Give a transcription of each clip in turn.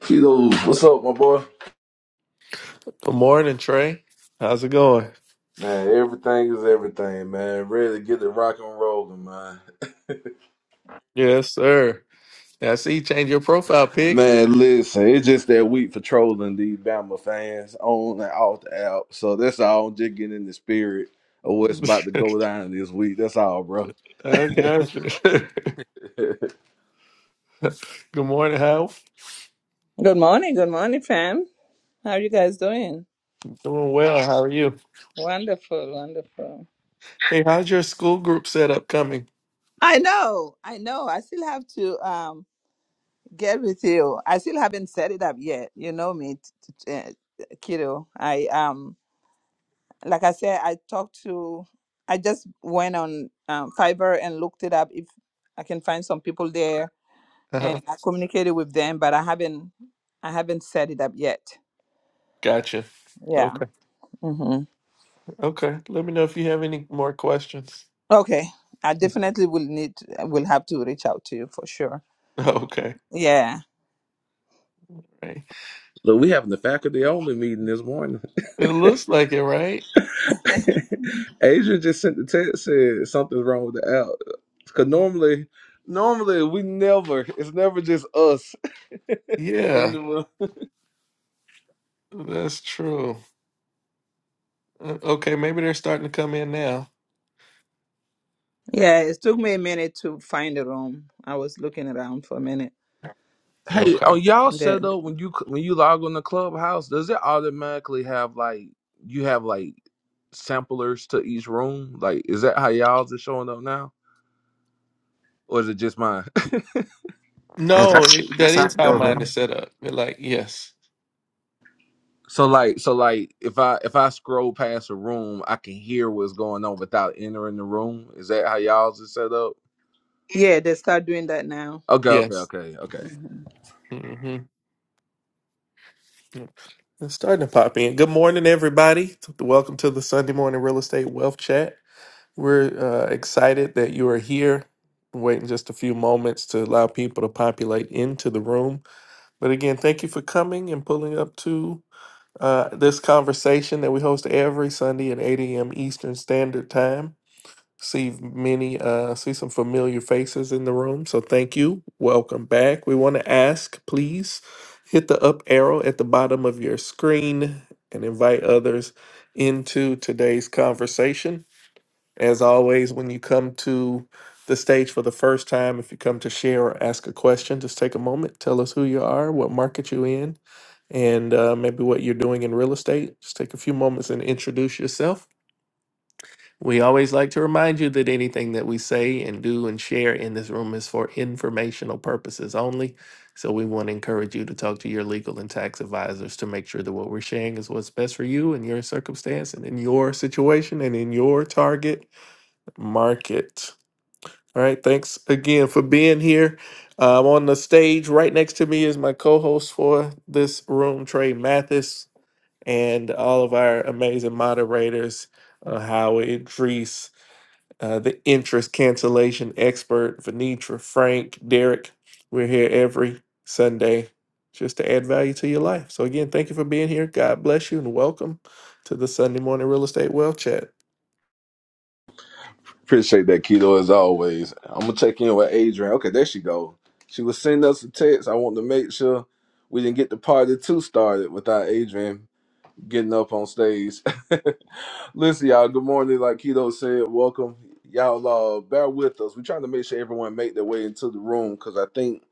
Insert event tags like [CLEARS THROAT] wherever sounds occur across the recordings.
Keto, what's up, my boy? Good morning, Trey. How's it going? Man, everything is everything, man. Ready to get the rock and rolling, man. Yes, sir. I see you change your profile pic. Man, listen, it's just that week for trolling these Bama fans on and off the app. So that's all. just getting in the spirit of [LAUGHS] what's about to go down this week. That's all, bro. I [LAUGHS] got you. [LAUGHS] Look, Good morning, Hal. Good morning, good morning, fam. How are you guys doing? Doing well. How are you? Wonderful, wonderful. Hey, how's your school group setup coming? I know, I know. I still have to um get with you. I still haven't set it up yet. You know me, t- t- uh, kiddo. I um, like I said, I talked to. I just went on um, Fiverr and looked it up if I can find some people there, Uh-huh. and I communicated with them, but I haven't, I haven't set it up yet. Gotcha. Yeah. Okay. mm-hmm. Okay. Let me know if you have any more questions. Okay, I definitely will need will have to reach out to you for sure. [LAUGHS] Okay. Yeah. [LAUGHS] Right. we having the faculty only meeting this morning. It looks like it, right? [LAUGHS] Adrian just sent the text said something's wrong with the app. Cause normally, normally we never. It's never just us [LAUGHS] in Yeah, the room. that's true. Uh, Okay, maybe they're starting to come in now. Yeah, it took me a minute to find a room. I was looking around for a minute. Hey, Okay. on y'all The, setup when you when you log on the clubhouse, does it automatically have like you have like samplers to each room? Like, is that how y'all's is showing up now, or is it just mine? [LAUGHS] Yeah, No, that's it, that that's how is it how goes. mine huh? is set up. They're like, yes. so like, so like, if I if I scroll past a room, I can hear what's going on without entering the room. Is that how y'all's is set up? yeah, they start doing that now. Okay, okay, Yes. okay, okay. hmm hmm It's starting to pop in. Good morning, everybody. Welcome to the Sunday Morning Real Estate Wealth Chat. We're uh, excited that you are here. Waiting just a few moments to allow people to populate into the room. But again, thank you for coming and pulling up to uh, this conversation that we host every Sunday at 8 a.m. Eastern Standard Time. see many uh see some familiar faces in the room so thank you welcome back we want to ask please hit the up arrow at the bottom of your screen and invite others into today's conversation as always when you come to the stage for the first time if you come to share or ask a question just take a moment tell us who you are what market you in and uh, maybe what you're doing in real estate just take a few moments and introduce yourself we always like to remind you that anything that we say and do and share in this room is for informational purposes only. So we want to encourage you to talk to your legal and tax advisors to make sure that what we're sharing is what's best for you and your circumstance and in your situation and in your target market. All right. Thanks again for being here. Um, on the stage right next to me is my co-host for this room, Trey Mathis, and all of our amazing moderators, uh, Howie, Drees, uh, the interest cancellation expert, Venetra, Frank, Derek. We're here every Sunday just to add value to your life. So, again, thank you for being here. God bless you and welcome to the Sunday Morning Real Estate Wealth Chat. Appreciate that, Keto, as always. I'm gonna check in with Adrian. Okay, there she go. She was sending us a text. I want to make sure we didn't get the party two started without Adrian getting up on stage. [LAUGHS] Listen, y'all. Good morning. Like Keto said, welcome. Y'all, uh, bear with us. We're trying to make sure everyone make their way into the room because I think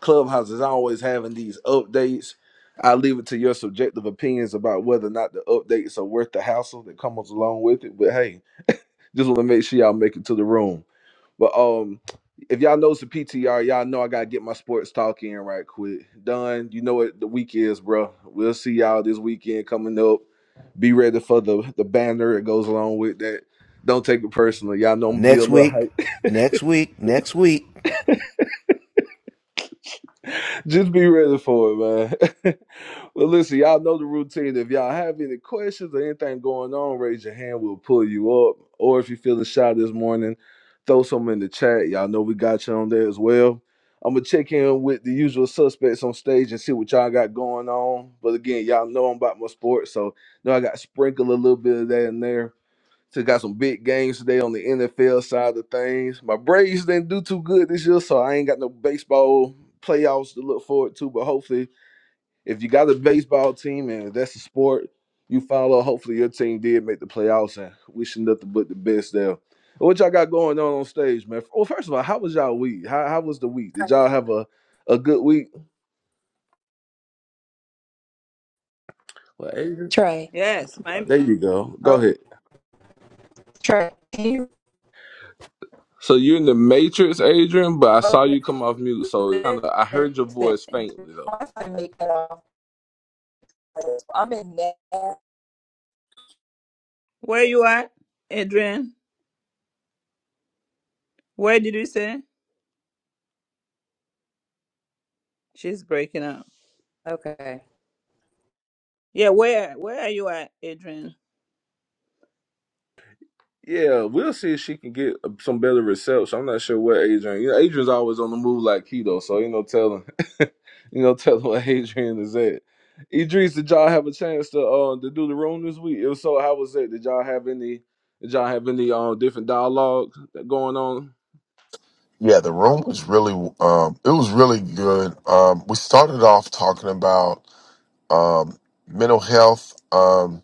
Clubhouse is always having these updates. I leave it to your subjective opinions about whether or not the updates are worth the hassle that comes along with it. But hey. Just want to make sure y'all make it to the room. But um, if y'all knows the PTR, y'all know I gotta get my sports talk in right quick. Done. You know what the week is, bro. We'll see y'all this weekend coming up. Be ready for the the banner that goes along with that. Don't take it personally. Y'all know I'm gonna be a Next little week, hype. next week, next week. [LAUGHS] Just be ready for it, man. [LAUGHS] Well, listen, y'all know the routine. If y'all have any questions or anything going on, raise your hand. We'll pull you up. Or if you're feeling shy this morning, throw some in the chat. Y'all know we got you on there as well. I'm gonna check in with the usual suspects on stage and see what y'all got going on. But again, y'all know I'm about my sports, so know I got sprinkled a little bit of that in there. So got some big games today on the NFL side of things. My Braves didn't do too good this year, so I ain't got no baseball playoffs to look forward to. But hopefully if you got a baseball team and that's a sport you follow, hopefully your team did make the playoffs and wishing nothing but the best there. What y'all got going on on stage, man? Well, first of all, how was y'all week? How, how was the week? Did y'all have a, a good week? Well, Adrian, Trey, Yes, my there you go. Go oh, ahead. Trey, can you So you're in the Matrix, Adrian, but I saw okay, you come off mute, so kind of I heard your listen? voice faintly though. Once I make that off, I'm in that. where you at, Adrian? Where did you say she's breaking up? Okay. Yeah, where where are you at, Adrian? Yeah, we'll see if she can get uh, some better reception. I'm not sure what Adrian. You know, Adrian's always on the move like keto, so you know, tell him, [LAUGHS] you know, tell him what Adrian is at. Idris, did y'all have a chance to uh, to do the room this week? If so, how was it? Did y'all have any? Did y'all have any um different dialogue that going on? Yeah, the room was really um it was really good. Um we started off talking about um mental health. Um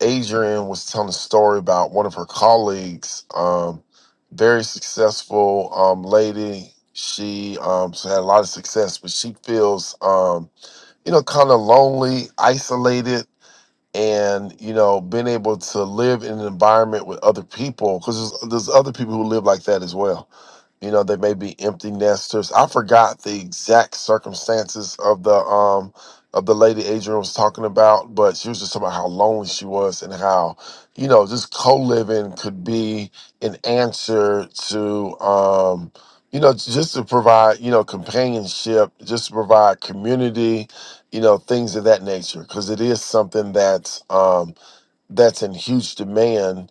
Adrian was telling a story about one of her colleagues, um very successful um lady. She um she had a lot of success, but she feels um you know kind of lonely, isolated and you know being able to live in an environment with other people because there's, there's other people who live like that as well you know, they may be empty nesters. I forgot the exact circumstances of the um of the lady Adrian was talking about, but she was just talking about how lonely she was and how, you know, just co-living could be an answer to um you know, just to provide, you know, companionship, just to provide community, you know, things of that nature. Cause it is something that's um that's in huge demand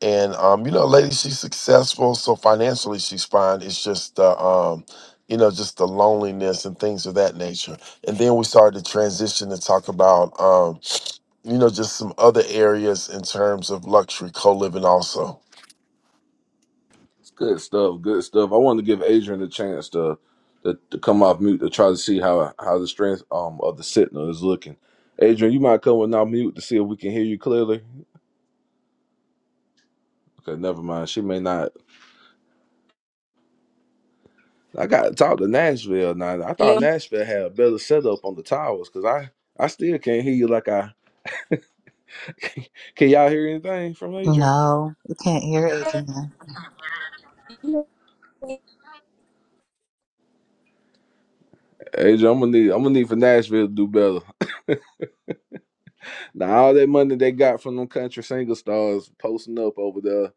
and um, you know, lady, she's successful, so financially she's fine. It's just the, um, you know, just the loneliness and things of that nature. And then we started to transition and talk about, um, you know, just some other areas in terms of luxury co-living also. It's good stuff. Good stuff. I wanted to give Adrian a chance to to, to come off mute to try to see how how the strength um of the signal is looking. Adrian, you might come and off mute to see if we can hear you clearly. Okay, never mind. She may not. I got to talk to Nashville now. I Can thought you- Nashville had a better setup on the towers because I, I still can't hear you like I. [LAUGHS] Can y'all hear anything from Adrian? No, you can't hear Adrian. hear me? Adrian, I'm gonna need I'm gonna need for Nashville to do better. [LAUGHS] now all that money they got from them country single stars posting up over there,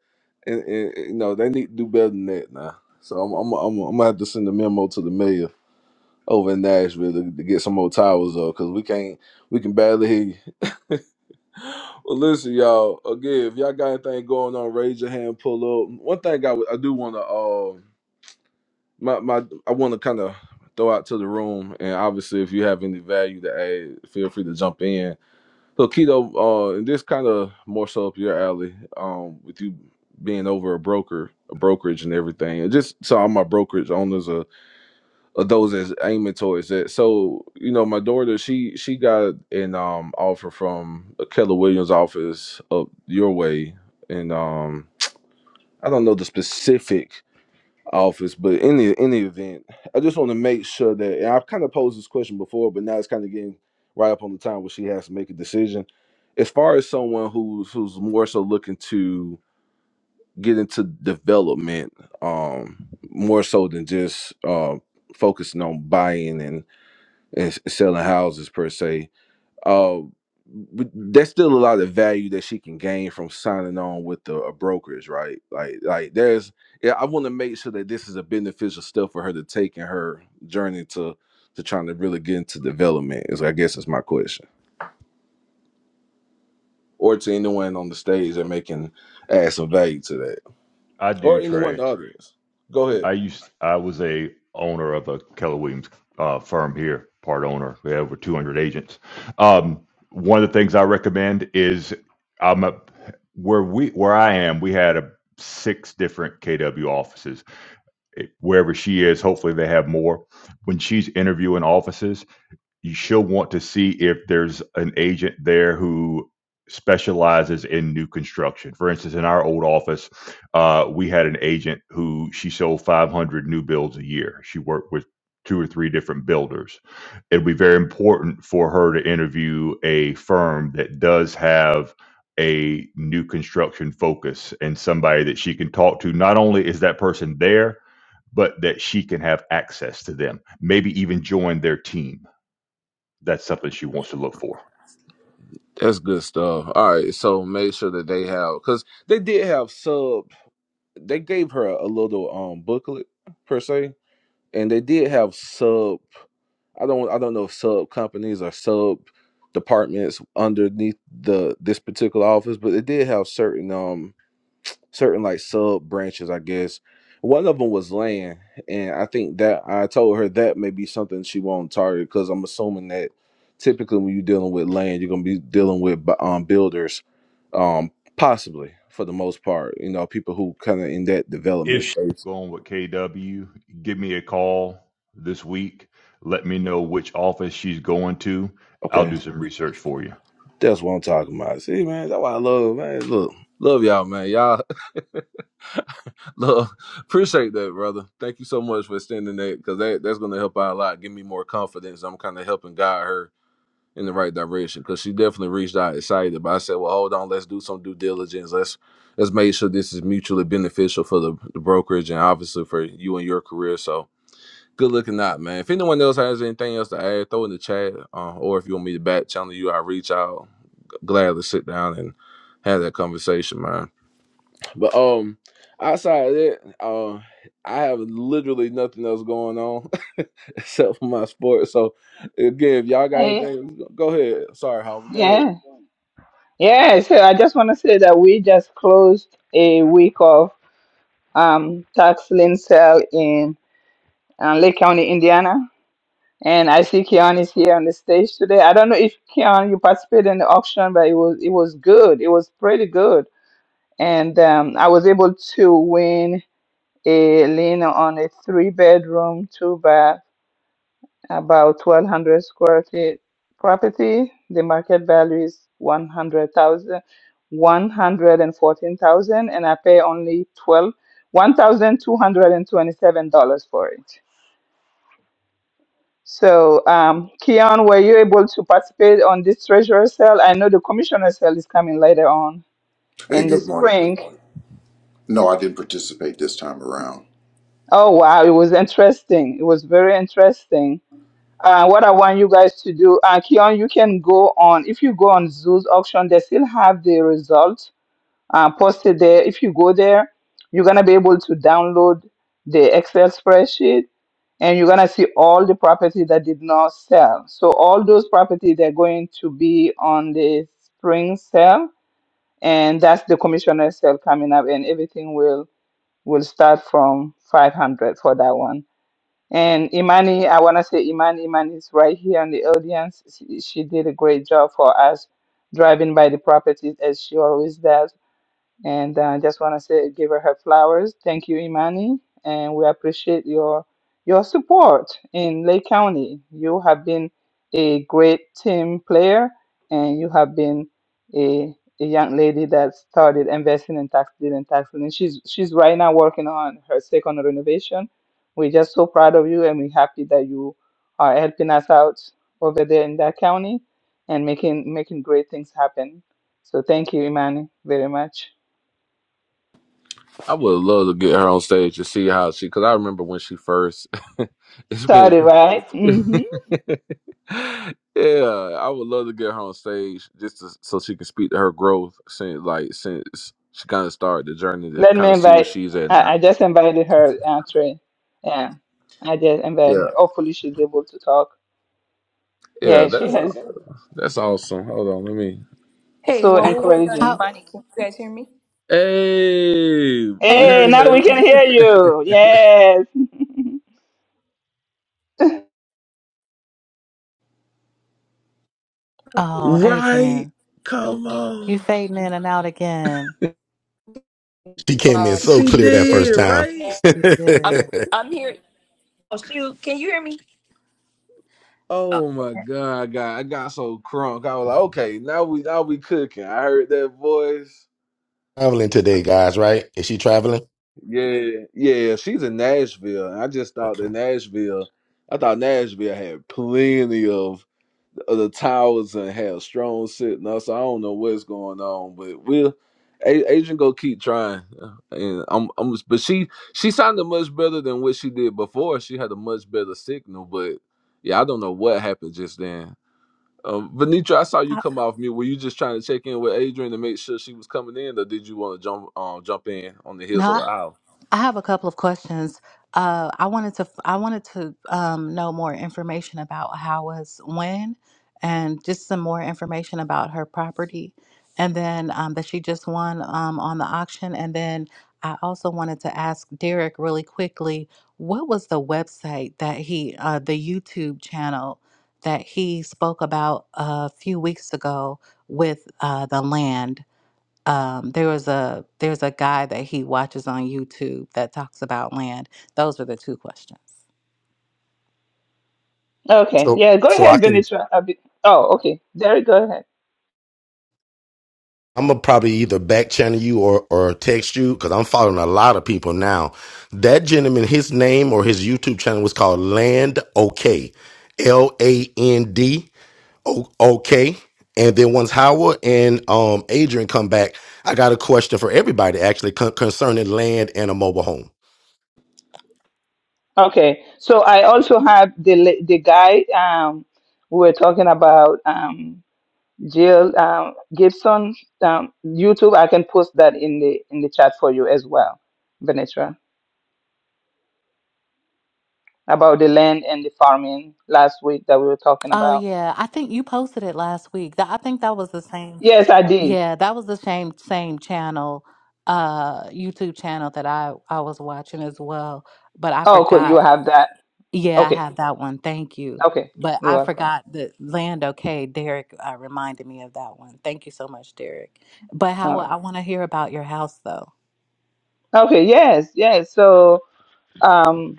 and, and and, you know they need to do better than that now. So I'm I'm I'm, I'm gonna have to send a memo to the mayor over in Nashville to, to get some more towers up because we can't we can barely hear you. Well, listen, y'all. Again, if y'all got anything going on, raise your hand, pull up. One thing I, would- I do want to, uh, my, my, I want to kind of throw out to the room, and obviously, if you have any value to add, feel free to jump in. So, Keto, uh, and this kind of more so up your alley, um, with you being over a broker, a brokerage, and everything. And just so all my brokerage owners uh, those is aiming towards that. So you know, my daughter, she she got an um offer from the Keller Williams office up your way, and um I don't know the specific office, but in the in the event, I just want to make sure that and I've kind of posed this question before, but now it's kind of getting right up on the time where she has to make a decision. As far as someone who's who's more so looking to get into development, um, more so than just uh, focusing on buying and and s- selling houses per se. Uh, but there's still a lot of value that she can gain from signing on with the a brokers, right? Like, like there's, yeah, I want to make sure that this is a beneficial step for her to take in her journey to to trying to really get into development. Is I guess is my question, or to anyone on the stage that may can add some value to that, I or do, anyone in Trey. the audience. Go ahead. I used I was a owner of a Keller Williams uh, firm here, part owner. We have over 200 agents. Um, one of the things I recommend is I'm a, where we where I am. We had a six different KW offices. It- wherever she is, hopefully they have more. When she's interviewing offices she'll want to see if there's an agent there who specializes in new construction. For instance, in our old office, uh, we had an agent who she sold 500 new builds a year. She worked with two or three different builders. It'd be very important for her to interview a firm that does have a new construction focus and somebody that she can talk to. Not only is that person there, but that she can have access to them, maybe even join their team that's something she wants to look for. That's good stuff. All right, so make sure that they have because they did have sub. they gave her a little um booklet per se, and they did have sub. I don't I don't know if sub companies or sub departments underneath the this particular office, but they did have certain um certain like sub branches, I guess. One of them was land, and I think that I told her that may be something she won't target because I'm assuming that typically when you're dealing with land, you're gonna be dealing with bu- um, builders, um, possibly for the most part. You know, people who kind of in that development If she's space. going with KW, give me a call this week. Let me know which office she's going to. I'll Okay, do some research for you. that's what I'm talking about. See, man, that's why I love, man. Look, love y'all, man. Y'all [LAUGHS] love appreciate that, brother. Thank you so much for extending that because that that's gonna help out a lot. Give me more confidence. I'm kind of helping guide her in the right direction because she definitely reached out excited. But I said, well, hold on, let's do some due diligence. Let's let's make sure this is mutually beneficial for the, the brokerage and obviously for you and your career. So good looking out, man. If anyone else has anything else to add, throw in the chat, uh, or if you want me to back channel you, I reach out. Gladly sit down and have that conversation, man. But um, outside of that, uh, I have literally nothing else going on [LAUGHS] except for my sports. So again, if y'all got Hey, anything, go ahead. Sorry, Howard, go ahead. yeah, yeah. So I just want to say that we just closed a week of um, tax lien sale in. uh, Lake County, Indiana. And I see Keon is here on the stage today. I don't know if Keon you participated in the auction, but it was it was good. It was pretty good, and um, I was able to win a lien on a three bedroom, two bath, about twelve hundred square feet property. The market value is one hundred thousand, one hundred and fourteen thousand, and I pay only twelve one thousand two hundred and twenty seven dollars for it. So, um, Keon, were you able to participate on this treasurer sale? I know the commissioner sale is coming later on Hey, in the good morning. spring. No, I didn't participate this time around. Oh, wow. It was interesting. It was very interesting. Uh, what I want you guys to do, uh, Keon, you can go on, if you go on Zoo's auction, they still have the result uh, posted there. If you go there, you're gonna be able to download the Excel spreadsheet and you're gonna see all the property that did not sell. So all those properties they're going to be on the spring sale, and that's the commissioner sale coming up, and everything will will start from 500 for that one. And Imani, I wanna say Imani, Imani is right here in the audience. She, she did a great job for us driving by the properties as she always does and uh, I just want to say, give her her flowers. Thank you, Imani, and we appreciate your your support in Lake County. You have been a great team player, and you have been a a young lady that started investing in tax deed and tax lien. And she's she's right now working on her second renovation. We're just so proud of you, and we're happy that you are helping us out over there in that county and making making great things happen. So thank you, Imani, very much. I would love to get her on stage to see how she. Because I remember when she first. [LAUGHS] it's been. Started, right? [LAUGHS] yeah, Mm-hmm. I would love to get her on stage just to, so she can speak to her growth since like since she kind of started the journey to Let kind me of see where invite. she's at I, I now. just invited her, uh, Trey. Yeah, I just invited Yeah, her. Hopefully, she's able to talk. yeah, Yeah, she that's has that's awesome. Hold on, let me. Hey, so while we're waiting on encouraging. How? money, can you guys hear me? Hey, we Hey, heard now Hey, we can hear that. you. Yes. [LAUGHS] [LAUGHS] oh, right? Adrian, Come you on, fading in and out again. She came in so I'm she clear that first did listening. time. right. You I'm did. I'm here. Oh shoot, can you hear me? Oh my god, I got I got so crunk. I was like, okay, now we now we cooking. I heard that voice. [LAUGHS] traveling today, guys, right? Is she traveling? Yeah, yeah, she's in Nashville. And I just thought Okay. that Nashville, I thought Nashville had plenty of, of the towers and had strong sitting up. So I don't know what's going on, but we'll A- Agent go keep trying. uh, And I'm I'm but she she sounded much better than what she did before. She had a much better signal, but yeah, I don't know what happened just then. Um, Venetra, I saw you How, come off mute. Were you just trying to check in with Adrian to make sure she was coming in, or did you want to jump um, jump in on the heels no, of Al? I have a couple of questions. Uh, I wanted to I wanted to um, know more information about how was when, and just some more information about her property, and then um, that she just won um, on the auction. And then I also wanted to ask Derek really quickly, what was the website that he uh, the YouTube channel that he spoke about a few weeks ago with uh, the land? um, there was a there's a guy that he watches on YouTube that talks about land. Those are the two questions. Okay. So Yeah, go so I ahead, can Venetra. a bit- Oh, okay. Derek, go ahead. I'm gonna probably either back channel you or or text you because I'm following a lot of people now. That gentleman, his name or his YouTube channel was called Land OK. L A N D O OK. And then once Howard and um Adrian come back, I got a question for everybody actually con- concerning land and a mobile home. Okay. So I also have the la- the guy um we were talking about. um. Jill um, Gibson um, YouTube. I can post that in the in the chat for you as well, Venetra, about the land and the farming last week that we were talking Oh about. yeah, I think you posted it last week. That I think that was the same. Yes, I did. Yeah, that was the same same channel, uh, YouTube channel that I I was watching as well. But I Oh, cool. You forgot. have that. Yeah, I Okay. have that one. Thank you. Okay. But You're I welcome. forgot the land. Okay, Derek uh, reminded me of that one. Thank you so much, Derek. But how All I right. want to hear about your house though. Okay. Yes. Yes. So. Um,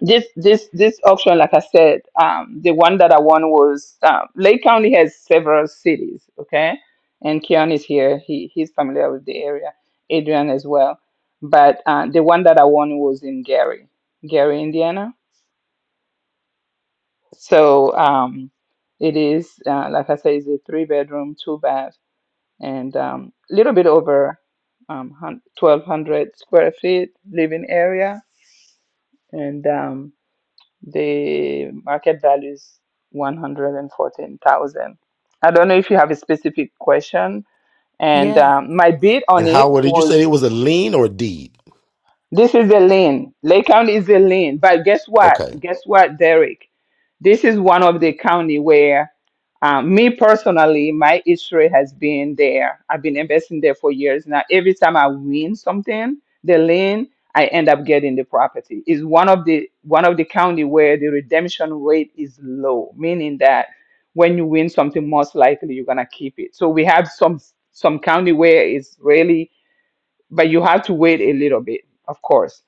This this this auction, like I said, um, the one that I won was um, Lake County has several cities, okay, and Keon is here. He he's familiar with the area. Adrian as well, but uh, the one that I won was in Gary, Gary, Indiana. So um, it is uh, like I said, it's a three bedroom, two bath, and um, little bit over um, twelve hundred square feet living area, and um, The market value is 114,000. I don't know if you have a specific question. And Yeah. um, my bid And on how it What did you say it was was a lien or a deed? this is a lane. Lake County is a lane. But guess what? Okay. Guess what, Derek? This is one of the county where um, me personally, my history has been there. I've been investing there for years now. Every time I win something, the lien, I end up getting the property. Is one of the one of the county where the redemption rate is low, meaning that when you win something, most likely you're gonna keep it. So we have some some county where it's really, but you have to wait a little bit, of course.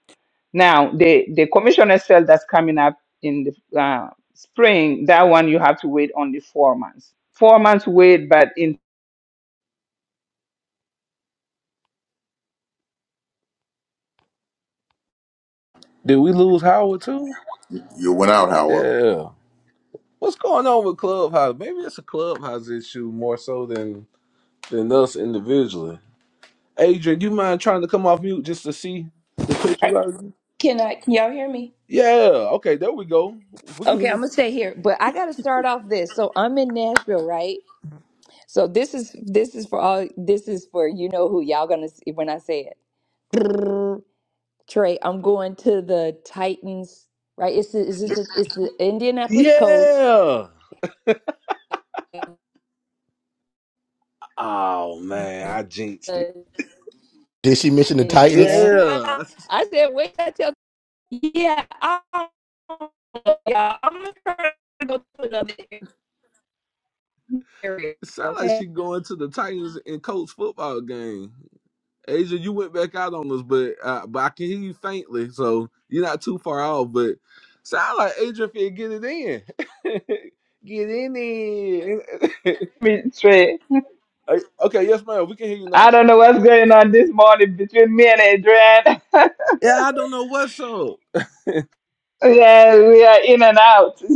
Now, the, the commissioner cell that's coming up in the uh, spring, that one you have to wait only four months. Four months wait, but in Did we lose Howard too? You went out, Howell. Yeah. What's going on with Clubhouse? Maybe it's a Clubhouse issue more so than than us individually. Adrian, you mind trying to come off mute just to see the text you got? Can I? Can y'all hear me? Yeah. Okay. There we go. We can. Okay, I'm Even... gonna stay here, but I gotta start off this. So I'm in Nashville, right? So this is this is for all this is for you know who y'all gonna see when I say it. Trey, I'm going to the Titans, right? It's the, it's the, it's the Indianapolis Colts. Yeah. Oh man, I jinxed it. The- Did she mention the Titans? yeah. Yeah. I said, wait till I tell yeah, I yeah, I'm gonna try to go to another area. It sounds like Okay. she going to the Titans and Colts football game. Asia, you went back out on us, but uh, but I can hear you faintly, so you're not too far off. But sound like Adrian fit get it in, [LAUGHS] get in there. [LAUGHS] three, Hey, okay, yes, ma'am. We can hear you now. I don't know what's going on this morning between me and Adrian. [LAUGHS] Yeah, I don't know what's up. yeah, we are in and out. [LAUGHS]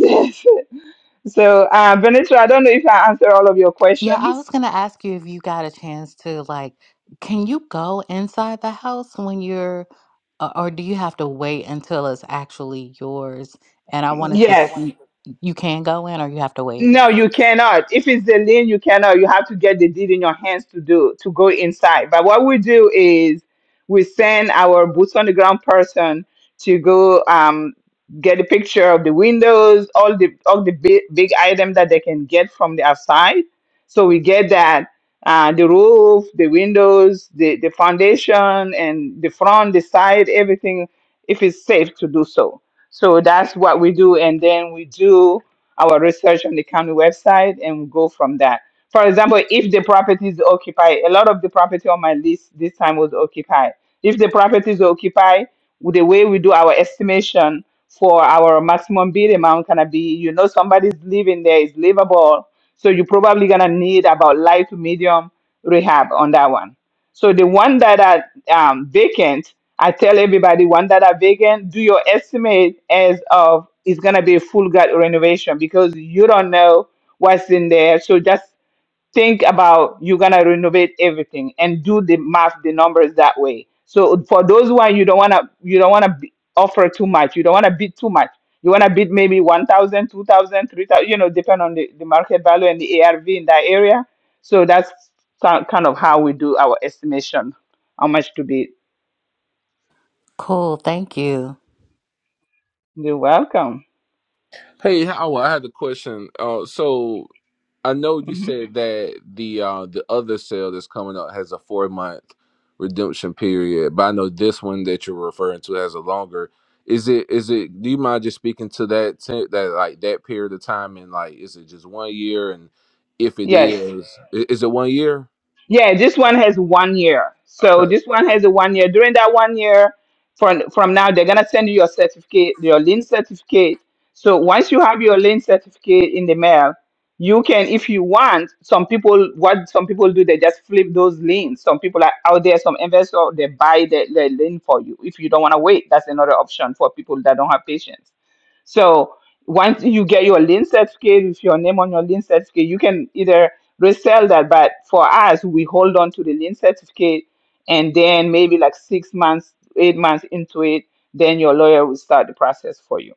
Yes. So, uh, Benito, I don't know if I answered all of your Yeah, I questions. was gonna ask you if you got a chance to like, can you go inside the house when you're, uh, or do you have to wait until it's actually yours? And I wanted to, Yes. see, you can go in or you have to wait. No, you cannot. If it's the lien, you cannot. You have to get the deed in your hands to do to go inside. But what we do is we send our boots on the ground person to go um, get a picture of the windows, all the all the big, big item that they can get from the outside. So we get that uh, the roof, the windows, the the foundation, and the front, the side, everything. If it's safe to do so, so that's what we do, and then we do our research on the county website and go from that. For example, if the property is occupied, a lot of the property on my list this time was occupied. If the property is occupied, with the way we do our estimation for our maximum bid amount gonna be, you know, somebody's living there is livable, so you're probably gonna need about light to medium rehab on that one. So the one that are um, vacant, I tell everybody, one that are vacant, do your estimate as of it's gonna be a full gut renovation because you don't know what's in there. So just think about you're gonna renovate everything and do the math, the numbers that way. So for those one you don't wanna you don't wanna be, offer too much, you don't wanna bid too much. You wanna bid maybe 1,000, 2,000, 3,000. you know, depend on the, the market value and the ARV in that area. So that's ki- kind of how we do our estimation, how much to bid. Cool, thank you. You're welcome. Hey, Howard, I had a question. Uh, so I know you hmm said that the uh the other sale that's coming up has a four month redemption period, but I know this one that you're referring to has a longer. Is it is it? Do you mind just speaking to that te- that like that period of time and like is it just one year? And if it Yeah. Yes. is, i- is it one year? Yeah, this one has one year. Okay. So this one has a one year. During that one year, from from now, they're gonna send you your certificate, your lean certificate. So once you have your lean certificate in the mail, you can, if you want, some people what some people do, they just flip those liens. Some people are out there, some investors they buy the, the lien for you. If you don't want to wait, that's another option for people that don't have patience. So once you get your lien certificate with your name on your lien certificate, you can either resell that. But for us, we hold on to the lien certificate, and then maybe like six months, eight months into it, then your lawyer will start the process for you.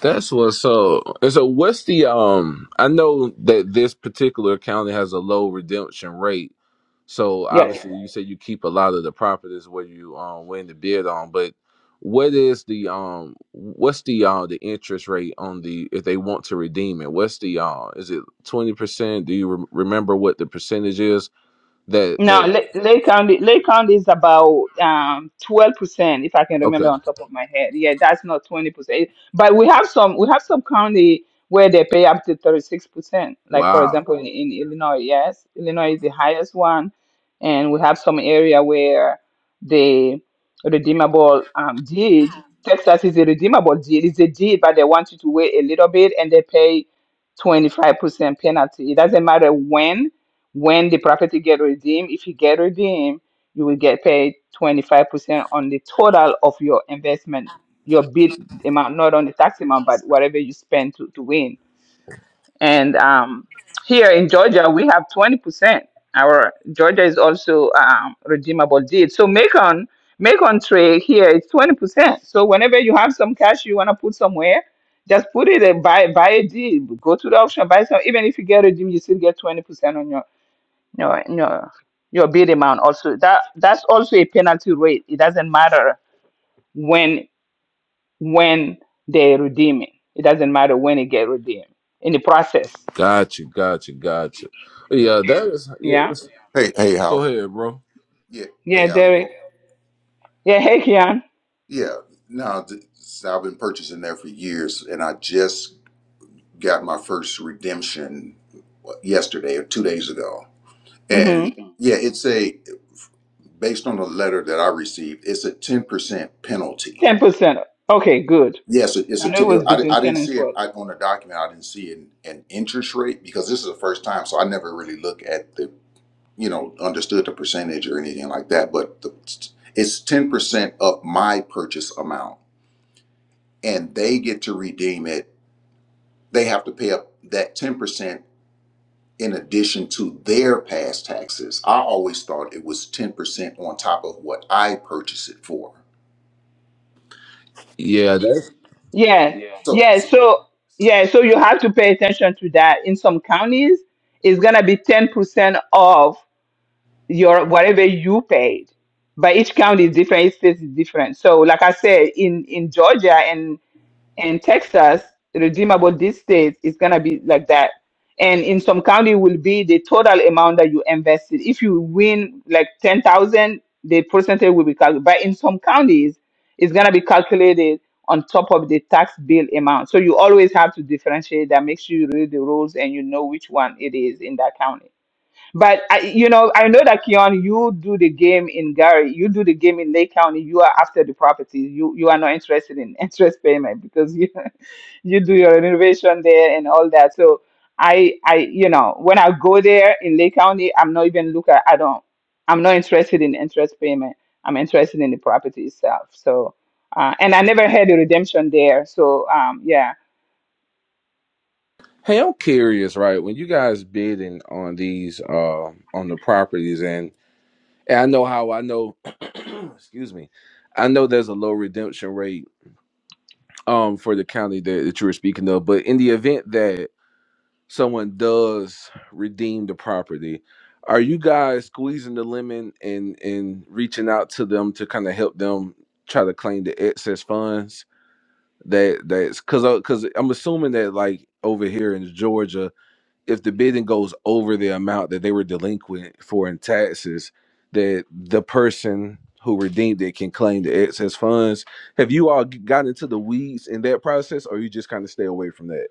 That's what's so. And so, what's the um? I know that this particular county has a low redemption rate. So Yes. obviously, you say you keep a lot of the properties where you um win the bid on. But what is the um? What's the uh the interest rate on the if they want to redeem it? What's the uh? Is it twenty percent? Do you rem remember what the percentage is? That No, that Lake, Lake County, Lake County is about um twelve percent, if I can remember okay? on top of my head. Yeah, that's not twenty percent. But we have some, we have some county where they pay up to thirty six percent. Like for Wow, example, in, in Illinois, yes, Illinois is the highest one, and we have some area where the redeemable um deed. Texas is a redeemable deed. It's a deed, but they want you to wait a little bit, and they pay twenty five percent penalty. It doesn't matter when when the property get redeemed, if you get redeemed, you will get paid 25% on the total of your investment, your bid amount, not on the tax amount, but whatever you spend to, to win. And um, here in Georgia, we have 20%. Our Georgia is also um, redeemable deed. So make on make on trade here is 20%. So whenever you have some cash you want to put somewhere, just put it and buy buy a deed. Go to the auction, buy some. Even if you get a deal, you still get 20% on your no no your bid amount also that that's also a penalty rate it doesn't matter when when they redeem it it doesn't matter when it get redeemed in the process got you, got you, got you. Yeah, that is. Yeah, yeah it's- Hey, hey, Howell. go ahead, bro. Yeah, hey, yeah how's it derek going? yeah hey kian Yeah, no, th- I've been purchasing there for years, and I just got my first redemption what, yesterday or two days ago. And mm-hmm. yeah, it's a based on the letter that I received, it's a ten percent penalty. 10% okay good Yes, it- it's i a. know it Ten, was I, di- between I didn't 10 and see it 12 I, on the document. I didn't see an, an interest rate because this is the first time, so I never really look at the you know, understood the percentage or anything like that, but the, it's 10% of my purchase amount and they get to redeem it. They have to pay up that 10% in addition to their past taxes. I always thought it was 10% on top of what I purchase it for. Yeah, yeah yeah So, yeah, so- so yeah so you have to pay attention to that in some counties it's gonna be 10% off your whatever you paid. But each county is different, each state is different. So, like I said, in in Georgia and and Texas, redeemable these states is gonna be like that. And in some county will be the total amount that you invested. If you win like ten thousand, the percentage will be calculated. But in some counties, it's gonna be calculated on top of the tax bill amount. So you always have to differentiate that. Make sure you read the rules and you know which one it is in that county. But I, you know, I know that Keon, you do the game in Gary, you do the game in Lake County. You are after the properties. You you are not interested in [LAUGHS] interest payment because you [LAUGHS] you do your renovation there and all that. So I I you know when I go there in Lake County, I'm not even look at. I don't. I'm not interested in interest payment. I'm interested in the property itself. So uh, and I never had a redemption there. So um yeah Hey, I'm curious, right? When you guys bidding on these uh on the properties and, and I know how I know [CLEARS THROAT] excuse me. I know there's a low redemption rate um for the county that, that you were speaking of, but in the event that someone does redeem the property, are you guys squeezing the lemon and and reaching out to them to kind of help them try to claim the excess funds that that's cuz cuz I'm assuming that like over here in Georgia if the bidding goes over the amount that they were delinquent for in taxes, that the person who redeemed it can claim the excess funds. Have you all g- gotten into the weeds in that process, or you just kind of stay away from that?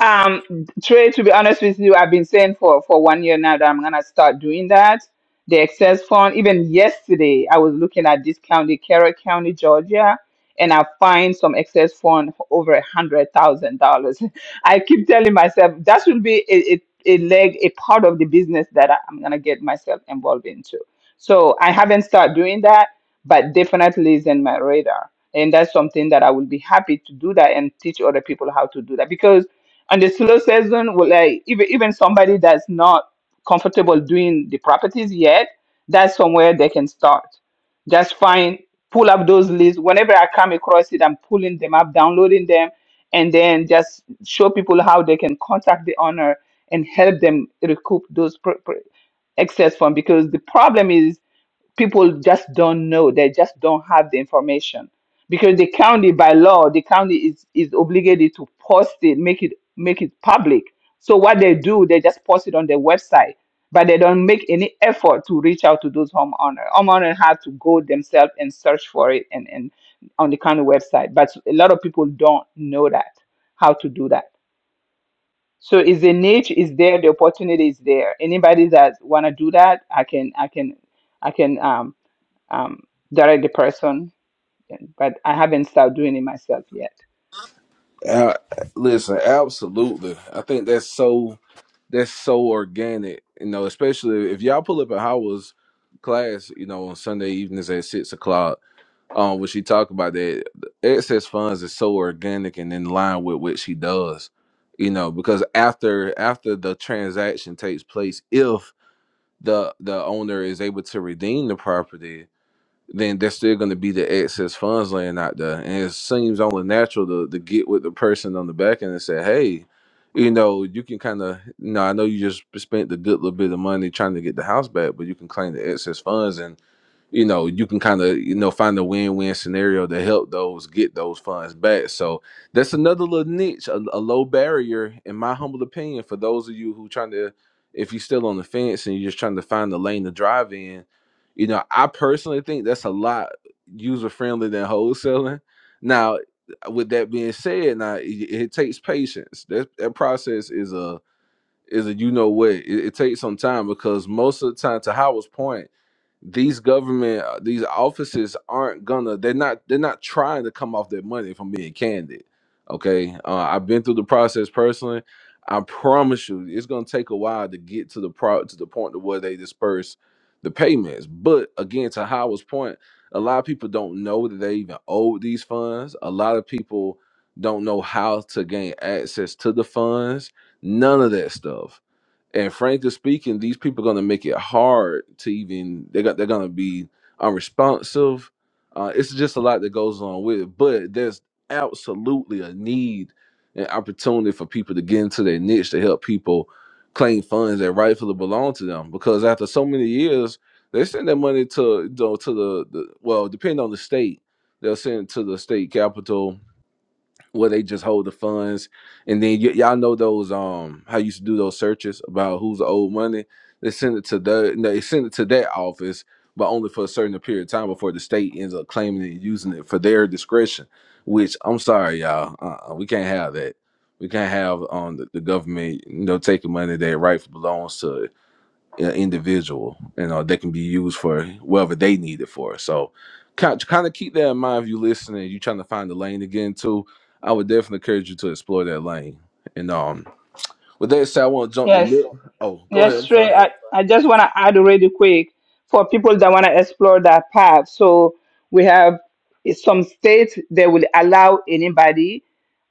Um, Trey, to be honest with you, I've been saying for, for one year now that I'm gonna start doing that. The excess fund, even yesterday, I was looking at this county, Carroll County, Georgia, and I find some excess fund for over a hundred thousand dollars. [LAUGHS] I keep telling myself that should be a, a, a leg, a part of the business that I- I'm gonna get myself involved into. So I haven't started doing that, but definitely is in my radar and that's something that I will be happy to do that and teach other people how to do that because on the slow season, well, like even even somebody that's not comfortable doing the properties yet, that's somewhere they can start. Just find pull up those lists whenever I come across it. I'm pulling them up, downloading them, and then just show people how they can contact the owner and help them recoup those pr- pr- excess fund because the problem is people just don't know they just don't have the information because the county by law the county is is obligated to post it make it make it public so what they do they just post it on their website but they don't make any effort to reach out to those homeowners homeowners have to go themselves and search for it and, and on the county website but a lot of people don't know that how to do that so is the niche is there the opportunity is there anybody that want to do that i can i can I can um um, direct the person, yeah, but I haven't started doing it myself yet. Uh, listen, absolutely. I think that's so that's so organic, you know. Especially if y'all pull up at Howard's class, you know, on Sunday evenings at six o'clock um what she talked about that excess funds is so organic and in line with what she does you know because after after the transaction takes place if the the owner is able to redeem the property then there's still going to be the excess funds laying out there and it seems only natural to, to get with the person on the back end and say hey you know you can kind of you know i know you just spent the good little bit of money trying to get the house back but you can claim the excess funds and you know you can kind of you know find a win-win scenario to help those get those funds back so that's another little niche a, a low barrier in my humble opinion for those of you who trying to if you're still on the fence and you're just trying to find the lane to drive in you know i personally think that's a lot user friendly than wholesaling now with that being said now it, it takes patience that, that process is a is a you know what it, it takes some time because most of the time to howard's point these government uh, these offices aren't gonna they're not they're not trying to come off their money if i'm being candid okay uh, i've been through the process personally i promise you it's gonna take a while to get to the pro to the point to where they disperse the payments but again to howard's point a lot of people don't know that they even owe these funds a lot of people don't know how to gain access to the funds none of that stuff and frankly speaking, these people are gonna make it hard to even they got they're gonna be unresponsive. Uh, it's just a lot that goes on with it, but there's absolutely a need and opportunity for people to get into their niche to help people claim funds that rightfully belong to them. Because after so many years, they send their money to you know, to the, the well, depending on the state, they'll send it to the state capital where they just hold the funds and then y- y'all know those um how you used to do those searches about who's owed money they send it to the no, they send it to that office but only for a certain period of time before the state ends up claiming it and using it for their discretion which i'm sorry y'all uh we can't have that we can't have um the, the government you know taking money that rightfully belongs to uh, individual. You know, they can be used for whatever they need it for. So, kind kind of keep that in mind if you are listening. You are trying to find the lane again too. I would definitely encourage you to explore that lane. And um, with that said, I want to jump the Yes, middle. Oh, go ahead. Yes, I'm Trey, sorry. I, I just want to add really quick for people that want to explore that path. So we have eh, some states that will allow anybody,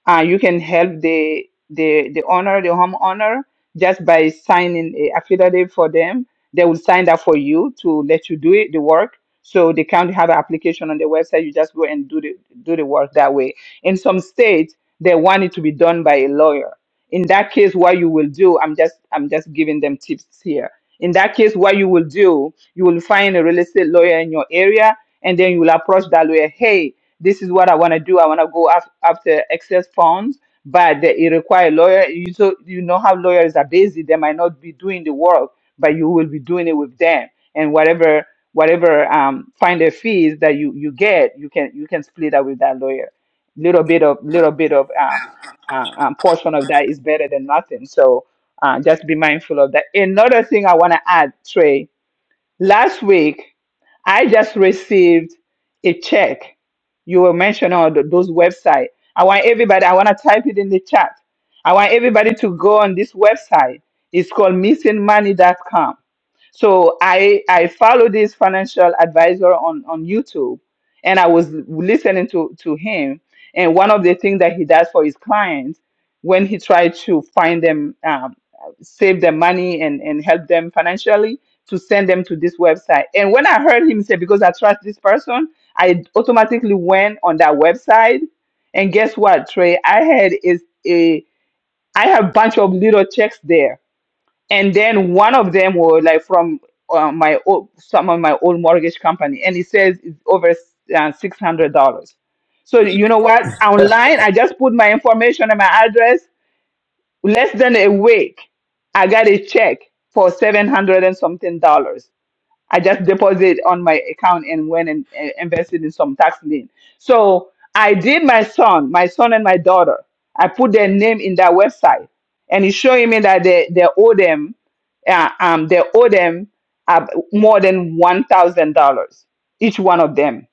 uh, you can help the the the owner, the homeowner, just by signing a affidavit for them. They will sign that for you to let you do it, the work. So the county have an application on the website. You just go and do the do the work that way. In some states, they want it to be done by a lawyer in that case what you will do i'm just i'm just giving them tips here in that case what you will do you will find a real estate lawyer in your area and then you will approach that lawyer hey this is what i want to do i want to go af- after excess funds but the, it requires lawyer you so you know how lawyers are busy they might not be doing the work but you will be doing it with them and whatever whatever um finder fees that you you get you can you can split up with that lawyer little bit of little bit of um uh, uh, portion of that is better than nothing. So uh, just be mindful of that. Another thing I want to add, Trey, last week I just received a check. You were mentioning all th- those websites. I want everybody, I want to type it in the chat. I want everybody to go on this website. It's called missingmoney.com so I I follow this financial advisor on on YouTube, and I was listening to to him. And one of the things that he does for his clients when he tries to find them, um, save them money and and help them financially, to send them to this website. And when I heard him say, because I trust this person, I automatically went on that website. And guess what, Trey? I had is a I have bunch of little checks there and then one of them was like from uh, my old, some of my old mortgage company, and it says it's over uh, six hundred dollars. So you know what? Online, I just put my information and my address. Less than a week, I got a check for seven hundred and something dollars. I just deposit on my account and went and uh, invested in some tax lien. So I did my son, my son and my daughter. I put their name in that website, and it's showing me that they they owe them, uh, um, they owe them uh, more than one thousand dollars each one of them.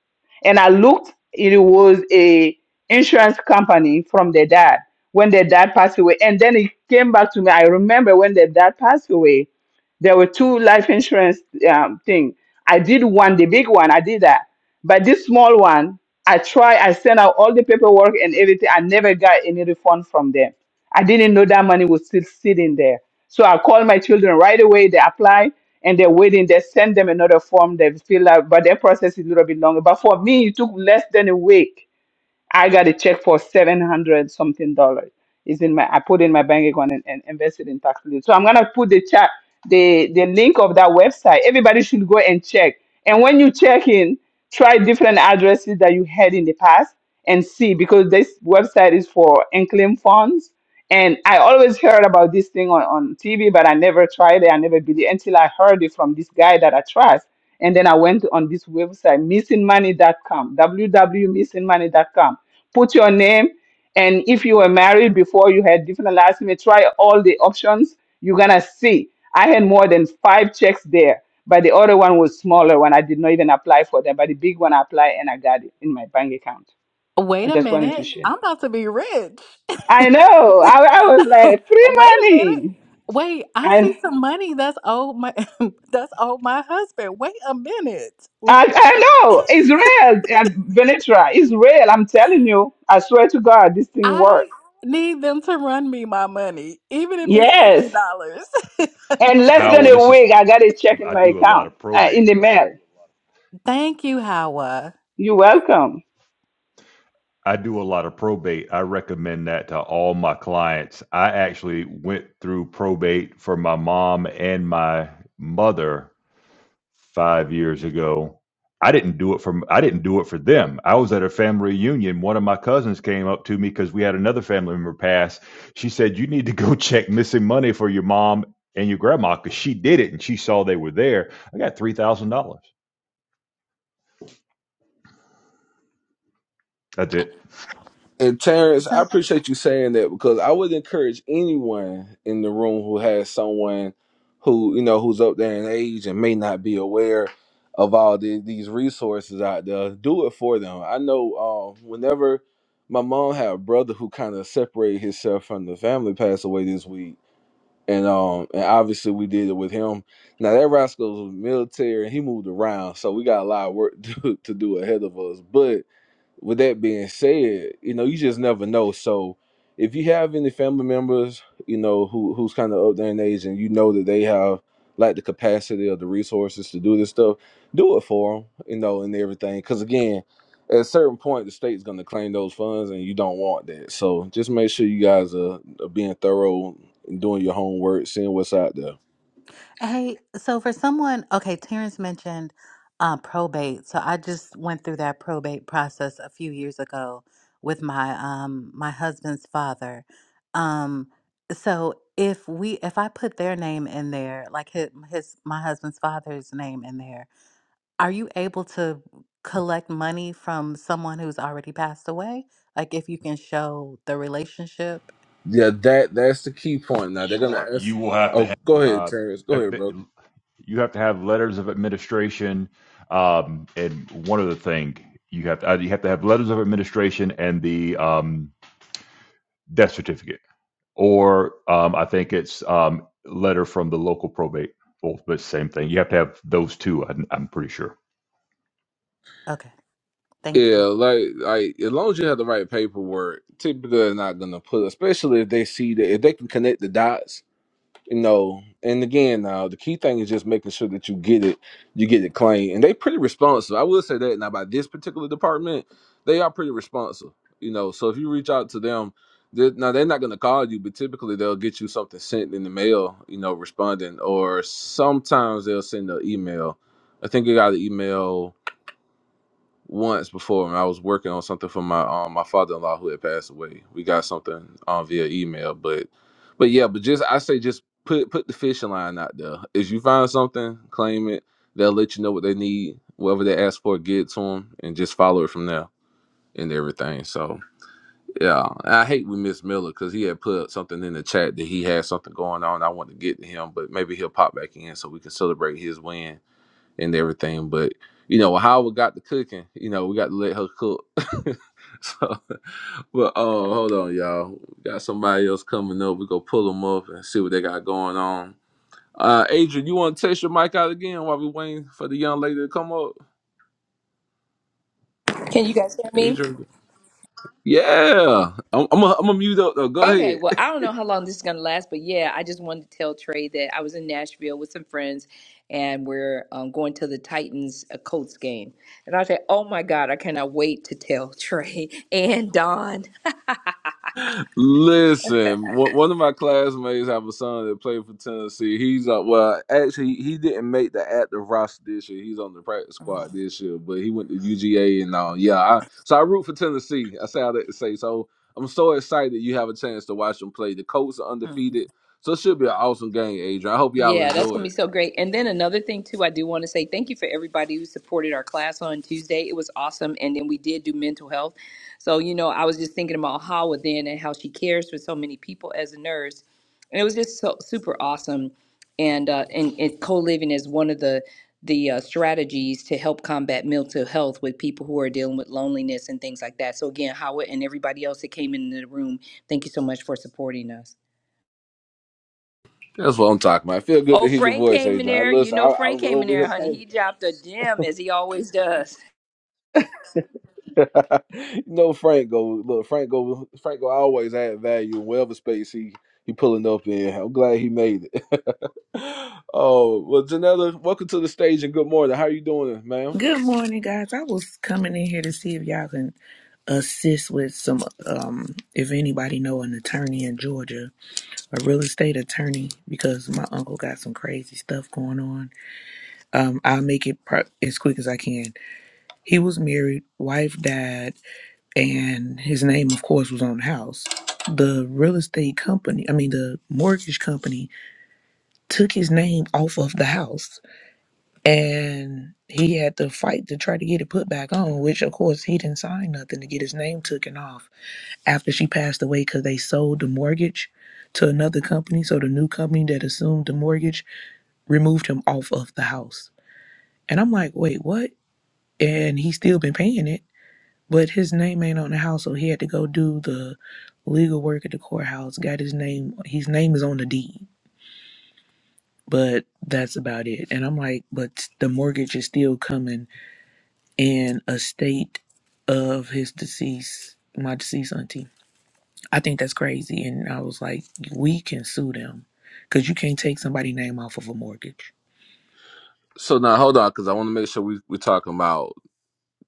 And I looked; it was a insurance company from their dad when their dad passed away, and then it came back to me. I remember when their dad passed away. There were two life insurance um, thing. I did one, the big one. I did that, but this small one, I tried. I sent out all the paperwork and everything. I never got any refund from them. I didn't know that money was still sitting there. So I called my children right away. They apply and they're waiting. They send them another form. They fill out, but their process is a little bit longer. But for me, it took less than a week I got a check for seven hundred something dollars. Is in my I put in my bank account and, and invested in tax relief. So I'm gonna put the chat the the link of that website. Everybody should go and check. And when you check in, try different addresses that you had in the past and see because this website is for unclaimed funds and I always heard about this thing on, on TV, but I never tried it. I never believed until I heard it from this guy that I trust. And then I went on this website, missingmoney.com, www.missingmoney.com. Put your name, and if you were married before you had different last name, try all the options. You're gonna see. I had more than five checks there, but the other one was smaller one. I did not even apply for them, but the big one I applied and I got it in my bank account. Wait I a just wanted to minute, share. I'm about to be rich. I know. [LAUGHS] I, I was like, free Wait a minute. money. Wait, I see And some money that's owed my [LAUGHS] that's owed my husband. Wait a minute. I, I know Israel and Venetra, Israel. I'm telling you, I swear to God, this thing I worked. need them to run me my money, even if it's fifty Yes. dollars. And less than Howell, a this is week, I got a check in I my do a lot account of uh, in probate. the mail. [LAUGHS] Thank you, Hawa. You're welcome. I do a lot of probate. I recommend that to all my clients. I actually went through probate for my mom and my mother five years ago. I didn't do it for I didn't do it for them. I was at a family reunion. One of my cousins came up to me because we had another family member pass. She said, "You need to go [LAUGHS] check missing money for your mom and your grandma because she did it and she saw they were there." I got three thousand dollars. That's it. And Terrence, I So appreciate you saying that because I would encourage anyone in the room who has someone who you know who's up there in age and may not be aware of all the, these resources out there. Do it for them. I know uh, whenever my mom had a brother who kind of separated himself from the family, passed away this week and um and obviously we did it with him. Now that rascal was military and he moved around, so we got a lot of work [LAUGHS] to, to do ahead of us. But with that being said, you know you just never know. So if you have any family members, you know who who's kind of up there in age, and you know that they have like the capacity or the resources to do this stuff, do it for them, you know, and everything. Because again, at a certain point the state's going to claim those funds and you don't want that so just make sure you guys are, are being thorough and doing your homework seeing what's out there hey, so for someone, okay, Terrence mentioned uh, probate. So I just went through that probate process a few years ago with my um my husband's father. Um, so if we if I put their name in there, like his, his my husband's father's name in there, Are you able to collect money from someone who's already passed away? Like if you can show the relationship? yeah that that's the key point now they're going to ask You will have to oh have go ahead uh, terrence go a- ahead bro you have to have letters of administration, um, and one other thing you have to uh, you have to have letters of administration and the um, death certificate or um, I think it's um, letter from the local probate. Well, but same thing. You have to have those two. I'm, I'm pretty sure. Okay, thank yeah you. like like as long as you have the right paperwork typically they're not going to put especially if they see that if they can connect the dots you know, and again, now the key thing is just making sure that you get it, you get it clean, and they pretty responsive. I will say that now by this particular department, they are pretty responsive, you know. So if you reach out to them, they now they're not going to call you, but typically they'll get you something sent in the mail, you know, responding, or sometimes they'll send an email. I think you got an email once before when I was working on something for my um my father in law who had passed away. We got something um via email, but but yeah, but just I say just put put the fishing line out there. If you find something, claim it. They'll let you know what they need, whatever they ask for, get to them, and just follow it from there and everything. So yeah, And I hate with Miss Miller because he had put something in the chat that he had something going on. I want to get to him, but maybe he'll pop back in so we can celebrate his win and everything. But you know, how we got the cooking, you know, we got to let her cook. [LAUGHS] so, but oh, hold on, y'all. We got somebody else coming up. We go pull them up and see what they got going on. Uh, Adrian, you want to test your mic out again while we waiting for the young lady to come up? Can you guys hear me? Adrian, yeah, I'm, I'm gonna I'm mute up though. Go ahead. Okay, well, I don't know how long this is going to last, but yeah, I just wanted to tell Trey that I was in Nashville with some friends and we're um, going to the Titans uh, Colts game. And I said, oh my God, I cannot wait to tell Trey [LAUGHS] and Don. [LAUGHS] Listen, one one of my classmates have a son that played for Tennessee. He's on well, actually, he didn't make the active roster this year. He's on the practice squad this year, but he went to UGA and all. Yeah, I, so I root for Tennessee. I say all that to say. So I'm so excited you have a chance to watch them play. The Colts are Uh-huh. undefeated, so it should be an awesome game, Adrian. I hope y'all Yeah, that's enjoy going to be it. so great. And then another thing, too, I do want to say thank you for everybody who supported our class on Tuesday. It was awesome. And then we did do mental health. So, you know, I was just thinking about Hawa then and how she cares for so many people as a nurse. And it was just so super awesome. And, uh, and, and co living is one of the the uh, strategies to help combat mental health with people who are dealing with loneliness and things like that. So, again, Hawa and everybody else that came into the room, thank you so much for supporting us. That's what I'm talking about. I feel good Oh, to hear your Frank voice, came in Adrian. there. You Listen, I, know, I Frank was came in over there, here. honey. He dropped a gem as he always does. [LAUGHS] No, know Franco. Look, Franco. Franco always add value in whatever space he he pulling up in. I'm glad he made it. [LAUGHS] oh well, Janella, welcome to the stage and good morning. How you doing, ma'am? Good morning, guys. I was coming in here to see if y'all can assist with some, um, if anybody know an attorney in Georgia, a real estate attorney, because my uncle got some crazy stuff going on. Um, I'll make it pro- as quick as I can. He was married, wife died, and his name, of course, was on the house. The real estate company, I mean, the mortgage company, took his name off of the house and he had to fight to try to get it put back on which of course he didn't sign nothing to get his name taken off after she passed away because they sold the mortgage to another company so the new company that assumed the mortgage removed him off of the house and i'm like wait what and he's still been paying it but his name ain't on the house so he had to go do the legal work at the courthouse got his name his name is on the deed but that's about it and i'm like but the mortgage is still coming and a state of his deceased my deceased auntie. I think that's crazy. And I was like, we can sue them because you can't take somebody's name off of a mortgage. So now hold on, because I want to make sure we we're talking about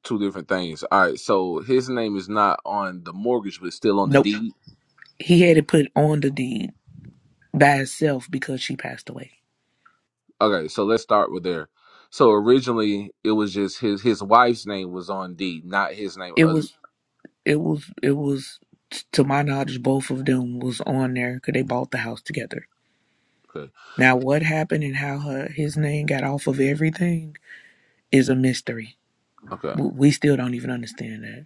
two different things. All right, so his name is not on the mortgage, but it's still on the Nope. deed. He had it put on the deed by itself because she passed away. Okay, so let's start with there. So originally, it was just his his wife's name was on deed, not his name. It Uh, was it was it was to my knowledge both of them was on there because they bought the house together. Okay, Now what happened and how her, his name got off of everything is a mystery. okay. We still don't even understand that.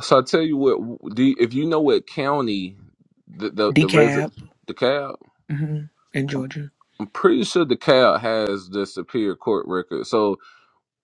So I tell you what, do you, if you know what county the the the Decab resident DeKalb, hmm in Georgia. I'm pretty sure DeKalb has the superior court record. So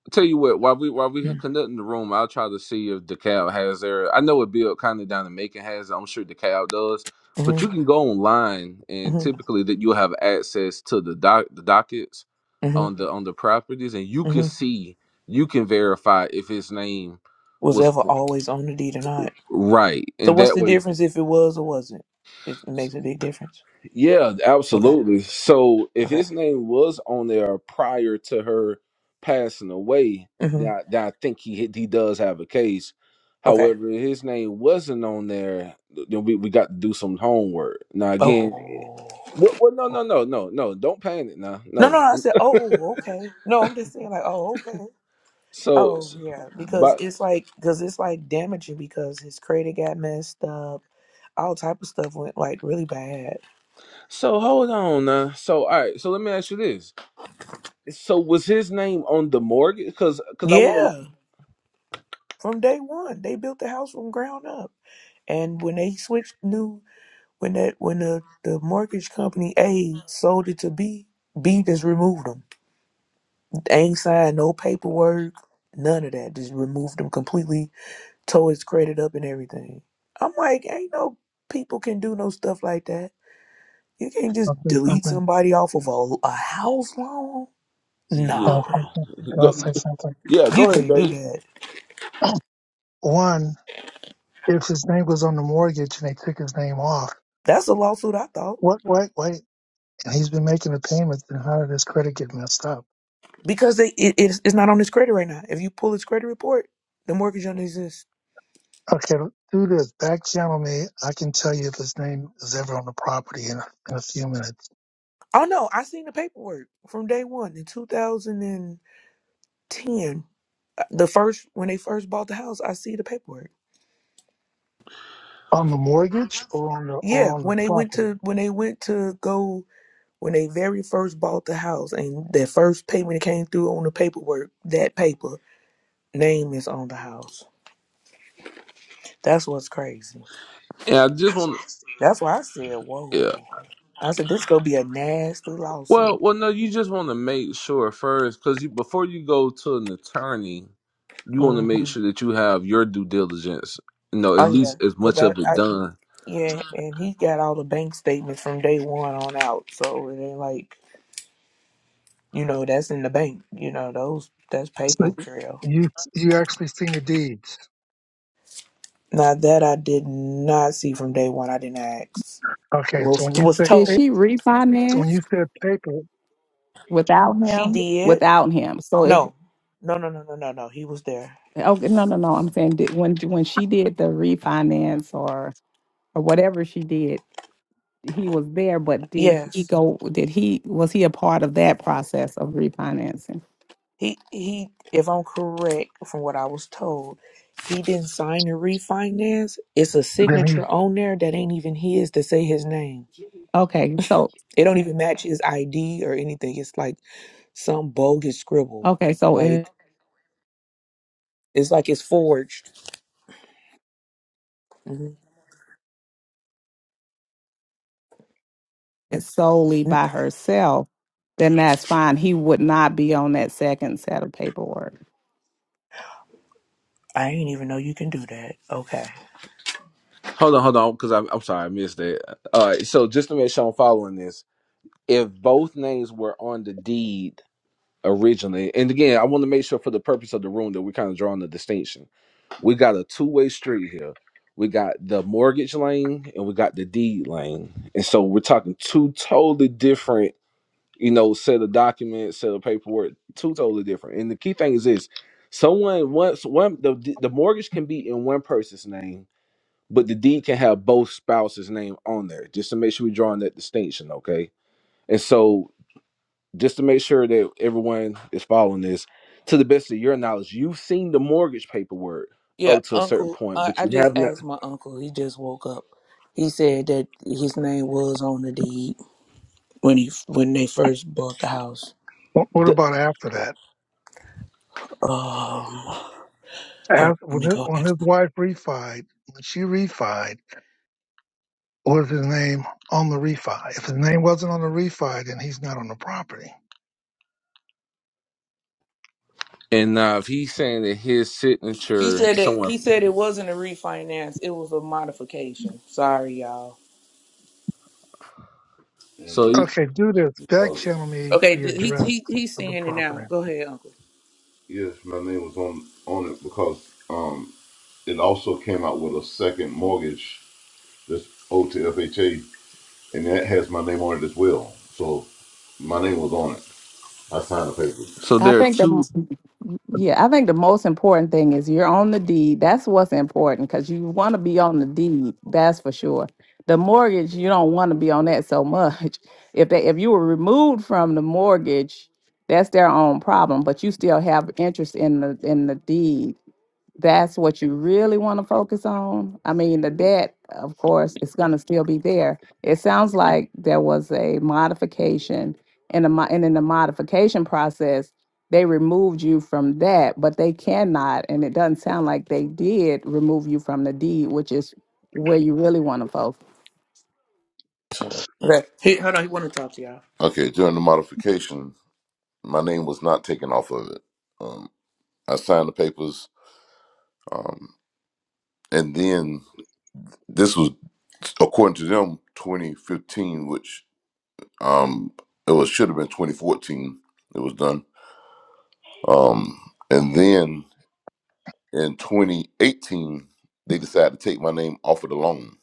I tell you what, while we while we conducting the room, I'll try to see if DeKalb has their. I know what Bill kind of down in Macon has. it. I'm sure DeKalb does. Mm-hmm. But you can go online, and hmm typically that you'll have access to the doc the dockets hmm on the on the properties, and you can hmm see you can verify if his name Was was ever uh, always on the deed or not? right, So and what's that the way difference if it was or wasn't? It makes a big difference. Yeah, Okay. absolutely. So if Okay. his name was on there prior to her passing away, hmm then I, then I think he he does have a case. Okay. However, if his name wasn't on there, then we, we got to do some homework. Now again, Oh. what, what no no no no no don't panic now. No, No. no, I said, oh, okay. No, I'm just saying, like, oh, okay. So Oh, s- yeah. Because but it's like, because it's like damaging because his credit got messed up. All type of stuff went like really bad. so hold on now. So all right, so let me ask you this. So was his name on the mortgage cuz cuz I want Yeah. to From day one, they built the house from ground up. And when they switched new When that when the, the mortgage company A sold it to B, B just removed them. They ain't signed no paperwork, none of that. Just removed them completely, tore his credit up and everything. I'm like, ain't no people can do no stuff like that. You can't just I'll say delete something. somebody off of a, a house loan. Nah, I'll yeah. say something. Go, yeah, you go ahead, can't Dave. do that. One, if his name was on the mortgage and they took his name off, That's a lawsuit, I thought, what, wait, wait, and he's been making the payments, then how did his credit get messed up? because they, it, it's, it's not on his credit right now. If you pull his credit report, the mortgage doesn't exist. Okay, do this. Back channel me. I can tell you if his name is ever on the property in, in a few minutes. Oh no, I seen the paperwork from day one in 2010. Uh, The first when they first bought the house, I see the paperwork. On the mortgage or on the Yeah, or on the when they went property. to when they went to go when they very first bought the house and their first payment came through on the paperwork, that paper name is on the house. That's what's crazy. And I just want That's why I said, Yeah. "Whoa!" I said, "This gonna be a nasty Well, lawsuit." well, no, you just want to make sure first, because you before you go to an attorney, you want to make hmm sure that you have your due diligence. You know, at Oh yeah, least as because much I, of it I done. Yeah, and he got all the bank statements from day one on out. So it ain't like, you know, that's in the bank. You know, those that's paper So trail. you you actually seen the deeds. Now that I did not see from day one, I didn't ask. Okay, so Was when you was say Did pa- told she so when you refinance said paper, without she him? did. Without him. So if No, no, no, no, no, no, no. He was there. okay, no, no, no. I'm saying did, when when she did the refinance or or whatever she did, he was there. But did he Yes, go? Did he was he a part of that process of refinancing? he he. If I'm correct from what I was told, he didn't sign the refinance. It's a then he. signature on there that ain't even his to say his name. Okay, so It don't even match his ID or anything. It's like some bogus scribble. Okay, so Like in it's like it's forged. hmm it solely by herself, then that's fine. He would not be on that second set of paperwork. I didn't even know you can do that. Okay. Hold on, hold on, because I'm, I'm sorry, I missed that. All right, so just to make sure I'm following this, if both names were on the deed originally, and again, I want to make sure for the purpose of the room that we're kind of drawing the distinction. We got a two way street here. We got the mortgage lane and we got the deed lane. And so we're talking two totally different, you know, set of documents, set of paperwork, two totally different. And the key thing is this someone once one the, the mortgage can be in one person's name, but the deed can have both spouses' name on there, just to make sure we're drawing that distinction, okay? And so just to make sure that everyone is following this to the best of your knowledge you've seen the mortgage paperwork Yeah, up to a certain uncle. point I, but I you just have not asked my uncle. He just woke up. He said that his name was on the deed when he when they first bought the house. what the, about after that? Um, hold on, After, let when, me his, go. when back. his wife refied, when she refied, was his name on the refi? If his name wasn't on the refi, then he's not on the property. And now, if he's saying that his He signature said that somewhere, he said it wasn't a refinance. It was a modification. Sorry, y'all. so he, Okay, do this. Back channel me Okay, the th- he address he he's of the seeing it now. property. Go ahead, uncle. Yes, my name was on on it because um it also came out with a second mortgage that's owed to FHA, and that has my name on it as well. So my name was on it. I signed the papers. so I there are think the two. Yeah, I think the most important thing is you're on the deed. That's what's important because you want to be on the deed. That's for sure. The mortgage, you don't want to be on that so much. [LAUGHS] If they, if you were removed from the mortgage, that's their own problem. But you still have interest in the in the deed that's what you really want to focus on. I mean, the debt, of course, is going to still be there. It sounds like there was a modification, and, a, mo- and in the modification process, they removed you from that, but they cannot, and it doesn't sound like they did remove you from the deed, which is where you really want to focus. So okay. He hold on, he wanna talk to y'all. Okay, during the modification, my name was not taken off of it. Um, I signed the papers, um, and then this was according to them 2015, which um it was should have been 2014. It was done. Um, and then in 2018, they decided to take my name off of the loan.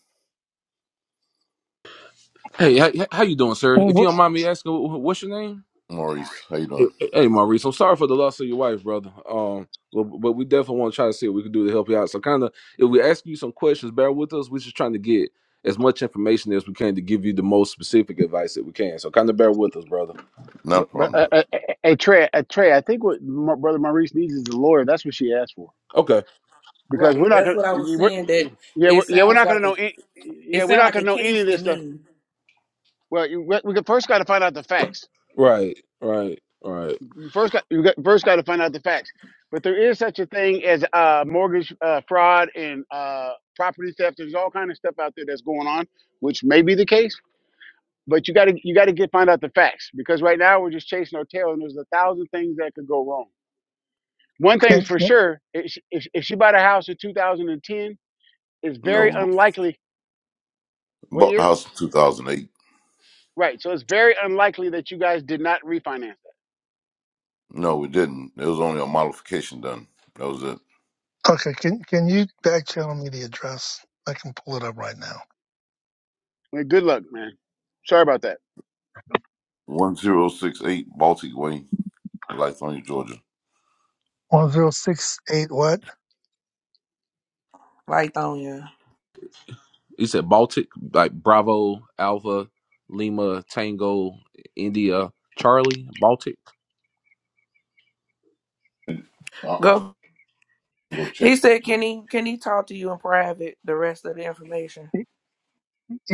Hey, how, how you doing, sir? Well, If you what, don't mind me asking, wh- what's your name? Maurice, how you Hey, doing? hey, hey, Maurice, I'm sorry for the loss of your wife, brother. Um, but, but we definitely want to try to see what we can do to help you out. So, kind of, if we ask you some questions, bear with us. We're just trying to get as much information as we can to give you the most specific advice that we can. So, kind of bear with us, brother. Not a But, but problem. uh, uh, uh, uh, hey Trey, uh, Trey, I think what my brother Maurice needs is a lawyer. That's what she asked for. Okay. Because Right. we're not That's gonna, what I was we saying. we That yeah, it we're, yeah, we're sounds not gonna like a know, any, it yeah, we're sounds not like a gonna know any case of to this stuff. me. Well, you, we we first got to find out the facts. Right. Right. Right. You first got, you got, first got to find out the facts. But there is such a thing as uh, mortgage uh, fraud and uh, property theft. There's all kind of stuff out there that's going on, which may be the case. But you got to, you got to get find out the facts because right now we're just chasing our tail, and there's a thousand things that could go wrong. One can, thing's for can, sure: if she, if, if she bought a house in 2010, it's very No, unlikely. What bought the year? house in 2008. Right. So it's very unlikely that you guys did not refinance that. No, we didn't. It was only a modification done. That was it. okay, can can you back channel me the address? I can pull it up right now. Well, good luck, man. Sorry about that. 1068 Baltic Way, Lithonia, Georgia. One zero six eight what? Lithonia. You said Baltic, like Bravo, Alpha, Lima, Tango, India, Charlie, Baltic. uh Go. Go check. He said, "Can he can he talk to you in private? The rest of the information."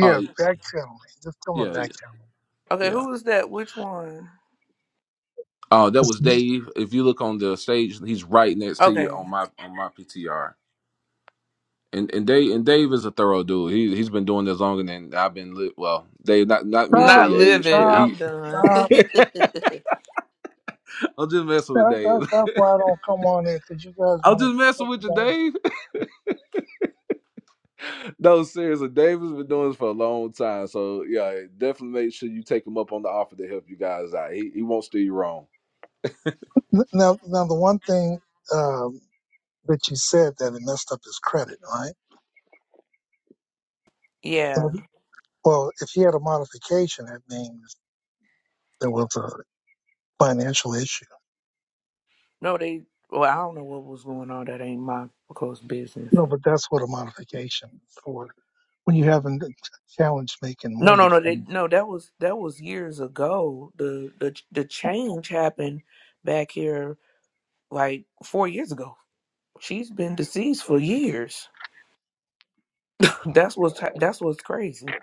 Oh, back channel me. Just tell me yeah, yeah, back channel. Okay, yeah. who is that? Which one? Uh, that was Stop, Dave. If you look on the stage, he's right next to you Okay. on my on my PTR. And and Dave and Dave is a thorough dude. He he's been doing this longer than I've been. Li- well, Dave, not not me to show stop, Not your age, but living. he. I'm done. [LAUGHS] stop. [LAUGHS] I'm just messing with That, Dave. that, that's why I don't come on there because you [LAUGHS] guys I'm want just to messing talk with you, about. Dave. [LAUGHS] No, seriously, Dave has been doing this for a long time. So yeah, definitely make sure you take him up on the offer to help you guys out. He he won't steer you wrong. N- Now, now the one thing um, that you said that it messed up his credit, right? yeah. Mhm. Well, if he had a modification, that means there was a financial issue. No, they well, I don't know what was going on. That ain't my close business. No, but that's what a modification is for when you haven't challenged making No, no, mortgage no. They, payments. no, that was that was years ago. The the the change happened back here like four years ago. She's been deceased for years. [LAUGHS] That's what's that's what's crazy.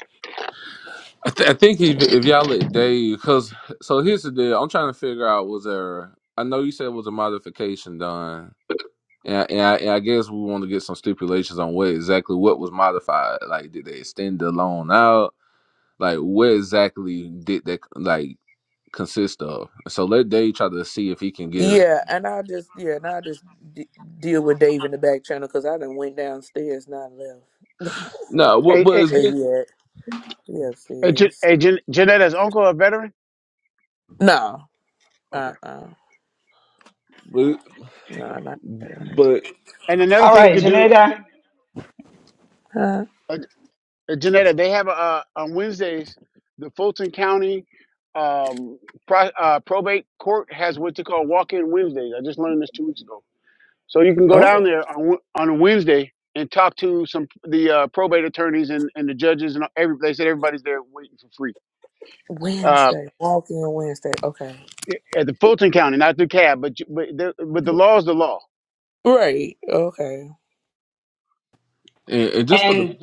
I, th- I think if, if y'all let Dave, because so here's the deal. I'm trying to figure out was there. I know you said it was a modification done. And I, and I, and I guess we want to get some stipulations on what exactly what was modified. Like, did they extend the loan out? Like, what exactly did that like consist of? So let Dave try to see if he can get. Yeah, and I just yeah, and I just d- deal with Dave in the back channel because I done went downstairs, not left. [LAUGHS] So, No, but Hey, but hey, it's Where good, he at? He hey, Jan- upstairs. hey Jan- Janetta's uncle a veteran? No, Okay. uh, uh but no, not that. but And another All thing you right, could do, Janeda. Uh, uh, uh, Janetta, they have uh, on Wednesdays, the Fulton County um, pro, uh, probate court has what they call walk-in Wednesdays. I just learned this two weeks ago So you can go down oh, there on Wed- on a Wednesday and talk to some the uh, probate attorneys and, and the judges and every they said everybody's there waiting for free uh, Wednesday, walk in Wednesday. Okay, at the Fulton County, not through cab, but you- but the, but the law is the law. right. Okay, and, and just for the And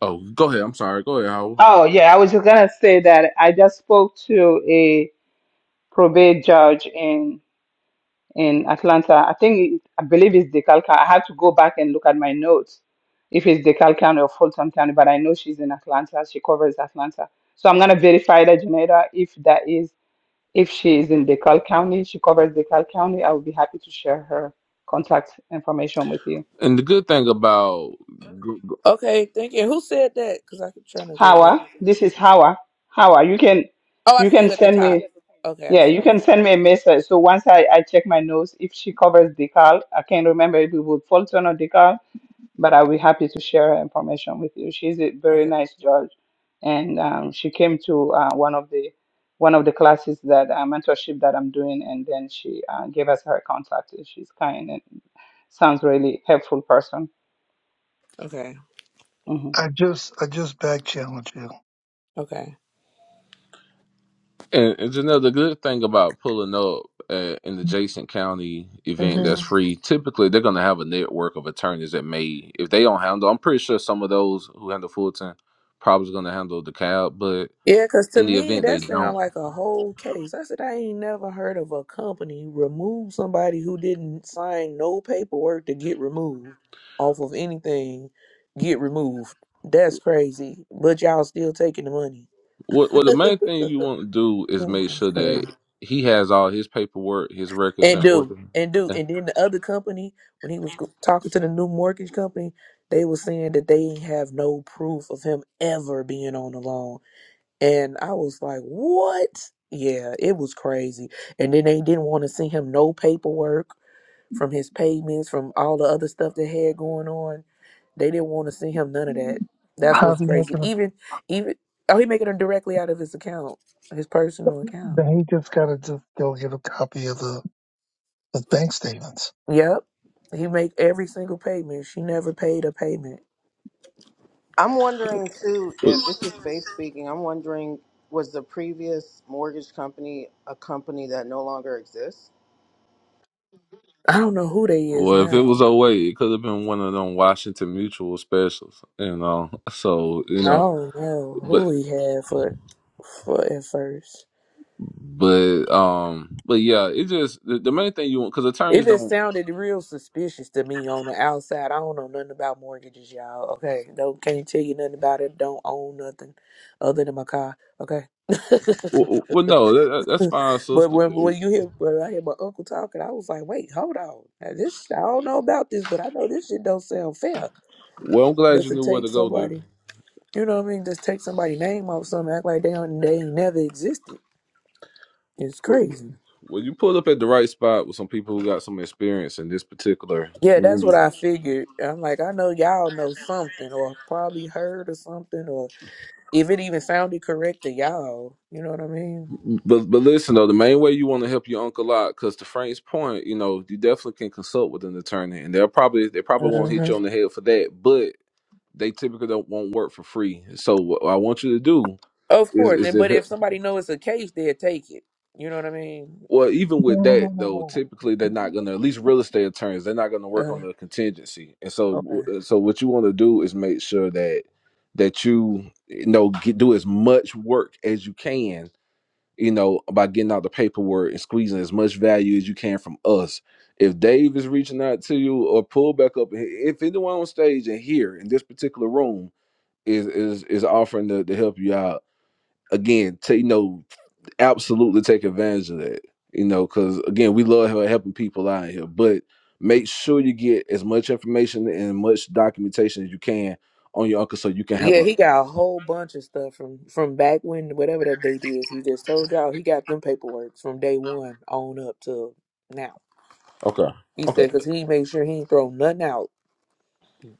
oh, go ahead. I'm sorry. Go ahead, Howard. oh, yeah, I was just going to say that I just spoke to a probate judge in. in Atlanta. I think I believe it's DeKalb County. I have to go back and look at my notes if it's DeKalb County or Fulton County, but I know she's in Atlanta. She covers Atlanta. So I'm gonna verify that Janeda if that is if she is in DeKalb County, she covers DeKalb County. I will be happy to share her contact information with you. And the good thing about okay. Thank you. Who said that? Because I'm trying to go look. Hawa, this is Hawa. Hawa, you can Oh, I you see can you at the send top. me Okay, I yeah, see. you You. can send me a message. So once I, I check my notes, if she covers DeKalb, I can't remember if it was Fulton or DeKalb but I'll be happy to share her information with you. She's a very Okay, nice judge, and um, she came to uh, one of the one of the classes that uh, mentorship that I'm doing, and then she uh, gave us her contact. and She's kind and sounds really helpful person. okay, hmm I just, I just back challenge you. okay. And, and Janelle, the good thing about pulling up at an adjacent county event that's Mm-hmm. free, typically they're going to have a network of attorneys that may, if they don't handle, I'm pretty sure some of those who handle Fulton probably going to handle DeKalb, but Yeah, because to in the me, event they that sounds don't, like a whole case. I said, I ain't never heard of a company remove somebody who didn't sign no paperwork to get removed off of anything, get removed. That's crazy. But y'all still taking the money. what well, [LAUGHS] the main thing you want to do is Which make is sure that crazy. he has all his paperwork, his records And in do, order. and do. And then the other company, when he was go- talking to the new mortgage company, they were saying that they have no proof of him ever being on the loan. And I was like, what? Yeah, it was crazy. And then they didn't want to send him no paperwork from his payments, from all the other stuff they had going on. They didn't want to send him none of that. That's what's How's he making? make crazy. Even, even, oh, he making them directly out of his account, his personal account. Then he just got to just go get a copy of the, the bank statements. Yep. He make every single payment. She never paid a payment. I'm wondering too if this is Faith speaking. I'm wondering was the previous mortgage company a company that no longer exists? I don't know who they is Well, if it now. was oh 08, it could have been one of them Washington Mutual specials, you know. [LAUGHS] So, you I know, don't know but who he had for, for at first. but um but yeah, it just the, the main thing you want cuz attorneys It just don't sounded real suspicious to me on the outside. I don't know nothing about mortgages, y'all. Okay, don't can't tell you nothing about it. Don't own nothing other than my car. Okay. [LAUGHS] well, well well, no, that, that- that's fine, but sister. when when you hear when I hear my uncle talking, I was like, wait, hold on. Now, this I don't know about this, but I know this shit don't sound fair. Well, I'm glad Just you to knew where take to go to. somebody, you know what I mean? Just take somebody's name off something, act like they don't, they ain't never existed. It's Well, crazy. well, you pulled up at the right spot with some people who got some experience in this particular Yeah, that's what I figured. I'm like, I know y'all know something, or probably heard or something, or if it even sounded correct to y'all, you know what I mean? But but listen though, the main way you want to help your uncle out, because to Frank's point, you know, you definitely can consult with an attorney, and they'll probably they probably won't hit hmm you on the head for that, but they typically don't won't work for free. So what I want you to do Of is course, is and to but if he- somebody knows it's a case, they'll take it. You know what I mean? well, even with that though, Oh. typically they're not gonna at least real estate attorneys they're not gonna work on Uh, the contingency, and so okay. w- so what you want to do is make sure that that you you know get, do as much work as you can you know, by getting out the paperwork and squeezing as much value as you can from us. If Dave is reaching out to you or pull back up, if anyone on stage and here in this particular room is is is offering to, to help you out, again, to, you know, absolutely take advantage of that. You know, because again, we love hel- helping people out here, but make sure you get as much information and much documentation as you can on your uncle so you can have Yeah, a he got a whole bunch of stuff from from back when whatever that date is. He just told y'all he got them paperwork from day one on up to now. okay, He okay, said because he made sure he ain't throw nothing out,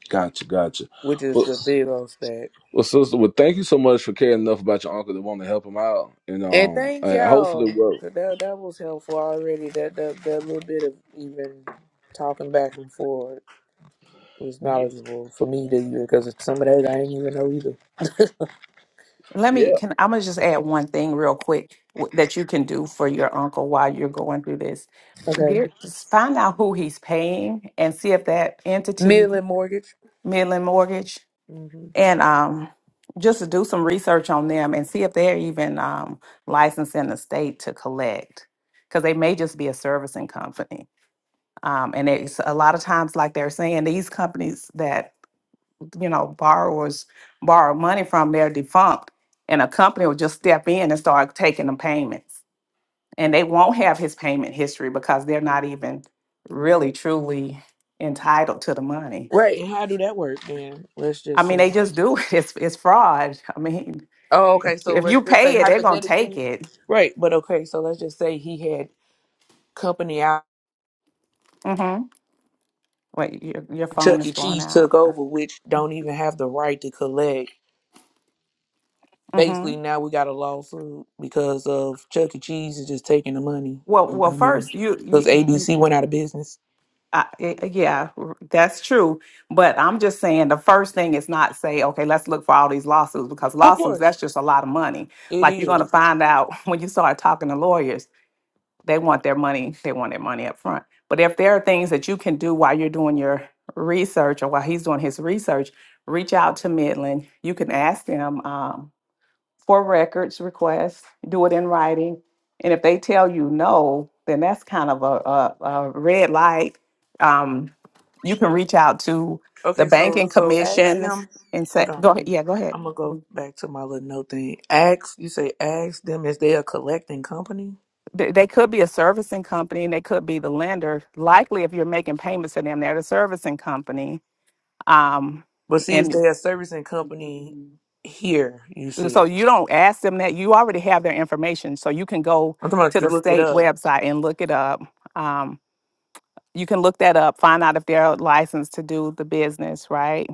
gotcha, gotcha. which Well, is a Yes. big old stack. Well, sister, well, thank you so much for caring enough about your uncle to want to help him out, and And um, thank and hopefully, y'all. well, 'cause That that was helpful already. That that that little bit of even talking back and forth was yeah. knowledgeable for me to you because some of that I didn't even know either. Let yeah. me can I'm gonna just add one thing real quick w- that you can do for your uncle while you're going through this. Okay, Get, just find out who he's paying and see if that entity Midland mortgage. Midland Mortgage, hmm and um, just to do some research on them and see if they're even um, licensed in the state to collect, because they may just be a servicing company. Um, and it's a lot of times, like they're saying, these companies that you know borrowers borrow money from, they're defunct, and a company will just step in and start taking the payments, and they won't have his payment history because they're not even really truly entitled to the money. Right. and How do that work then? Let's I just mean, say. they just do it. [LAUGHS] It's it's fraud. I mean, Oh, okay. So if let's you just say pay it, they're gonna take hypothetically. it. Right. But okay. So let's just say he had company out. Mm-hmm. Wait, your your phone Chuck is E. going Cheese out. took over, which don't even have the right to collect Mm-hmm. Basically, now we got a lawsuit because of Chuck E. Cheese is just taking the money. Well, well, first you, you, Because you you- ABC went out of business. I, I- yeah, that's true. But I'm just saying the first thing is not say, okay, let's look for all these lawsuits because Of lawsuits course, that's just a lot of money. it Like you're gonna is. find out [LAUGHS] when you start talking to lawyers. they want their money they want their money up front but if there are things that you can do while you're doing your research or while he's doing his research reach out to midland you can ask them um, for records requests do it in writing and if they tell you no then that's kind of a, a, a red light um, you can reach out to the Okay, so banking so ask commission them. and say Hold on. go ahead yeah go ahead I'm gonna go back to my little note thing. Ask you say ask them is they a collecting company? they they could be a servicing company and they could be the lender likely if you're making payments to them they're the servicing company Um, But see, is and they a servicing company here? You see so it. you don't ask them that. You already have their information. So you can go I'm talking about to to the look it state up. website and look it up. Um, you can look that up, find out if they're licensed to do the business, right?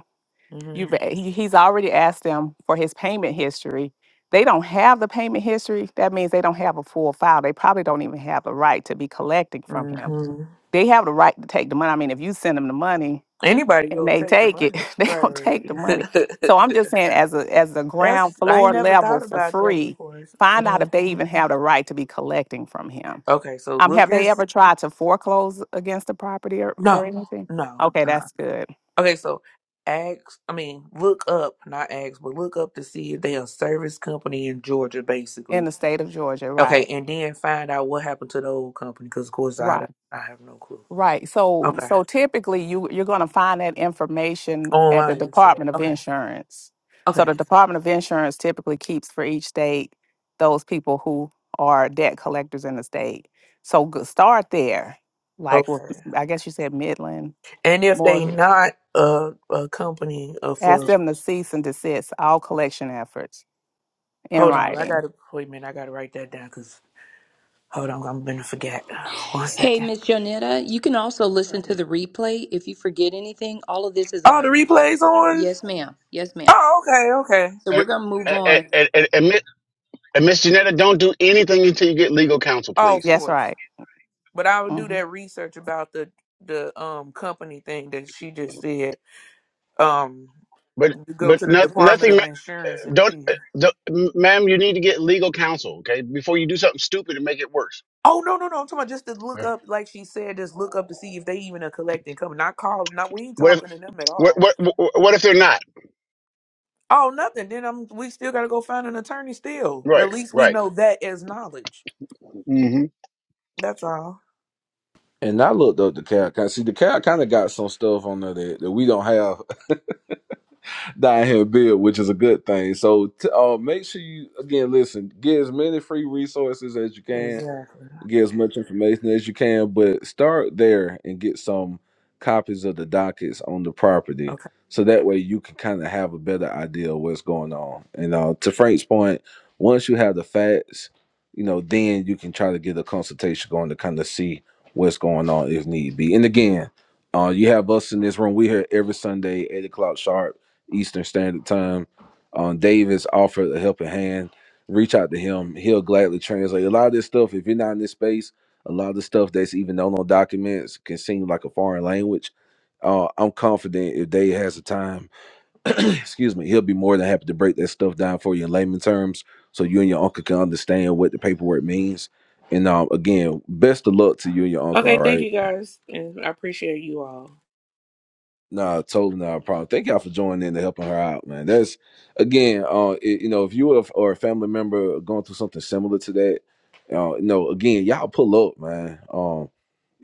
hmm You've a- he- he's already asked them for his payment history. They don't have the payment history. That means they don't have a full file. They probably don't even have the right to be collecting from him. hmm They have the right to take the money. I mean, if you send them the money, Anybody and go they take the take it, money, [LAUGHS] they gonna take the money. So I'm right? [LAUGHS] just saying, as a as a ground That's I ain't floor never level thought for about that. Of free, course. find out hmm if they even have the right to be collecting from him. Okay, so Um, look have and they see. ever tried to foreclose against the property or, or No, anything? no. Okay, Uh-uh. that's good. Okay, so ask. I mean, look up, not ask, but look up to see if they a service company in Georgia, In basically. the state of Georgia, Okay, right? and then find out what happened to the old company, because of course Right. I I have no clue. Right. So Okay, so typically you you're going to find that information at the online you said. Department of Okay, Insurance. So okay, the Department of Insurance typically keeps for each state those people who are debt collectors in the state. So go- start there. Like with okay. I guess you said Midland And if they Mortgage. not a a company of Ask uh, them to cease and desist all collection efforts in hold on, I writing. gotta wait a minute. I gotta write that down 'cause Hold on, I'm gonna forget. One Hey, second. Miss Jonetta, you can also listen to Um, the replay. If you forget anything, all of this is on Oh, the the replay. replay's on. Yes, ma'am. Yes, ma'am. Oh, okay, okay. So we're going to move And, and, on. and, and, and Miss and Miss Janetta, don't do anything until you get legal counsel, Oh, of please. That's course. right. But I would do hmm that research about the the um company thing that she just said. Um, But you go but to the not, Department nothing. of ma- Insurance uh, and Don't, see. uh, don't, m- ma'am. You need to get legal counsel, okay? Before you do something stupid and make it worse. Oh no no no! I'm talking about just to look Yeah. up, like she said, just look up to see if they even are collecting company. Not call, not we ain't What if talking to them at what all. what what if they're not Oh nothing. Then I'm we still gotta go find an attorney still. But right? at least we Right. know that as knowledge. That's all. And I looked up the cat. see, the cat kind of got some stuff on there that, that we don't have [LAUGHS] down here in Bill, which is a good thing. So, t- uh, make sure you again listen, get as many free resources as you can. Exactly. get as much information as you can, but start there and get some copies of the dockets on the property. Okay. So that way you can kind of have a better idea of what's going on. And uh, to Frank's point, once you have the facts, you know, then you can try to get a consultation going to kind of see what's going on if need be. And again, uh, you have us in this room. we here every Sunday, 8 o'clock sharp, Eastern Standard Time. Um, Dave has offered a helping hand reach out to him. He'll gladly translate. A lot of this stuff, if you're not in this space, a lot of the stuff that's even known on documents can seem like a foreign language. Uh, I'm confident if Dave has the time, [CLEARS THROAT] excuse me, he'll be more than happy to break that stuff down for you in layman terms so you and your uncle can understand what the paperwork means. And um, again, best of luck to you and your uncle, all Okay, thank right? you guys, and I appreciate you all. Nah, totally not a problem. Thank y'all for joining in and helping her out, man. That's again, uh, it, you know, if you are, or a family member going through something similar to that, uh, you know, again, y'all pull up, man. Um,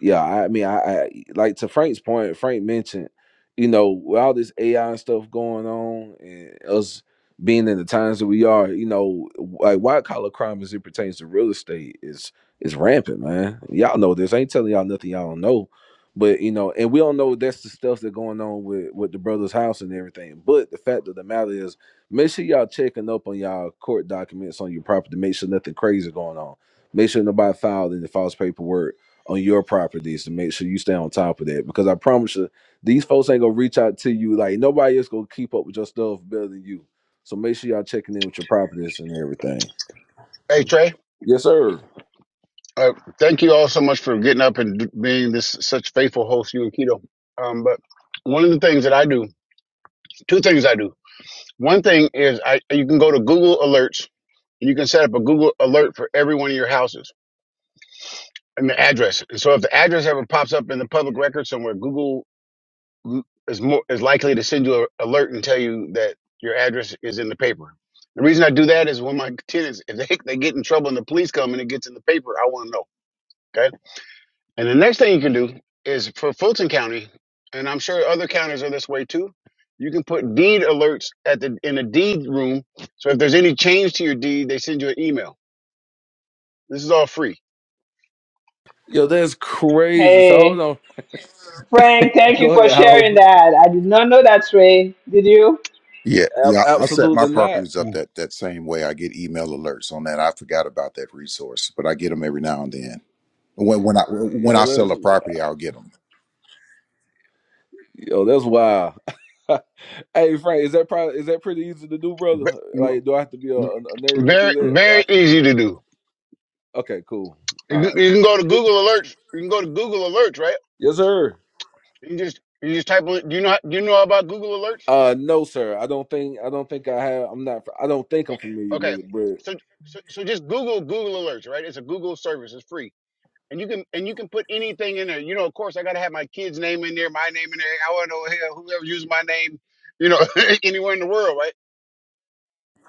yeah, I mean, I, I like to Frank's point. Frank mentioned, you know, with all this AI stuff going on, and us being in the times that we are, you know, like white collar crime as it pertains to real estate is is rampant, man. Y'all know this. I ain't telling y'all nothing y'all don't know, but you know, and we all know that's the stuff that's going on with with the brother's house and everything. But the fact of the matter is, make sure y'all checking up on y'all court documents on your property. Make sure nothing crazy going on. Make sure nobody filed any false paperwork on your properties to make sure you stay on top of that. Because I promise you, these folks ain't gonna reach out to you like nobody else gonna keep up with your stuff better than you. So make sure y'all checking in with your properties and everything. Hey Trey, Yes, sir. uh, thank you all so much for getting up and d- being this such faithful host, you and Keto. Um, but one of the things that I do, two things I do. One thing is I you can go to Google Alerts and you can set up a Google Alert for every one of your houses and the address. And so if the address ever pops up in the public record somewhere, Google is more is likely to send you an alert and tell you that your address is in the paper. The reason I do that is when my [LAUGHS] tenants, if they, they get in trouble and the police come and it gets in the paper, I want to know. Okay And the next thing you can do is for Fulton County, and I'm sure other counties are this way too. You can put deed alerts at the in the deed room. So if there's any change to your deed, they send you an email. This is all free. Yo, that's crazy. So hold Hey, on. Frank, [LAUGHS] thank you Go for ahead, sharing Howard. that. I did not know that, Ray. Did you? Yeah, yeah. Ab- I I set my absolutely not. properties up Mm. that that same way. I get email alerts on that. I forgot about that resource, but I get them every now and then. When when I when Yo, I sell that's a property, I'll get them. yo, that's wild. [LAUGHS] hey, Frank, is that probably is that pretty easy to do, brother? Ve- Like, do I have to be a, a nerd to do Very that, or I very can? easy to do. Okay, cool. You All right. can you can go to Google Alerts. You can go to Google Alerts, right? Yes, sir. You just you just type. in- Do you know do you know about Google Alerts? Uh, no, sir. I don't think I don't think I have. I'm not. I don't think I'm familiar Okay, with it. But so so, so just Google Google Alerts, right? It's a Google service. It's free and you can and you can put anything in there. You know, of course, I gotta have my kid's name in there, my name in there. I want to know hell, whoever uses my name, you know, [LAUGHS] anywhere in the world, right?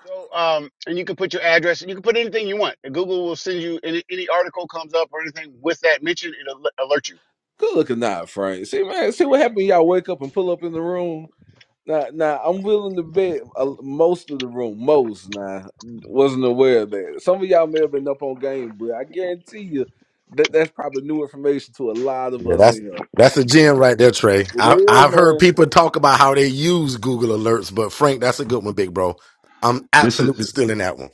So, um, and you can put your address. You can put anything you want. And Google will send you any, any article comes up or anything with that mention. It'll al- alert you. good looking, not Frank. See, man. See what happened. Y'all wake up and pull up in the room. Now, now I'm willing to bet uh, most of the room, most now, wasn't aware of that. Some of y'all may have been up on game, but I guarantee you that that's probably new information to a lot of Yeah, us that's in here. that's a gem right there, Trey. It I, is, I've heard man. people talk about how they use Google Alerts, but Frank, that's a good one, big bro. I'm This absolutely is still in that one.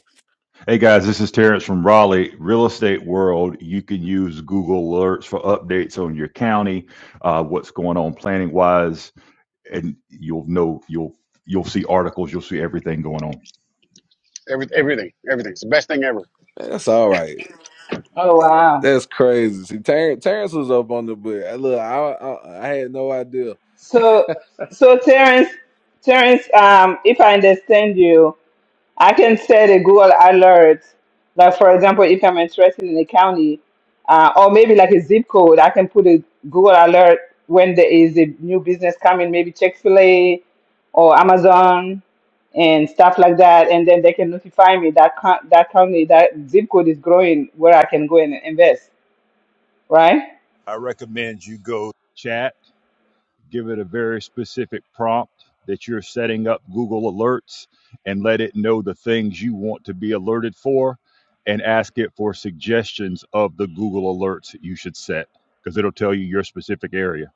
hey guys. This is Terrence from Raleigh Real Estate World. You can use Google alerts for updates on your county, uh, what's going on planning wise, and you'll know you'll you'll see articles. You'll see everything going on. Every, everything, everything. It's the best thing ever. Man, That's all right. Oh wow. That's crazy. See, Terrence, Terrence was up on the but uh, look, I, I I had no idea. So, so Terrence, Terrence, um, if I understand you. I can set a Google alert. Like for example, if I'm interested in a county, uh, or maybe like a zip code, I can put a Google alert when there is a new business coming, maybe Chick Fil A or Amazon and stuff like that, and then they can notify me that co- that county that zip code is growing where I can go and invest. Right? I recommend you go chat. give it a very specific prompt that you're setting up Google Alerts and let it know the things you want to be alerted for and ask it for suggestions of the Google Alerts that you should set because it'll tell you your specific area.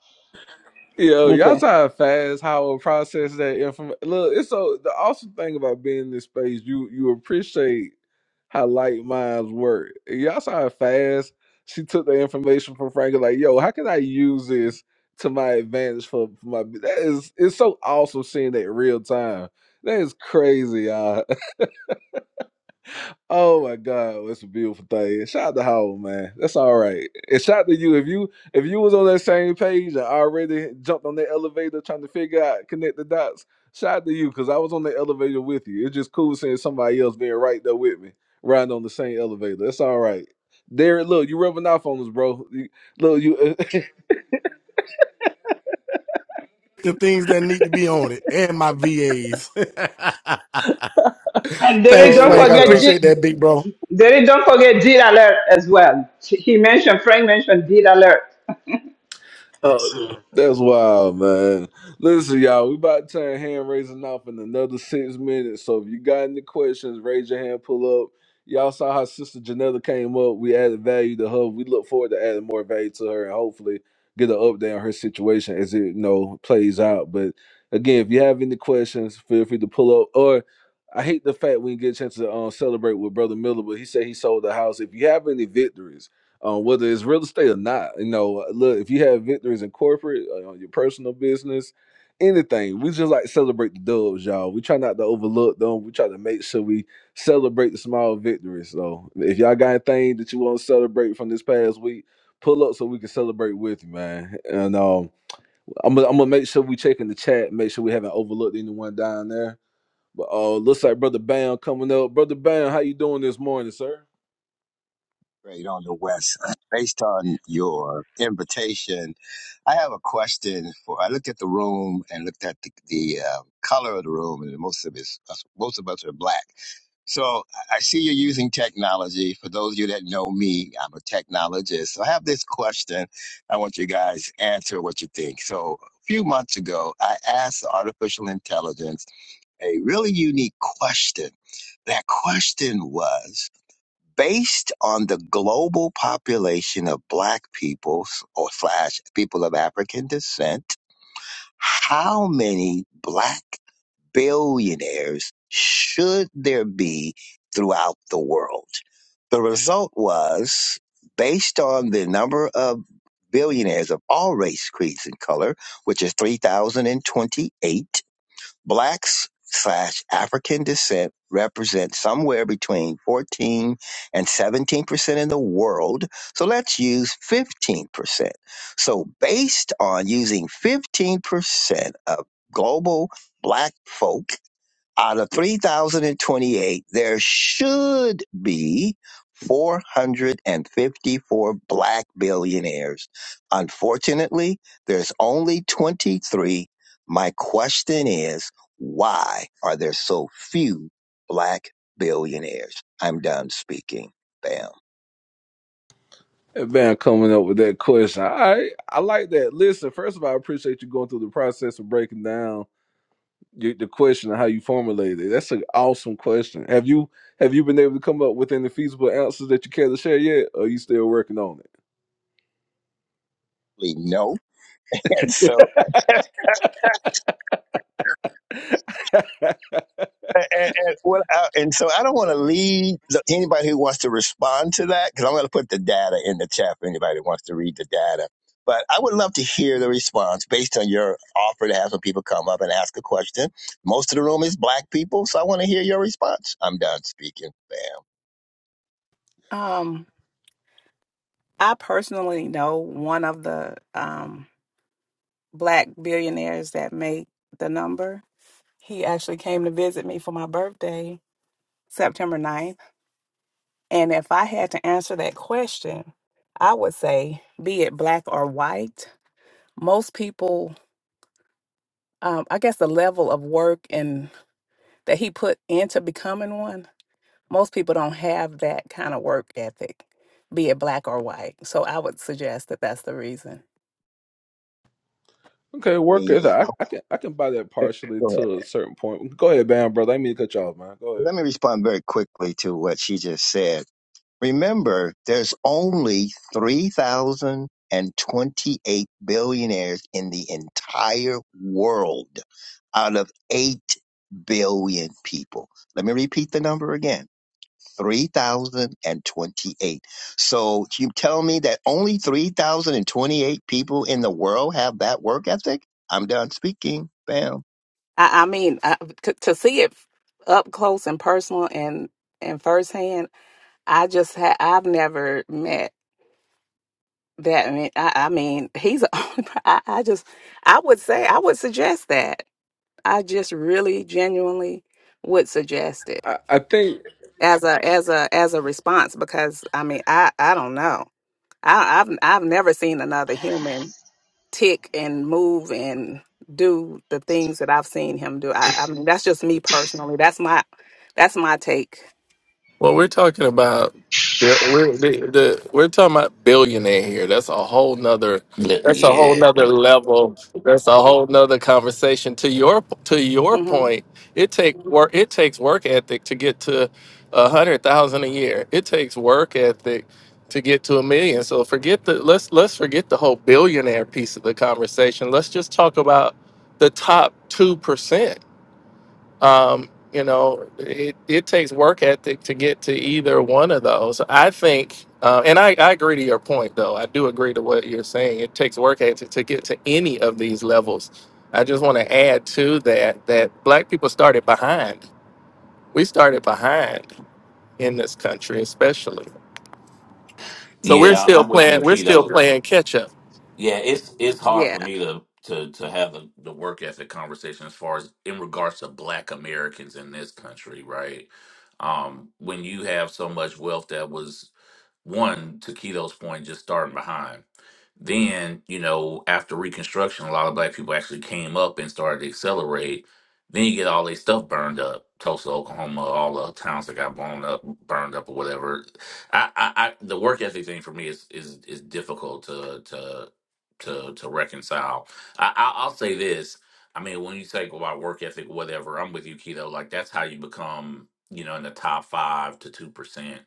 Yo, y'all Okay. try to fast how we process that information. Look, it's so the awesome thing about being in this space, you you appreciate how light minds work. Y'all saw how fast she took the information from Frank like, yo, how can I use this to my advantage for, for my that is it's so awesome seeing that real time. That is crazy, you Oh my God, that's a beautiful thing. Shout out to Howell, man. That's all right. And shout out to you. If you if you was on that same page and already jumped on that elevator trying to figure out connect the dots, shout out to you because I was on the elevator with you. It's just cool seeing somebody else being right there with me, riding on the same elevator. That's all right. Derek, look, you rubbing off on us, bro. You, look, you. The things that need to be on it and my VAs. [LAUGHS] And [LAUGHS] Derry, Thanks, don't oh Frank. my I forget God. appreciate G. that, big bro. Derry, don't forget deed alert as well. He mentioned Frank mentioned deed alert. [LAUGHS] Oh, that's wild, man. Listen, y'all, we about to turn hand raising off in another six minutes. So if you got any questions, raise your hand, pull up. Y'all saw how Sister Janetta came up. We added value to her. We look forward to adding more value to her and hopefully get an update on her situation as it you know plays out. But again, if you have any questions, feel free to pull up. Or I hate the fact we didn't get a chance to um, celebrate with Brother Miller, but he said he sold the house. If you have any victories, uh, whether it's real estate or not. You know, look, if you have victories in corporate, uh, your personal business, anything, we just like celebrate the dubs, y'all. We try not to overlook them. We try to make sure we celebrate the small victories. So if y'all got anything that you want to celebrate from this past week, pull up so we can celebrate with you, man. And um, I'm gonna I'm gonna make sure we check in the chat, make sure we haven't overlooked anyone down there. But uh, looks like brother Bam coming up. Brother Bam, how you doing this morning, sir? Great on the West. [CLEARS THROAT] Based on your invitation, I have a question for. I looked at the room and looked at the, the uh, color of the room, and most of us, most of us are black. So I I see you're using technology. For those of you that know me, I'm a technologist. So I have this question. I want you guys to answer what you think. So a few months ago, I asked artificial intelligence a really unique question. That question was based on the global population of black people or slash people of African descent, how many black billionaires should there be throughout the world? The result was based on the number of billionaires of all race, creeds, and color, which is 3,028 Blacks slash African descent represent somewhere between 14 and 17% in the world. So let's use 15%. So, based on using 15% of global black folk out of 3,028, there should be 454 black billionaires. Unfortunately, there's only 23. My question is, why are there so few black billionaires? I'm done speaking. Bam. Man, coming up with that question. I I like that. Listen, first of all, I appreciate you going through the process of breaking down your, the question and how you formulated it. That's an awesome question. Have you have you been able to come up with any feasible answers that you care to share yet? Or are you still working on No. [LAUGHS] And it? so [LAUGHS] And, and, and, well, I, and so I don't want to lead the, anybody who wants to respond to that because I'm going to put the data in the chat for anybody who wants to read the data. But I would love to hear the response based on your offer to have some people come up and ask a question. Most of the room is black people, so I want to hear your response. I'm done speaking. Bam. Um, I personally know one of the um, black billionaires that make the number He actually came to visit me for my birthday, September ninth. And if I had to answer that question, I would say, be it black or white, most people, um, I guess the level of work and that he put into becoming one, most people don't have that kind of work ethic, be it black or white. So I would suggest that that's the reason. okay, work Queen. it. [LAUGHS] out. I, I can I can buy that Go partially ahead. to a certain point. Go ahead, Bam, brother. I didn't mean to cut you off, man. Go ahead. Let me respond very quickly to what she just said. Remember, there's only 3,028 billionaires in the entire world out of 8 billion people. Let me repeat the number again 3,028. So you tell me that only 3,028 people in the world have that work ethic? I'm done speaking. Bam. I, I mean, I, to, to see it up close and personal and and firsthand, I just ha- I've never met That I mean, I, I mean, he's. a- [LAUGHS] I, I just, I would say, I would suggest that. I just really, genuinely would suggest it I, I think as a as a as a response because I mean, I I don't know. I, I've I've never seen another human tick and move and do the things that I've seen him do. I, I mean, that's just me personally. That's my that's my take. Well, we're talking about yeah, we're the, the, we're talking about billionaire here. That's a whole nother. Look, That's a whole Yeah, nother level. That's a whole nother conversation. To your to your hmm point, it take work. It takes work ethic to get to a hundred thousand a year. It takes work ethic to get to a million. So forget the let's let's forget the whole billionaire piece of the conversation. Let's just talk about the top two percent um, you know, it, it takes work ethic to get to either one of those. I think, uh, and I, I agree to your point, though. I do agree to what you're saying. It takes work ethic to get to any of these levels. I just want to add to that that black people started behind. We started behind in this country, especially. So we're yeah, I- still I'm with you, playing. We're still Keto. playing catch up. Yeah, it's it's hard Yeah. for me to to to have the, the work ethic conversation as far as in regards to Black Americans in this country, right? Um, when you have so much wealth that was one to Keto's point, just starting behind. Then, you know, after Reconstruction, a lot of black people actually came up and started to accelerate. Then you get all their stuff burned up, Tulsa, Oklahoma, all the towns that got blown up, burned up or whatever. I, I, I the work ethic thing for me is is is difficult to to to to reconcile. I, I I'll say this. I mean, when you say about work ethic, whatever, I'm with you, Keto. Like that's how you become, you know, in the top five to two percent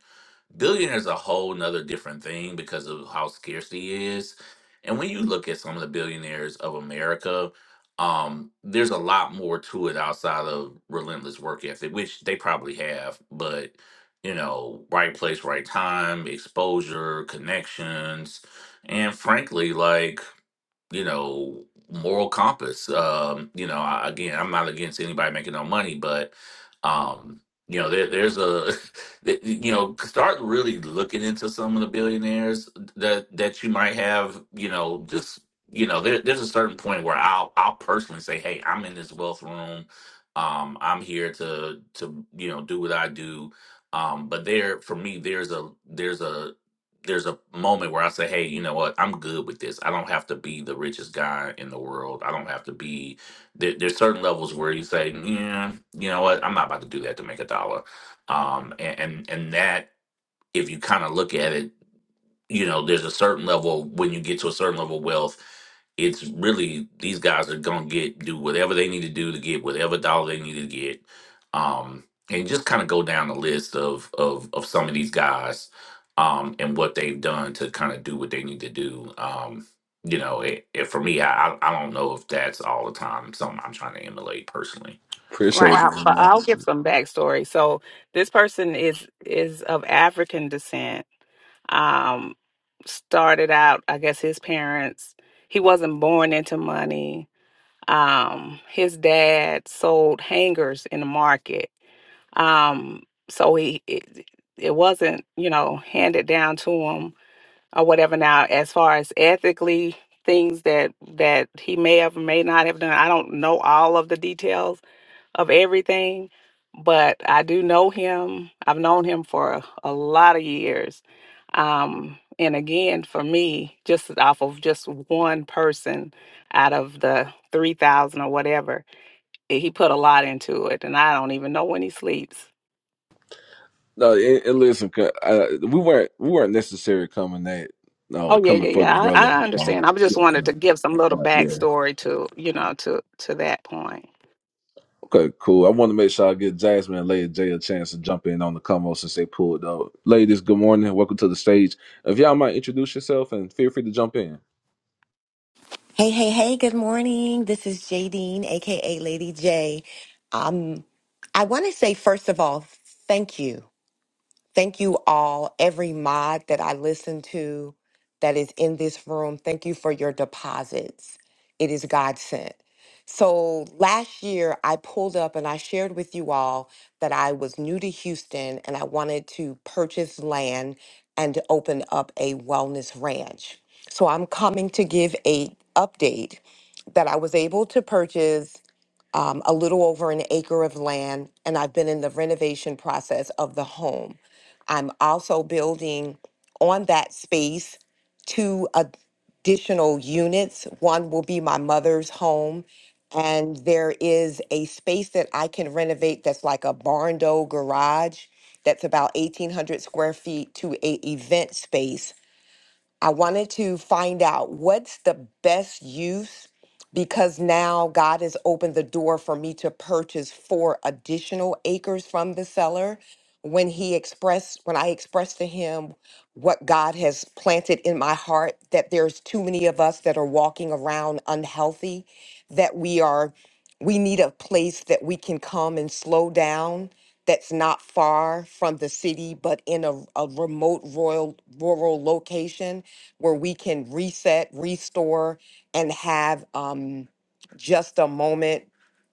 Billionaires is a whole nother different thing because of how scarcity is. And when you look at some of the billionaires of America, um, there's a lot more to it outside of relentless work ethic, which they probably have, but you know, right place, right time, exposure, connections, and frankly, like you know moral compass um you know I, again i'm not against anybody making no money but um you know there, there's a [LAUGHS] that- you know start really looking into some of the billionaires that that you might have you know just you know there, there's a certain point where i'll i'll personally say hey i'm in this wealth room um i'm here to to you know do what i do um but there for me there's a there's a there's a moment where I say, hey, you know what? I'm good with this. I don't have to be the richest guy in the world. I don't have to be. There, there's certain levels where you say, yeah, you know what? I'm not about to do that to make a dollar. Um, and, and and that, if you kind of look at it you know, there's a certain level when you get to a certain level of wealth, it's really these guys are gonna get do whatever they need to do to get whatever dollar they need to get. Um, and just kind of go down the list of of of some of these guys um and what they've done to kind of do what they need to do. Um, you know, it, it for me, I I I don't know if that's all the time something I'm trying to emulate personally. appreciate Right, I, it, but I'll man. give some backstory. So this person is is of African descent. Um, started out, I guess his parents. He wasn't born into money. Um, his dad sold hangers in the market. Um, so he it, it wasn't you know handed down to him or whatever. Now, as far as ethically things that that he may have or may not have done, I don't know all of the details of everything, but I do know him. I've known him for a, a lot of years. Um, and again, for me, just off of just one person out of the 3,000 or whatever, eh, he put a lot into it. And I don't even know when he sleeps. No, it, it listen, 'cause, uh, we weren't we weren't necessarily coming at no Oh yeah, coming yeah, for the yeah. brother. I, I Um, understand. I just yeah, wanted no, to give some no, little no, yeah. backstory to, you know, to to that point. Okay, cool. I want to make sure I get Jasmine and Lady J a chance to jump in on the combo since they pulled up. Ladies, good morning. Welcome to the stage. If y'all might introduce yourself and feel free to jump in. Hey, hey, hey, good morning. This is Jadine, aka Lady J. Um, I want to say, first of all, thank you. Thank you all, every mod that I listen to that is in this room. Thank you for your deposits. It is God sent. So last year, I pulled up and I shared with you all that I was new to Houston and I wanted to purchase land and to open up a wellness ranch. So I'm coming to give a update that I was able to purchase um, a little over an acre of land, and I've been in the renovation process of the home. I'm also building on that space two additional units. One will be my mother's home, and there is a space that I can renovate that's like a barn door garage that's about 1,800 square feet to a event space I wanted to find out what's the best use because now God has opened the door for me to purchase four additional acres from the seller. When he expressed, when I expressed to him what God has planted in my heart, that there's too many of us that are walking around unhealthy, that we are, we need a place that we can come and slow down that's not far from the city, but in a, a remote royal, rural location where we can reset, restore, and have um, just a moment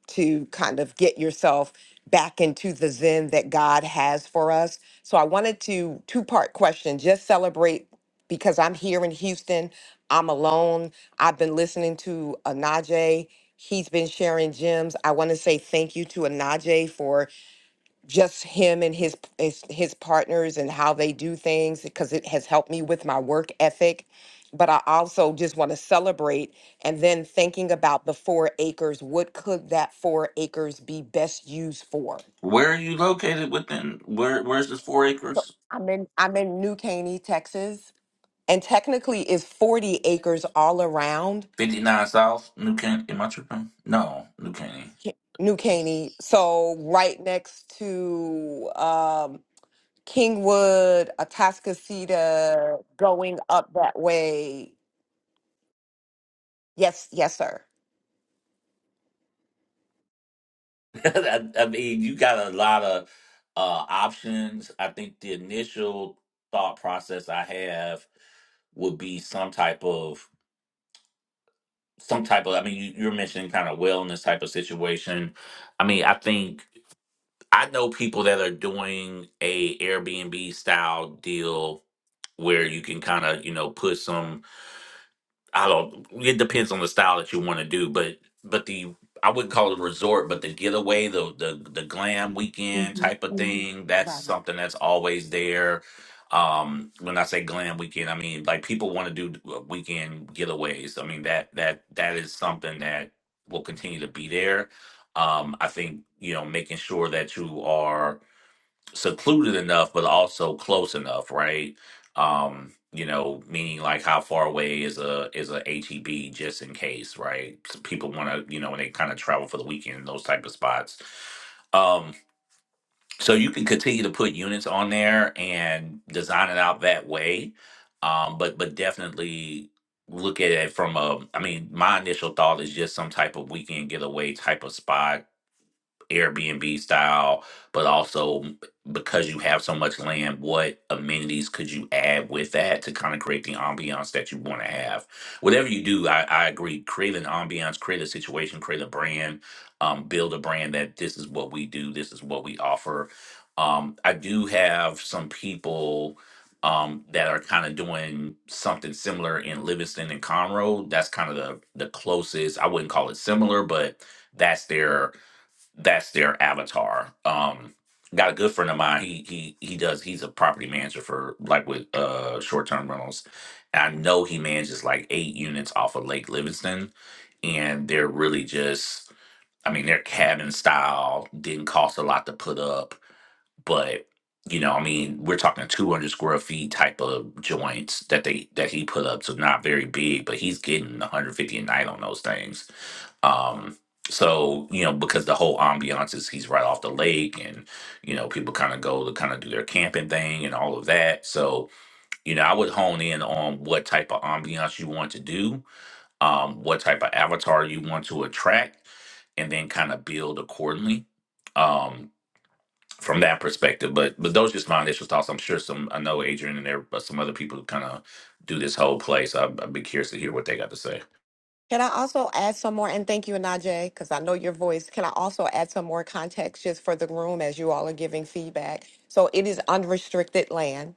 to kind of get yourself back into the zen that God has for us. So I wanted to two part question just celebrate because I'm here in Houston. I'm alone. I've been listening to Anaje. He's been sharing gems. I want to say thank you to Anaje for just him and his his, his partners and how they do things because it has helped me with my work ethic but i also just want to celebrate and then thinking about the four acres what could that four acres be best used for Where are you located within where where's this four so acres? i'm in i'm in new caney texas and technically is 40 acres all around Fifty nine South, New Can am I tripping? No, New Caney. Ca- new caney so right next to Kingwood, Atascocita, going up that way. Yes, yes, sir. [LAUGHS] I, I mean, you got a lot of uh, options. I think the initial thought process I have would be some type of some type of. I mean, you, you're mentioning kind of wellness type of situation. I mean, I think I know people that are doing a Airbnb style deal where you can kind of you know put some I don't. It depends on the style that you want to do, but but the I wouldn't call it a resort, but the getaway, the the the glam weekend hmm type of hmm thing. That's Right. something that's always there. Um, when I say glam weekend, I mean like people want to do uh, weekend getaways. I mean that that that is something that will continue to be there. Um, I think you know making sure that you are secluded enough, but also close enough, right? Um, you know, meaning like how far away is a is a HEB just in case, right? So people want to, you know, when they kind of travel for the weekend, those type of spots. Um, so you can continue to put units on there and design it out that way, um, but but definitely look at it from a. I mean, my initial thought is just some type of weekend getaway type of spot Airbnb style, but also because you have so much land, what amenities could you add with that to kind of create the ambiance that you want to have? Whatever you do, I, I agree. Create an ambiance, create a situation, create a brand, um, build a brand that this is what we do, this is what we offer. Um, I do have some people um, that are kind of doing something similar in Livingston and Conroe. That's kind of the the closest. I wouldn't call it similar, but that's their that's their avatar. Um, got a good friend of mine. He he he does. He's a property manager for like with uh short term rentals. And I know he manages like eight units off of Lake Livingston, and they're really just. I mean, they're cabin style. Didn't cost a lot to put up but you know, I mean, we're talking 200 square feet type of joints that they that he put up, so not very big, but he's getting 150 a night on those things. Um, so you know, because the whole ambiance is he's right off the lake, and you know, people kind of go to kind of do their camping thing and all of that. So you know, I would hone in on what type of ambiance you want to do, um, what type of avatar you want to attract, and then kind of build accordingly. Um, from that perspective. But but those are just my initial thoughts. I'm sure some I know Adrian and there but some other people who kind of do this whole place. I, I'd be curious to hear what they got to say. Can I also add some more? And thank you, Najee, because I know your voice. Can I also add some more context just for the room as you all are giving feedback? So it is unrestricted land.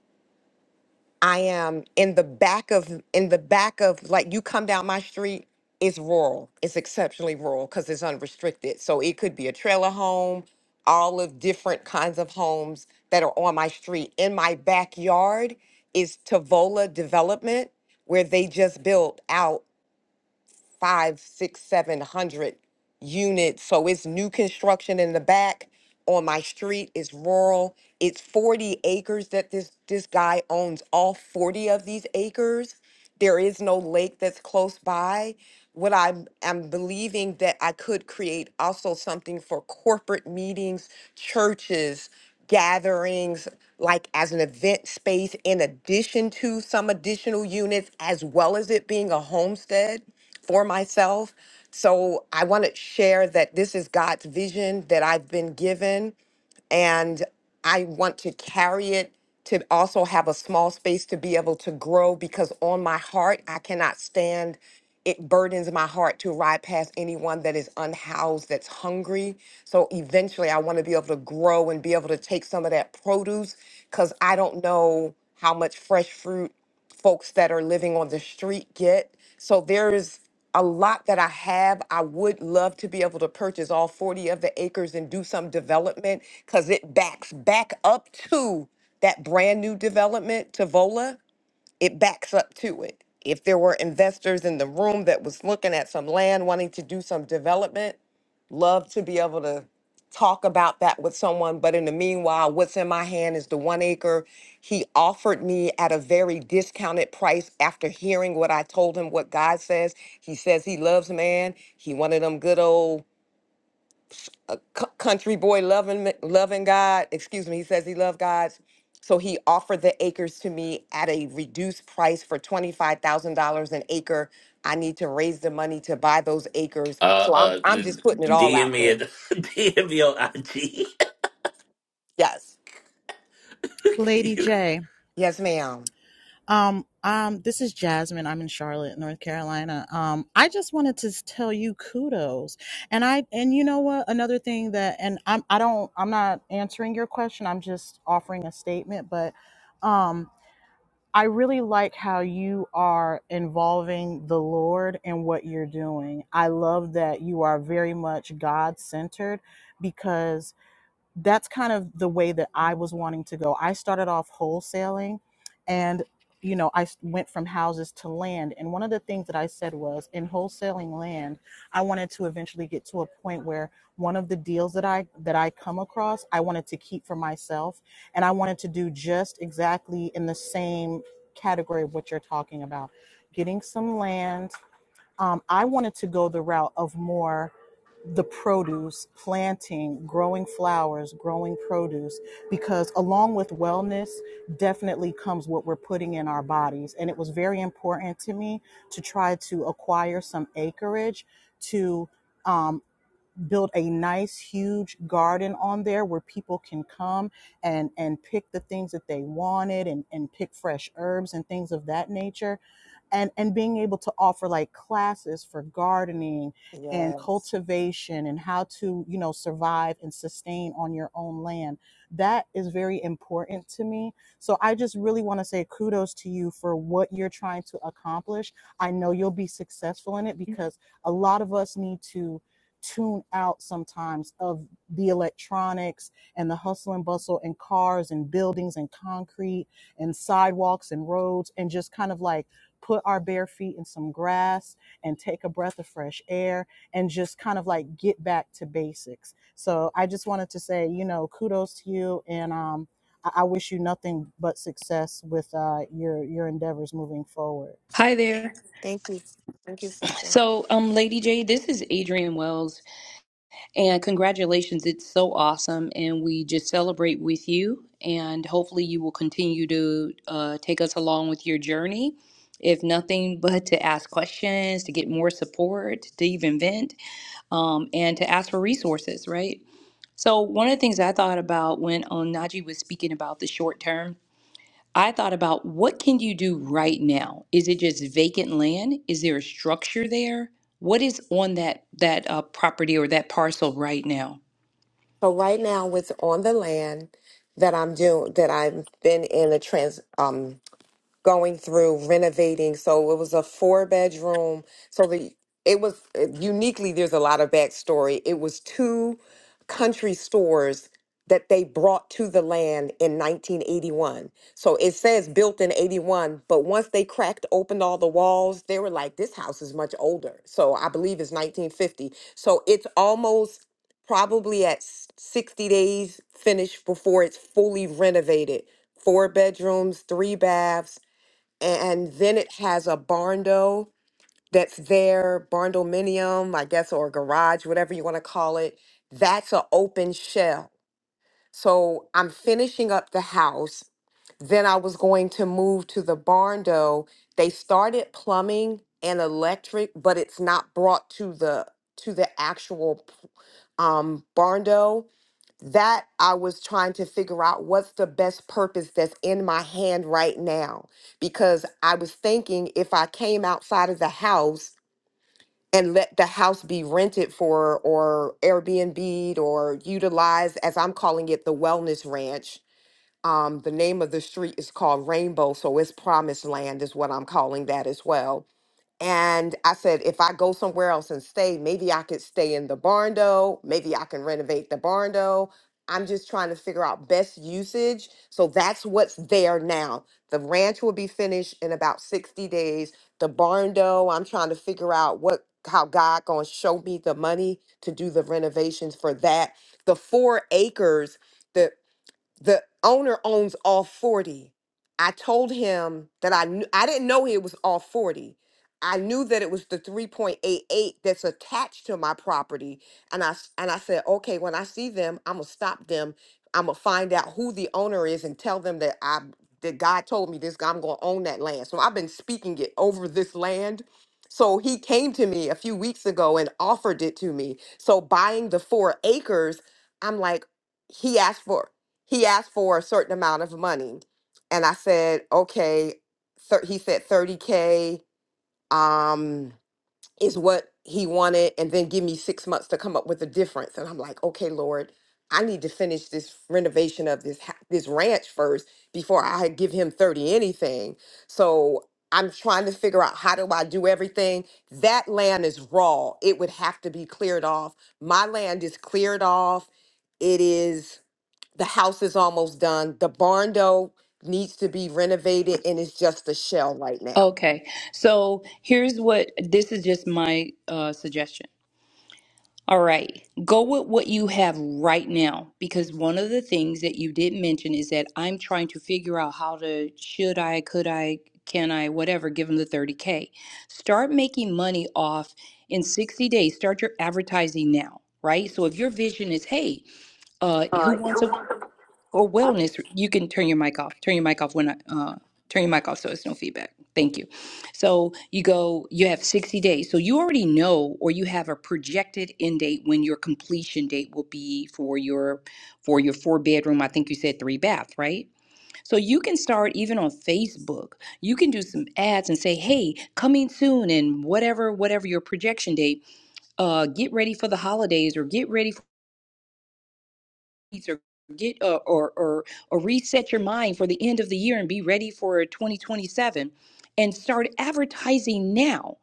I am in the back of in the back of like you come down my street, it's rural. It's exceptionally rural because it's unrestricted. So it could be a trailer home, all of different kinds of homes that are on my street. In my backyard is Tavola Development, where they just built out five, six, seven hundred units. So it's new construction in the back on my street. It's rural. It's 40 acres that this this guy owns all 40 of these acres. There is no lake that's close by. What I'm I'm believing that I could create also something for corporate meetings, churches, gatherings, like as an event space in addition to some additional units, as well as it being a homestead for myself. So I want to share that this is God's vision that I've been given and I want to carry it to also have a small space to be able to grow because on my heart, I cannot stand. It burdens my heart to ride past anyone that is unhoused, that's hungry. So eventually, I want to be able to grow and be able to take some of that produce because I don't know how much fresh fruit folks that are living on the street get. So there's a lot that I have. I would love to be able to purchase all 40 of the acres and do some development because it backs back up to that brand new development to Vola it backs up to it. If there were investors in the room that was looking at some land, wanting to do some development, love to be able to talk about that with someone. But in the meanwhile, what's in my hand is the one acre. He offered me at a very discounted price after hearing what I told him, what God says. He says he loves man. He wanted them good old c- country boy loving loving God. Excuse me. He says he loved God. So he offered the acres to me at a reduced price for $25,000 an acre. I need to raise the money to buy those acres. Uh, So I'm uh, I'm just putting it all DM out me there. at [LAUGHS] DM me on IG. [LAUGHS] Yes. Lady You- J. Yes, ma'am. Um, um, this is Jasmine. I'm in Charlotte, North Carolina. Um, I just wanted to tell you kudos. And I and you know what? Another thing that and I'm I don't I'm not answering your question. I'm just offering a statement, but um I really like how you are involving the Lord in what you're doing. I love that you are very much God centered because that's kind of the way that I was wanting to go. I started off wholesaling and you know, I s- went from houses to land. And one of the things that I said was in wholesaling land, I wanted to eventually get to a point where one of the deals that I that I come across, I wanted to keep for myself and I wanted to do just exactly in the same category of what you're talking about. Getting some land um, I wanted to go the route of more the produce, planting, growing flowers, growing produce, because along with wellness definitely comes what we're putting in our bodies. And it was very important to me to try to acquire some acreage to um, build a nice, huge garden on there where people can come and, and pick the things that they wanted and, and pick fresh herbs and things of that nature and and being able to offer like classes for gardening and Yes. cultivation and how to you know survive and sustain on your own land that is very important to me so i just really want to say kudos to you for what you're trying to accomplish i know you'll be successful in it because a lot of us need to tune out sometimes of the electronics and the hustle and bustle and cars and buildings and concrete and sidewalks and roads and just kind of like put our bare feet in some grass and take a breath of fresh air and just kind of like get back to basics. So I just wanted to say, you know, kudos to you and um I I wish you nothing but success with uh, your your endeavors moving forward. Hi there. So, um, Lady J, this is Adrian Wells And congratulations, it's so awesome. And we just celebrate with you. And hopefully, you will continue to uh, take us along with your journey. If nothing but to ask questions, to get more support, to even vent, um, and to ask for resources, right? So, one of the things I thought about when um, Najee was speaking about the short term, I thought about what can you do right now? Is it just vacant land? Is there a structure there? What is on that that uh, property or that parcel right now? So right now it's on the land that I'm doing that I've been in a trans. going through renovating. So it was a four bedroom. So the it was uh, uniquely there's a lot of backstory. It was two country stores that they brought to the land in 1981. So it says built in 81, but once they cracked open all the walls, they were like this house is much older. So I believe it's 1950. So it's almost probably at s- 60 days finished before it's fully renovated. Four bedrooms, three baths, and then it has a barndo that's there, barndominium, I guess, or garage, whatever you want to call it. That's an open shell. So I'm finishing up the house. Then I was going to move to the barndo. They started plumbing and electric, but it's not brought to the to the actual um barndo that I was trying to figure out what's the best purpose that's in my hand right now. Because I was thinking if I came outside of the house and let the house be rented for or Airbnb or utilized, as I'm calling it, the wellness ranch. Um, the name of the street is called Rainbow, so it's promised land, is what I'm calling that as well and I said, if I go somewhere else and stay, maybe I could stay in the barn dough. Maybe I can renovate the barn dough. I'm just trying to figure out best usage. So that's what's there now. The ranch will be finished in about 60 days. The barn dough, I'm trying to figure out what how God gonna show me the money to do the renovations for that. The four acres the owner owns all 40 i told him that i knew i didn't know it was all 40 i knew that it was the 3.88 that's attached to my property and i s- and i said okay when i see them i'm gonna stop them i'm gonna find out who the owner is and tell them that i that god told me this i'm gonna own that land so i've been speaking it over this land so he came to me a few weeks ago and offered it to me so buying the four acres i'm like he asked for he asked for a certain amount of money and i said okay thir- he said 30k um is what he wanted and then give me six months to come up with the difference and i'm like okay lord i need to finish this renovation of this ha- this ranch first before i give him 30 anything so i'm trying to figure out how do i do everything that land is raw it would have to be cleared off my land is cleared off it is the house is almost done. The barn though needs to be renovated and it's just a shell right now. Okay, so here's what this is just my uh, suggestion. All right, go with what you have right now because one of the things that you did mention is that I'm trying to figure out how to should I, could I, can I, whatever, give them the 30K. Start making money off in 60 days. Start your advertising now, right? So if your vision is, hey, uh, who wants a or wellness, you can turn your mic off. Turn your mic off when I uh, turn your mic off so it's no feedback. Thank you. So you go, you have 60 days. So you already know or you have a projected end date when your completion date will be for your for your four bedroom. I think you said three bath, right? So you can start even on Facebook. You can do some ads and say, hey, coming soon and whatever, whatever your projection date, uh, get ready for the holidays or get ready or get or, or or or reset your mind for the end of the year and be ready for 2027 and start advertising now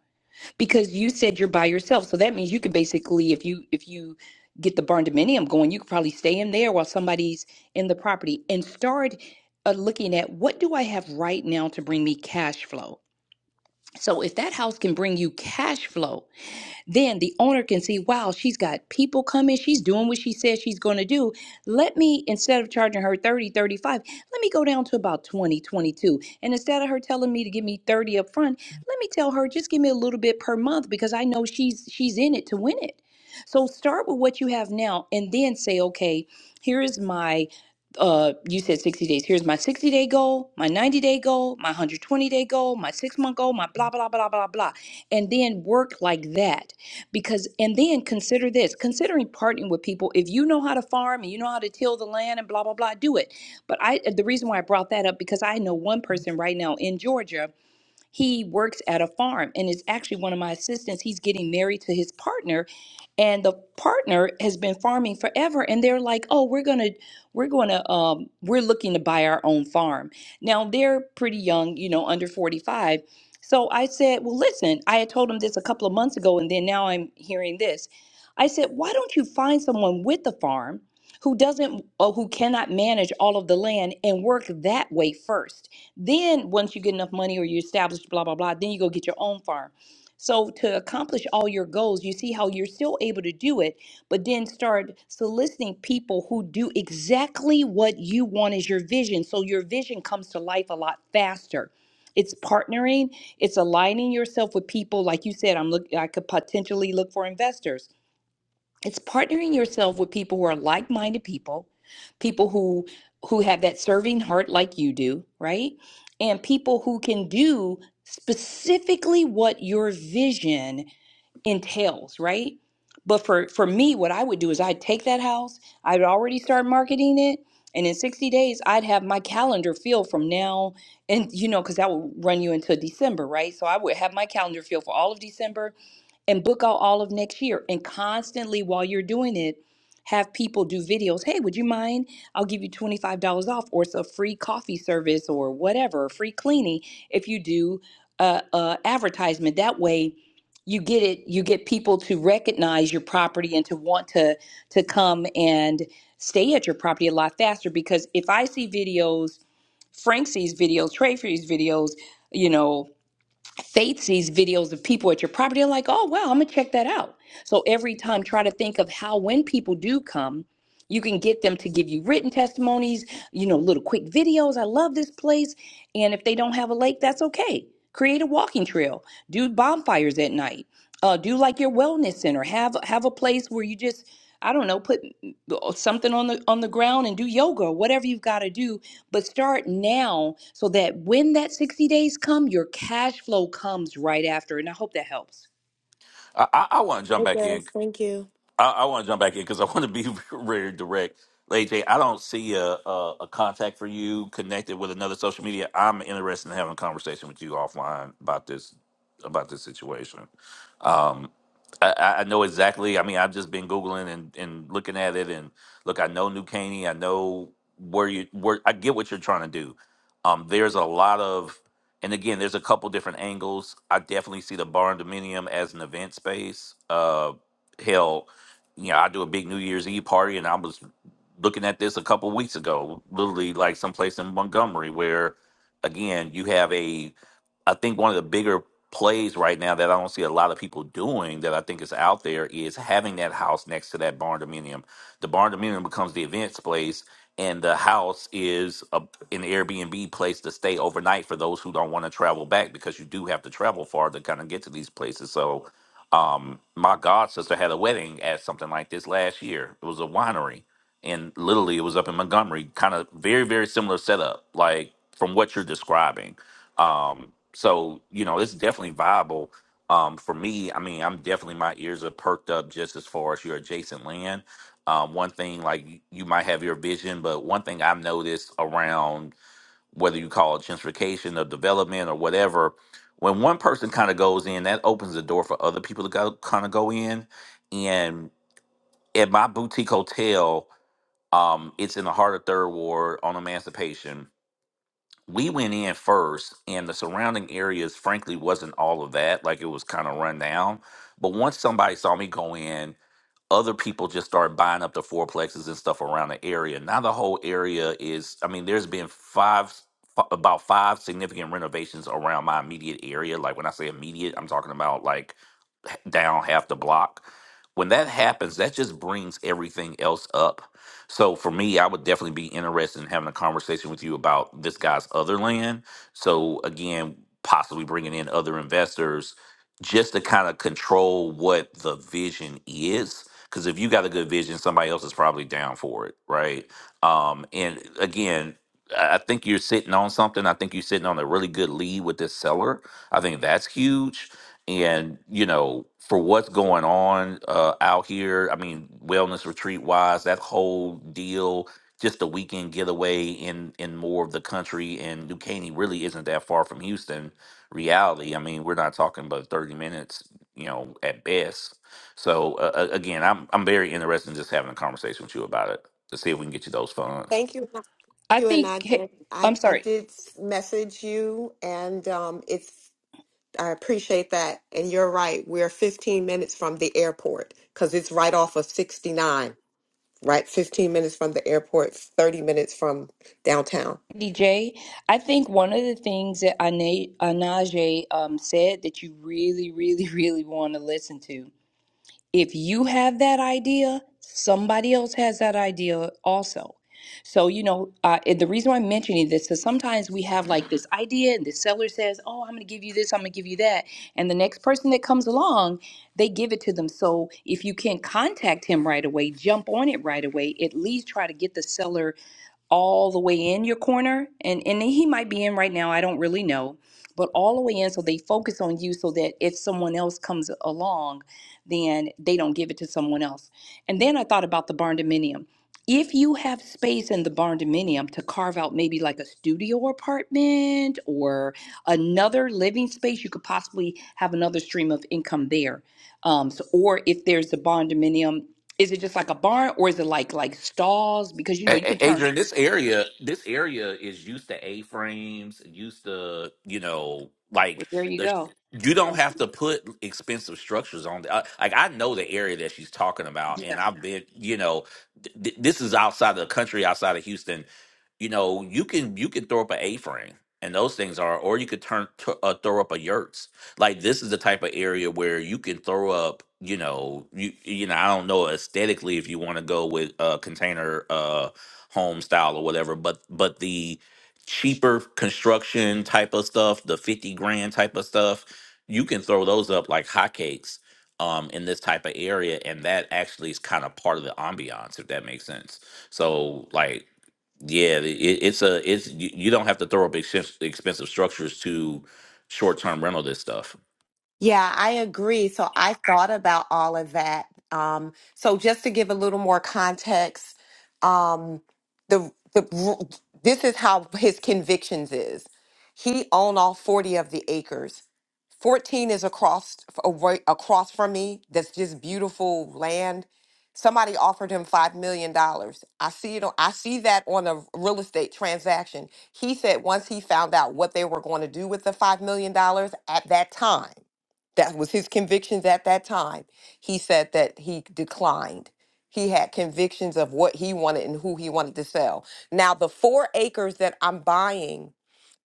because you said you're by yourself so that means you could basically if you if you get the barn dominium going you could probably stay in there while somebody's in the property and start uh, looking at what do i have right now to bring me cash flow so if that house can bring you cash flow then the owner can see, wow, she's got people coming. She's doing what she says she's going to do. Let me, instead of charging her 30, 35, let me go down to about 20, 22, And instead of her telling me to give me 30 up front, let me tell her just give me a little bit per month because I know she's she's in it to win it. So start with what you have now and then say, okay, here is my uh you said 60 days. Here's my 60 day goal, my 90 day goal, my 120 day goal, my 6 month goal, my blah blah blah blah blah. And then work like that because and then consider this considering partnering with people if you know how to farm and you know how to till the land and blah blah blah do it but i the reason why i brought that up because i know one person right now in georgia he works at a farm and is actually one of my assistants. He's getting married to his partner, and the partner has been farming forever. And they're like, "Oh, we're gonna, we're gonna, um, we're looking to buy our own farm." Now they're pretty young, you know, under forty-five. So I said, "Well, listen, I had told him this a couple of months ago, and then now I'm hearing this." I said, "Why don't you find someone with a farm?" Who doesn't, or who cannot manage all of the land and work that way first? Then once you get enough money or you establish blah blah blah, then you go get your own firm. So to accomplish all your goals, you see how you're still able to do it, but then start soliciting people who do exactly what you want as your vision. So your vision comes to life a lot faster. It's partnering, it's aligning yourself with people like you said I'm look I could potentially look for investors it's partnering yourself with people who are like-minded people, people who who have that serving heart like you do, right? And people who can do specifically what your vision entails, right? But for for me, what I would do is I'd take that house, I'd already start marketing it, and in 60 days I'd have my calendar filled from now and you know cuz that would run you into December, right? So I would have my calendar filled for all of December and book out all of next year and constantly while you're doing it have people do videos hey would you mind i'll give you $25 off or it's a free coffee service or whatever free cleaning if you do uh, uh, advertisement that way you get it you get people to recognize your property and to want to to come and stay at your property a lot faster because if i see videos frank sees videos trey sees videos you know Faith sees videos of people at your property, they're like, oh, wow, I'm going to check that out. So every time, try to think of how, when people do come, you can get them to give you written testimonies, you know, little quick videos. I love this place. And if they don't have a lake, that's okay. Create a walking trail, do bonfires at night, uh, do like your wellness center, have have a place where you just, I don't know, put uh, something on the on the ground and do yoga or whatever you've got to do but start now so that when that 60 days come your cash flow comes right after and i hope that helps I, I, I want to jump It back in. does. Thank you. I, I want to jump back in because I want to be [LAUGHS] very direct. AJ, I don't see a, a, a contact for you connected with another social media. I'm interested in having a conversation with you offline about this about this situation. Um, I, I I know exactly. I mean, I've just been googling and, and looking at it, and look, I know New Caney. I know where you where. I get what you're trying to do. Um, there's a lot of, and again, there's a couple different angles. I definitely see the bar and dominium as an event space. Uh, hell, you know, I do a big New Year's Eve party, and I was looking at this a couple weeks ago, literally like someplace in Montgomery, where again, you have a I think one of the bigger plays right now that I don't see a lot of people doing that I think is out there is having that house next to that barn dominium. The barn dominium becomes the events place, and the house is a, an Airbnb place to stay overnight for those who don't want to travel back because you do have to travel far to kind of get to these places. So, um, my god sister had a wedding at something like this last year. It was a winery, and literally it was up in Montgomery, kind of very very similar setup, like from what you're describing um, so you know, it's definitely viable. Um, for me, I mean, I'm definitely my ears are perked up just as far as your adjacent land. Um, one thing like y- you might have your vision, but one thing I've noticed around whether you call it gentrification or development or whatever, when one person kind of goes in, that opens the door for other people to go kind of go in. And at my boutique hotel, um, it's in the heart of Third Ward on Emancipation we went in first and the surrounding areas frankly wasn't all of that like it was kind of run down but once somebody saw me go in other people just started buying up the fourplexes and stuff around the area now the whole area is i mean there's been five f- about five significant renovations around my immediate area like when i say immediate i'm talking about like down half the block. When that happens, that just brings everything else up. So for me, I would definitely be interested in having a conversation with you about this guy's other land. So again, possibly bringing in other investors just to kind of control what the vision is. Because if you got a good vision, somebody else is probably down for it, right? Um, and again, I I think you're sitting on something. I think you're sitting on a really good lead with this seller. I think that's huge and you know for what's going on uh out here i mean wellness retreat wise that whole deal just a weekend getaway in in more of the country and New Caney really isn't that far from houston reality i mean we're not talking about 30 minutes you know at best so uh, uh, again i'm i'm very interested in just having a conversation with you about it to see if we can get you those funds Thank you. Thank i you and think I hey, did. I, i'm I sorry did s- message you and um, it's I appreciate that. And you're right. We're 15 minutes from the airport because it's right off of 69, right? 15 minutes from the airport, 30 minutes from downtown. dj i think one of the things that Ana- anaje um, said that you really really [LAUGHS] really want to listen to If you have that idea, somebody else has that idea also. So, you know, uh, and the reason why I'm mentioning this is sometimes we have like this idea, and the seller says, Oh, I'm going to give you this, I'm going to give you that. And the next person that comes along, they give it to them. So, if you can't contact him right away, jump on it right away, at least try to get the seller all the way in your corner and and he might be in right now i don't really know but all the way in so they focus on you so that if someone else comes along then they don't give it to someone else. And then I thought about the barn dominium. If you have space in the barn dominium to carve out maybe like a studio apartment or another living space, you could possibly have another stream of income there. Um, so, or if there's the barn dominium, is it just like a barn or is it like like stalls? Because you know you A- can A- turn. Adrian, this area, this area is used to A-frames, used to, you know, Well, like there you the go. you don't have to put expensive structures on. The, I, like I know the area that she's talking about, and Yeah. I've been, you know, th- th- this is outside of the country, outside of Houston you know, you can you can throw up an A-frame, and those things are, or you could turn t- uh, throw up a yurts. Like this is the type of area where you can throw up, you know, you you know, I don't know aesthetically if you want to go with uh, container uh, home style or whatever, but but the cheaper construction type of stuff, the fifty grand type of stuff, you can throw those up like hotcakes. Um, in this type of area, and that actually is kind of part of the ambiance, if that makes sense. So, like, yeah, it, it's a it's you, you don't have to throw up expensive, expensive structures to short term rental this stuff. Yeah, I agree. So I thought about all of that. Um, so just to give a little more context, um, the the this is how his convictions is. He owned all forty of the acres. Fourteen is across away, across from me. That's just beautiful land. Somebody offered him five million dollars. I see it. On, I see that on a real estate transaction. He said once he found out what they were going to do with the five million dollars at that time that was his convictions at that time. He said that he declined. He had convictions of what he wanted and who he wanted to sell. Now, the four acres that I'm buying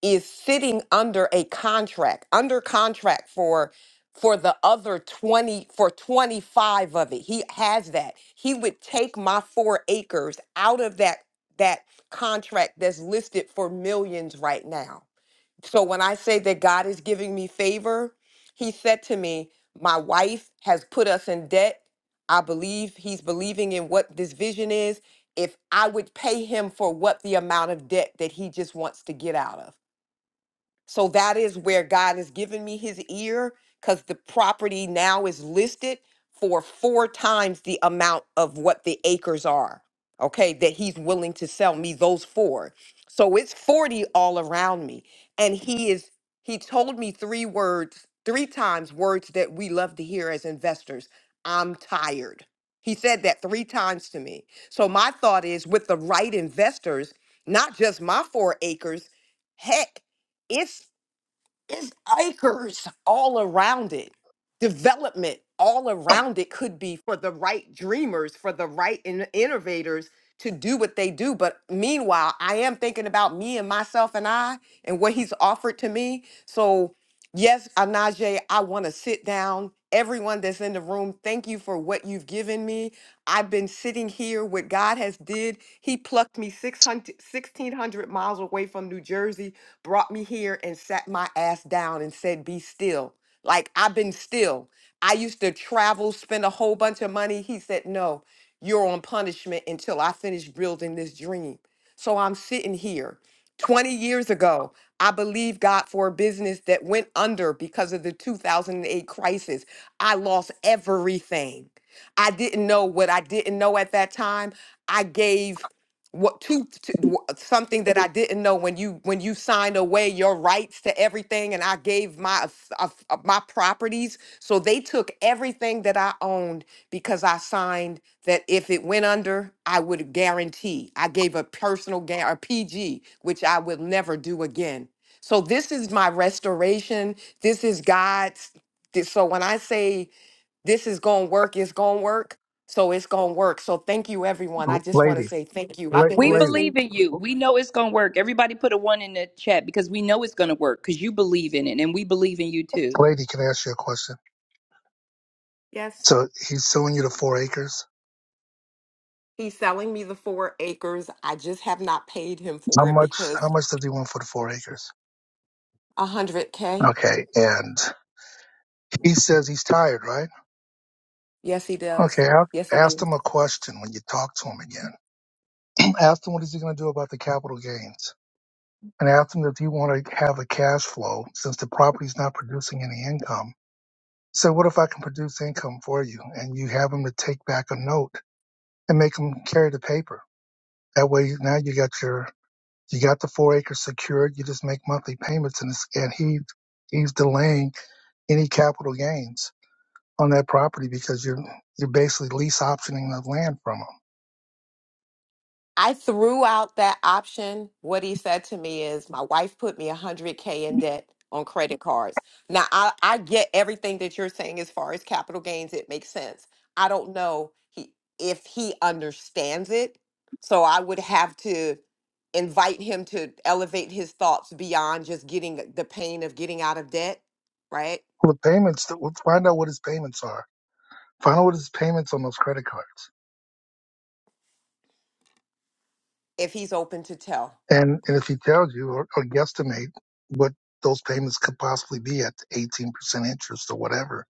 is sitting under a contract, under contract for for the other 20 for 25 of it he has that he would take my four acres out of that that contract that's listed for millions right now so when I say that God is giving me favor, he said to me, My wife has put us in debt. I believe he's believing in what this vision is. If I would pay him for what the amount of debt that he just wants to get out of. So that is where God has given me his ear because the property now is listed for four times the amount of what the acres are, okay, that he's willing to sell me those four. So it's 40 all around me. And he is, he told me three words, three times words that we love to hear as investors I'm tired. He said that three times to me. So my thought is with the right investors, not just my four acres, heck, it's acres all around it. Development all around it could be for the right dreamers, for the right in- innovators to do what they do. But meanwhile, I am thinking about me and myself and I and what he's offered to me. So, yes, Anaje, I want to sit down. Everyone that's in the room, thank you for what you've given me. I've been sitting here. What God has did, He plucked me 600, 1,600 miles away from New Jersey brought me here and sat my ass down and said, Be still. Like I've been still. I used to travel, spend a whole bunch of money. He said, No, you're on punishment until I finish building this dream. So I'm sitting here. 20 years ago, I believed God for a business that went under because of the 2008 crisis. I lost everything. I didn't know what I didn't know at that time. I gave what to, to wh- something that I didn't know when you when you signed away your rights to everything and I gave my aff- aff- uh, my properties so they took everything that I owned because I signed that if it went under I would guarantee I gave a personal guarantee a PG which I will never do again so this is my restoration this is God's this- so when I say this is gonna work it's gonna work so it's gonna work so thank you everyone i just want to Lady, say thank you la- i've been We lady, listening believe in to you. We know it's going to work. Everybody put a one in the chat because we know it's going to work because you believe in it and we believe in you too. lady, can I ask you a question? yes So he's suing you to four acres. he's selling me the four acres i just have not paid him How for it much? How because much does he want for the four acres? a hundred k Okay, and he says he's tired, right? yes he does Okay, yes a- he ask did him a question when you talk to him again. [CLEARS THROAT] ask him what is he going to do about the capital gains, and ask him if you want to have a cash flow since the property's not producing any income. So what if I can produce income for you, and you have him to take back a note and make him carry the paper? That way, now you got your You got the four acres secured. You just make monthly payments, and it's, and he he's delaying any capital gains on that property because you're you're basically lease optioning the land from him. I threw out that option. What he said to me is, my wife put me 100K in debt on credit cards. Now, I, I get everything that you're saying as far as capital gains. It makes sense. I don't know he, if he understands it. So I would have to invite him to elevate his thoughts beyond just getting the pain of getting out of debt, right? Well, the payments that we'll find out what his payments are. Find out what his payments on those credit cards, If he's open to tell. and and if he tells you or, or guesstimate what those payments could possibly be at 18% interest or whatever,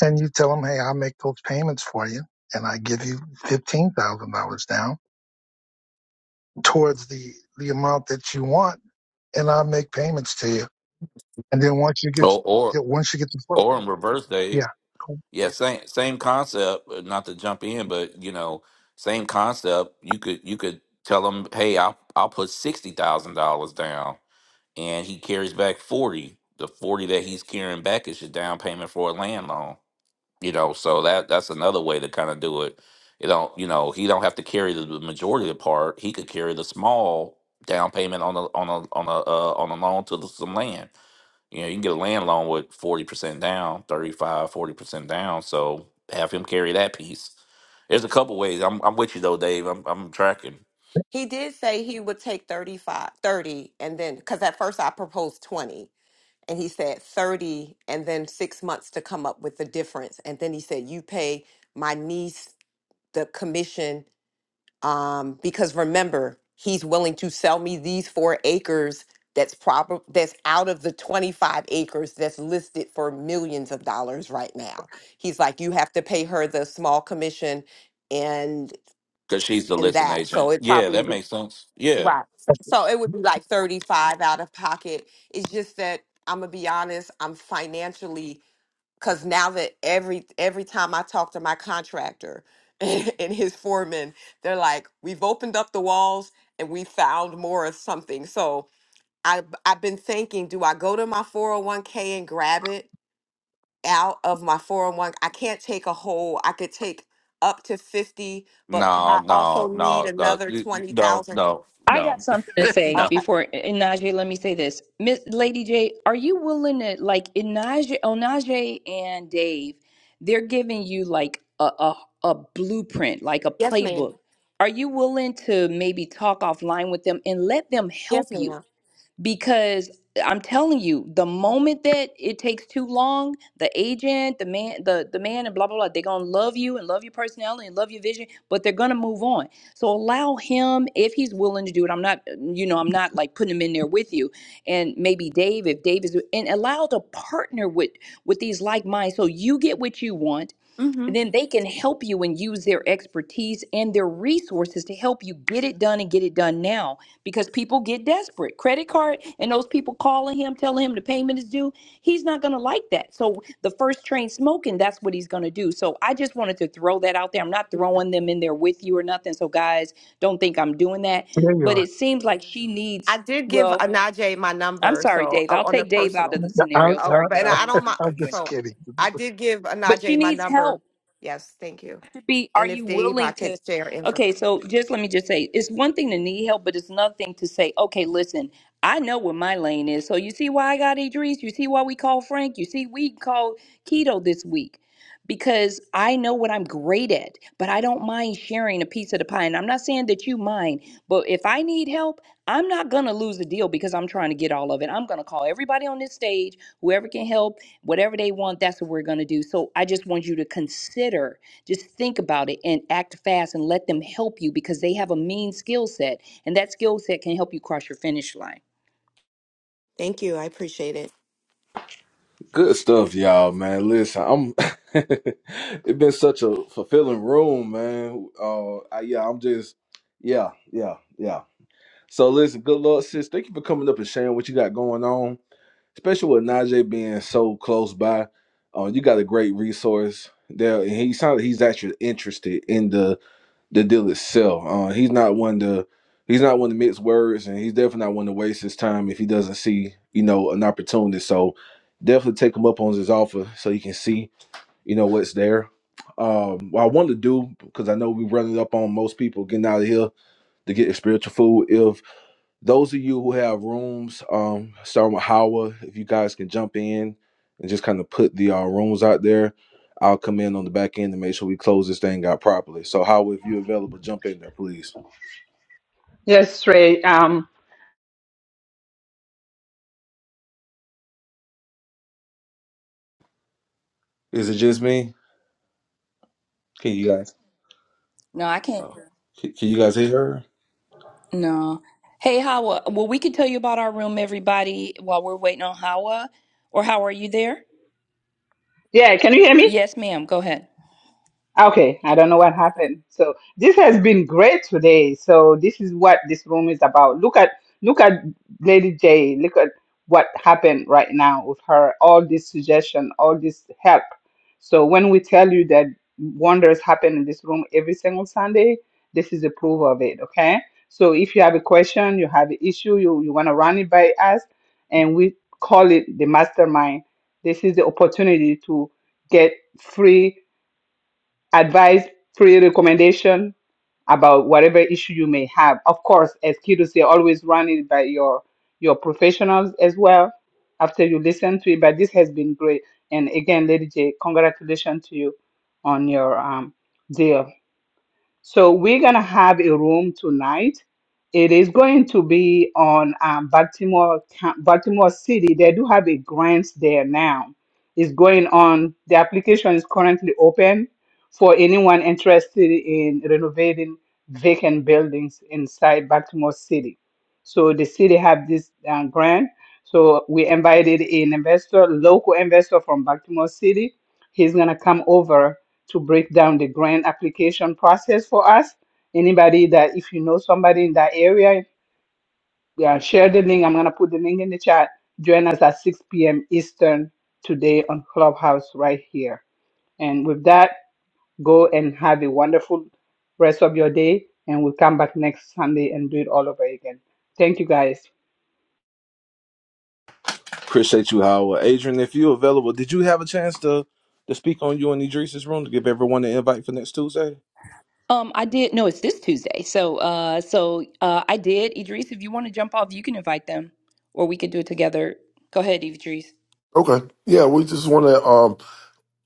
and you tell him, hey, I'll make those payments for you, and I give you $15,000 down towards the the amount that you want and I'll make payments to you. And then once you get, Or or yeah, once you get the or property, in reverse, Dave. yeah, cool. Yeah, same same concept. uh, Not to jump in, but you know, same concept. You could you could tell them, hey, I'll I'll put sixty thousand dollars down, and he carries back forty. The forty that he's carrying back is your down payment for a land loan. you know so that that's another way to kind of do it you don't you know he don't have to carry the the majority of the part he could carry the small down payment on a on a on a uh, on a loan to the, some land you know you can get a land loan with 40% down thirty five, forty percent down so have him carry that piece there's a couple ways i'm, I'm with you though dave i'm, I'm tracking He did say he would take 35, 30, and then, because at first I proposed 20 and he said 30 and then six months to come up with the difference and then he said you pay my niece the commission um, because remember he's willing to sell me these four acres that's proper that's out of the 25 acres that's listed for millions of dollars right now he's like you have to pay her the small commission and because she's the and listing that so agent it yeah probably that makes sense yeah Right. So, so it would be like 35 out of pocket. It's just that I'm gonna be honest, I'm financially because now that every every time I talk to my contractor [LAUGHS] and, his foreman, they're like, we've opened up the walls and we found more of something. So I I've been thinking, do I go to my 401k and grab it out of my 401? I can't take a whole, I could take up to 50, but no I also no need no no another no 20,000. no I got no something to [LAUGHS] say no Okay. before Inaje. Let me say this, Miss Lady J. Are you willing to like Inaje, Onaje, and Dave? They're giving you like a, a a blueprint, like a Yes, ma'am. playbook. Are you willing to maybe talk offline with them and let them Yes, help you? ma'am. because I'm telling you, the moment that it takes too long, the agent, the man, the the man, and blah blah blah, they're gonna love you and love your personality and love your vision, but they're gonna move on. So allow him if he's willing to do it. I'm not, you know, I'm not like putting him in there with you, and maybe Dave if Dave is, and allow to partner with with these like minds, so you get what you want Mm-hmm. then they can help you and use their expertise and their resources to help you get it done and get it done now because people get desperate. Credit card and those people calling him, telling him the payment is due, he's not going to like that. So, the first train smoking, that's what he's going to do. So, I just wanted to throw that out there. I'm not throwing them in there with you or nothing. So, guys, don't think I'm doing that. There you But are. it seems like she I needs, did give well, Anaje my I'm number, sorry, so Dave. uh, I'll on a take Dave out personal. of the I, scenario. Oh, Sorry, I, but and Dave. I I didn't I, don't trying to mind. [LAUGHS] uh, I'm throw you in. just So kidding. I did give But she Anaje my needs number. help. Yes, thank you. to be, are And you if Dave, I willing can to? share information. Okay, so just let me just say it's one thing to need help, but it's another thing to say, okay, listen, I know what my lane is. So you see why I got Idris? You see why we call Frank? You see, we call keto this week because I know what I'm great at, but I don't mind sharing a piece of the pie. And I'm not saying that you mind, but if I need help, I'm not going to lose the deal because I'm trying to get all of it. I'm going to call everybody on this stage, whoever can help, whatever they want, that's what we're going to do. So I just want you to consider just think about it and act fast and let them help you because they have a mean skill set and that skill set can help you cross your finish line. Thank you. I appreciate it. Good stuff, y'all, man. Listen, I'm. [LAUGHS] it's been such a fulfilling room, man. Uh, I, yeah, I'm just, yeah, yeah, yeah. So listen, good Lord, sis, thank you for coming up and sharing what you got going on, especially with Najee being so close by. Uh, you got a great resource there, and he sounds like he's actually interested in the the deal itself. Uh, he's not one to he's not one to mix words, and he's definitely not one to waste his time if he doesn't see you know an opportunity. So definitely take him up on his offer so you can see you know what's there. Um, what I wanted to do because I know we running up on most people getting out of here to get their spiritual food. Those of you who have rooms, um, starting with Hawa, if you guys can jump in and just kind of put the uh, rooms out there, I'll come in on the back end to make sure we close this thing out properly. So, Hawa, if you're available, jump in there, please. Yes, Trey. Um, Is it just me? Can you guys? No, I can't. Oh, can, can you guys hear her? No. Hey, Hawa. Well, we can tell you about our room, everybody, while we're waiting on Hawa. Or how are you there? Yeah, can you hear me? Yes, ma'am. Go ahead. Okay, I don't know what happened. So this has been great today. So this is what this room is about. Look at look at Lady J. Look at what happened right now with her. All this suggestion, all this help. So when we tell you that wonders happen in this room every single Sunday, this is a proof of it. Okay. So if you have a question, you have an issue, you, you want to run it by us, and we call it the mastermind. This is the opportunity to get free advice, pre recommendation about whatever issue you may have. Of course, as kiddos, say, always run it by your your professionals as well after you listen to it. But this has been great. And again, Lady J, congratulations to you on your um, deal. So we're gonna have a room tonight. It is going to be on um, Baltimore, Coun- Baltimore City. They do have a grant there now. It's going on. The application is currently open for anyone interested in renovating vacant buildings inside Baltimore City. So the city have this uh, grant. So we invited an investor, local investor from Baltimore City. He's gonna come over to break down the grant application process for us. Anybody that, if you know somebody in that area, yeah, share the link. I'm going to put the link in the chat. Join us at 6 p.m. Eastern today on Clubhouse right here. And with that, go and have a wonderful rest of your day. And we'll come back next Sunday and do it all over again. Thank you guys. Appreciate you, Howard. Adrian, if you're available, did you have a chance to to speak on you and Idris's room to give everyone an invite for next Tuesday? Um, I did. No, it's this Tuesday. So, uh, so uh, I did. Idris, if you want to jump off, you can invite them, or we could do it together. Go ahead, Idris. Okay. Yeah, we just want to um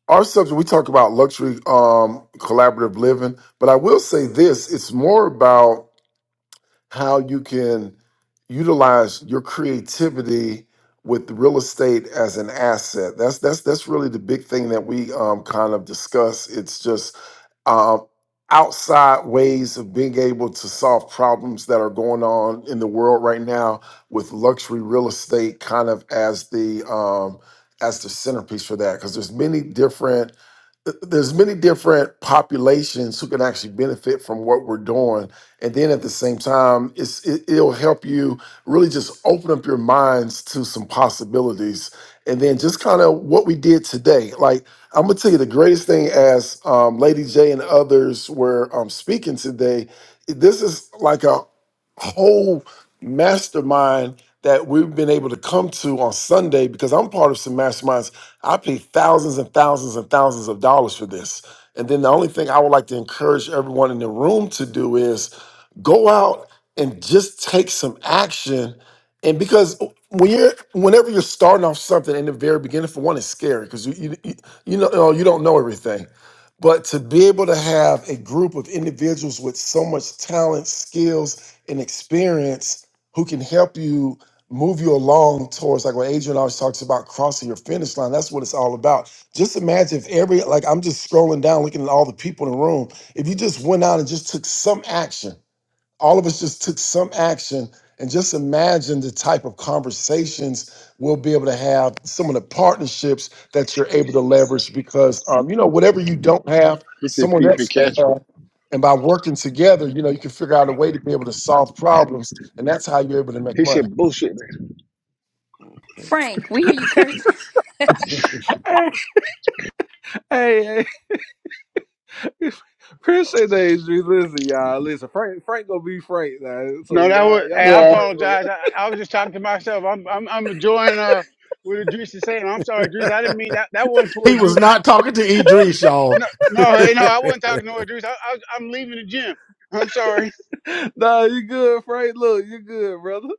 our subject we talk about luxury um collaborative living, but I will say this, it's more about how you can utilize your creativity with real estate as an asset. That's that's that's really the big thing that we um, kind of discuss. It's just um, outside ways of being able to solve problems that are going on in the world right now with luxury real estate kind of as the um, as the centerpiece for that because there's many different th- there's many different populations who can actually benefit from what we're doing and then at the same time it's it, it'll help you really just open up your minds to some possibilities and then just kind of what we did today like i'm gonna tell you the greatest thing as um, lady j and others were um, speaking today this is like a whole mastermind that we've been able to come to on Sunday because I'm part of some masterminds. I pay thousands and thousands and thousands of dollars for this. And then the only thing I would like to encourage everyone in the room to do is go out and just take some action. And because when you're, whenever you're starting off something in the very beginning, for one, it's scary because you, you, you you know you don't know everything. But to be able to have a group of individuals with so much talent, skills, and experience who can help you move you along towards like what Adrian always talks about crossing your finish line. That's what it's all about. Just imagine if every like I'm just scrolling down looking at all the people in the room. If you just went out and just took some action, all of us just took some action and just imagine the type of conversations we'll be able to have, some of the partnerships that you're able to leverage because um, you know, whatever you don't have, He said someone else PP can Castro. have. And by working together, you know, you can figure out a way to be able to solve problems. And that's how you're able to make He money. said bullshit, man. Frank, we hear you curse. hey, hey, hey. [LAUGHS] appreciate that. Adrian. Listen, y'all. Listen, Frank, Frank gonna be Frank now. So No, that was. y'all, y'all Hey, I not Yeah. Frank. apologize. I, I was just talking to myself. I'm I'm, I'm enjoying uh what Idris is saying. I'm sorry, Idris. I didn't mean that. That wasn't He towards you, was man. not talking to Idris, y'all. No, no, hey, [LAUGHS] no, I wasn't talking to no Idris. I, I, I'm leaving the gym. I'm sorry. [LAUGHS] nah, you good, Frank. Look, you good, brother.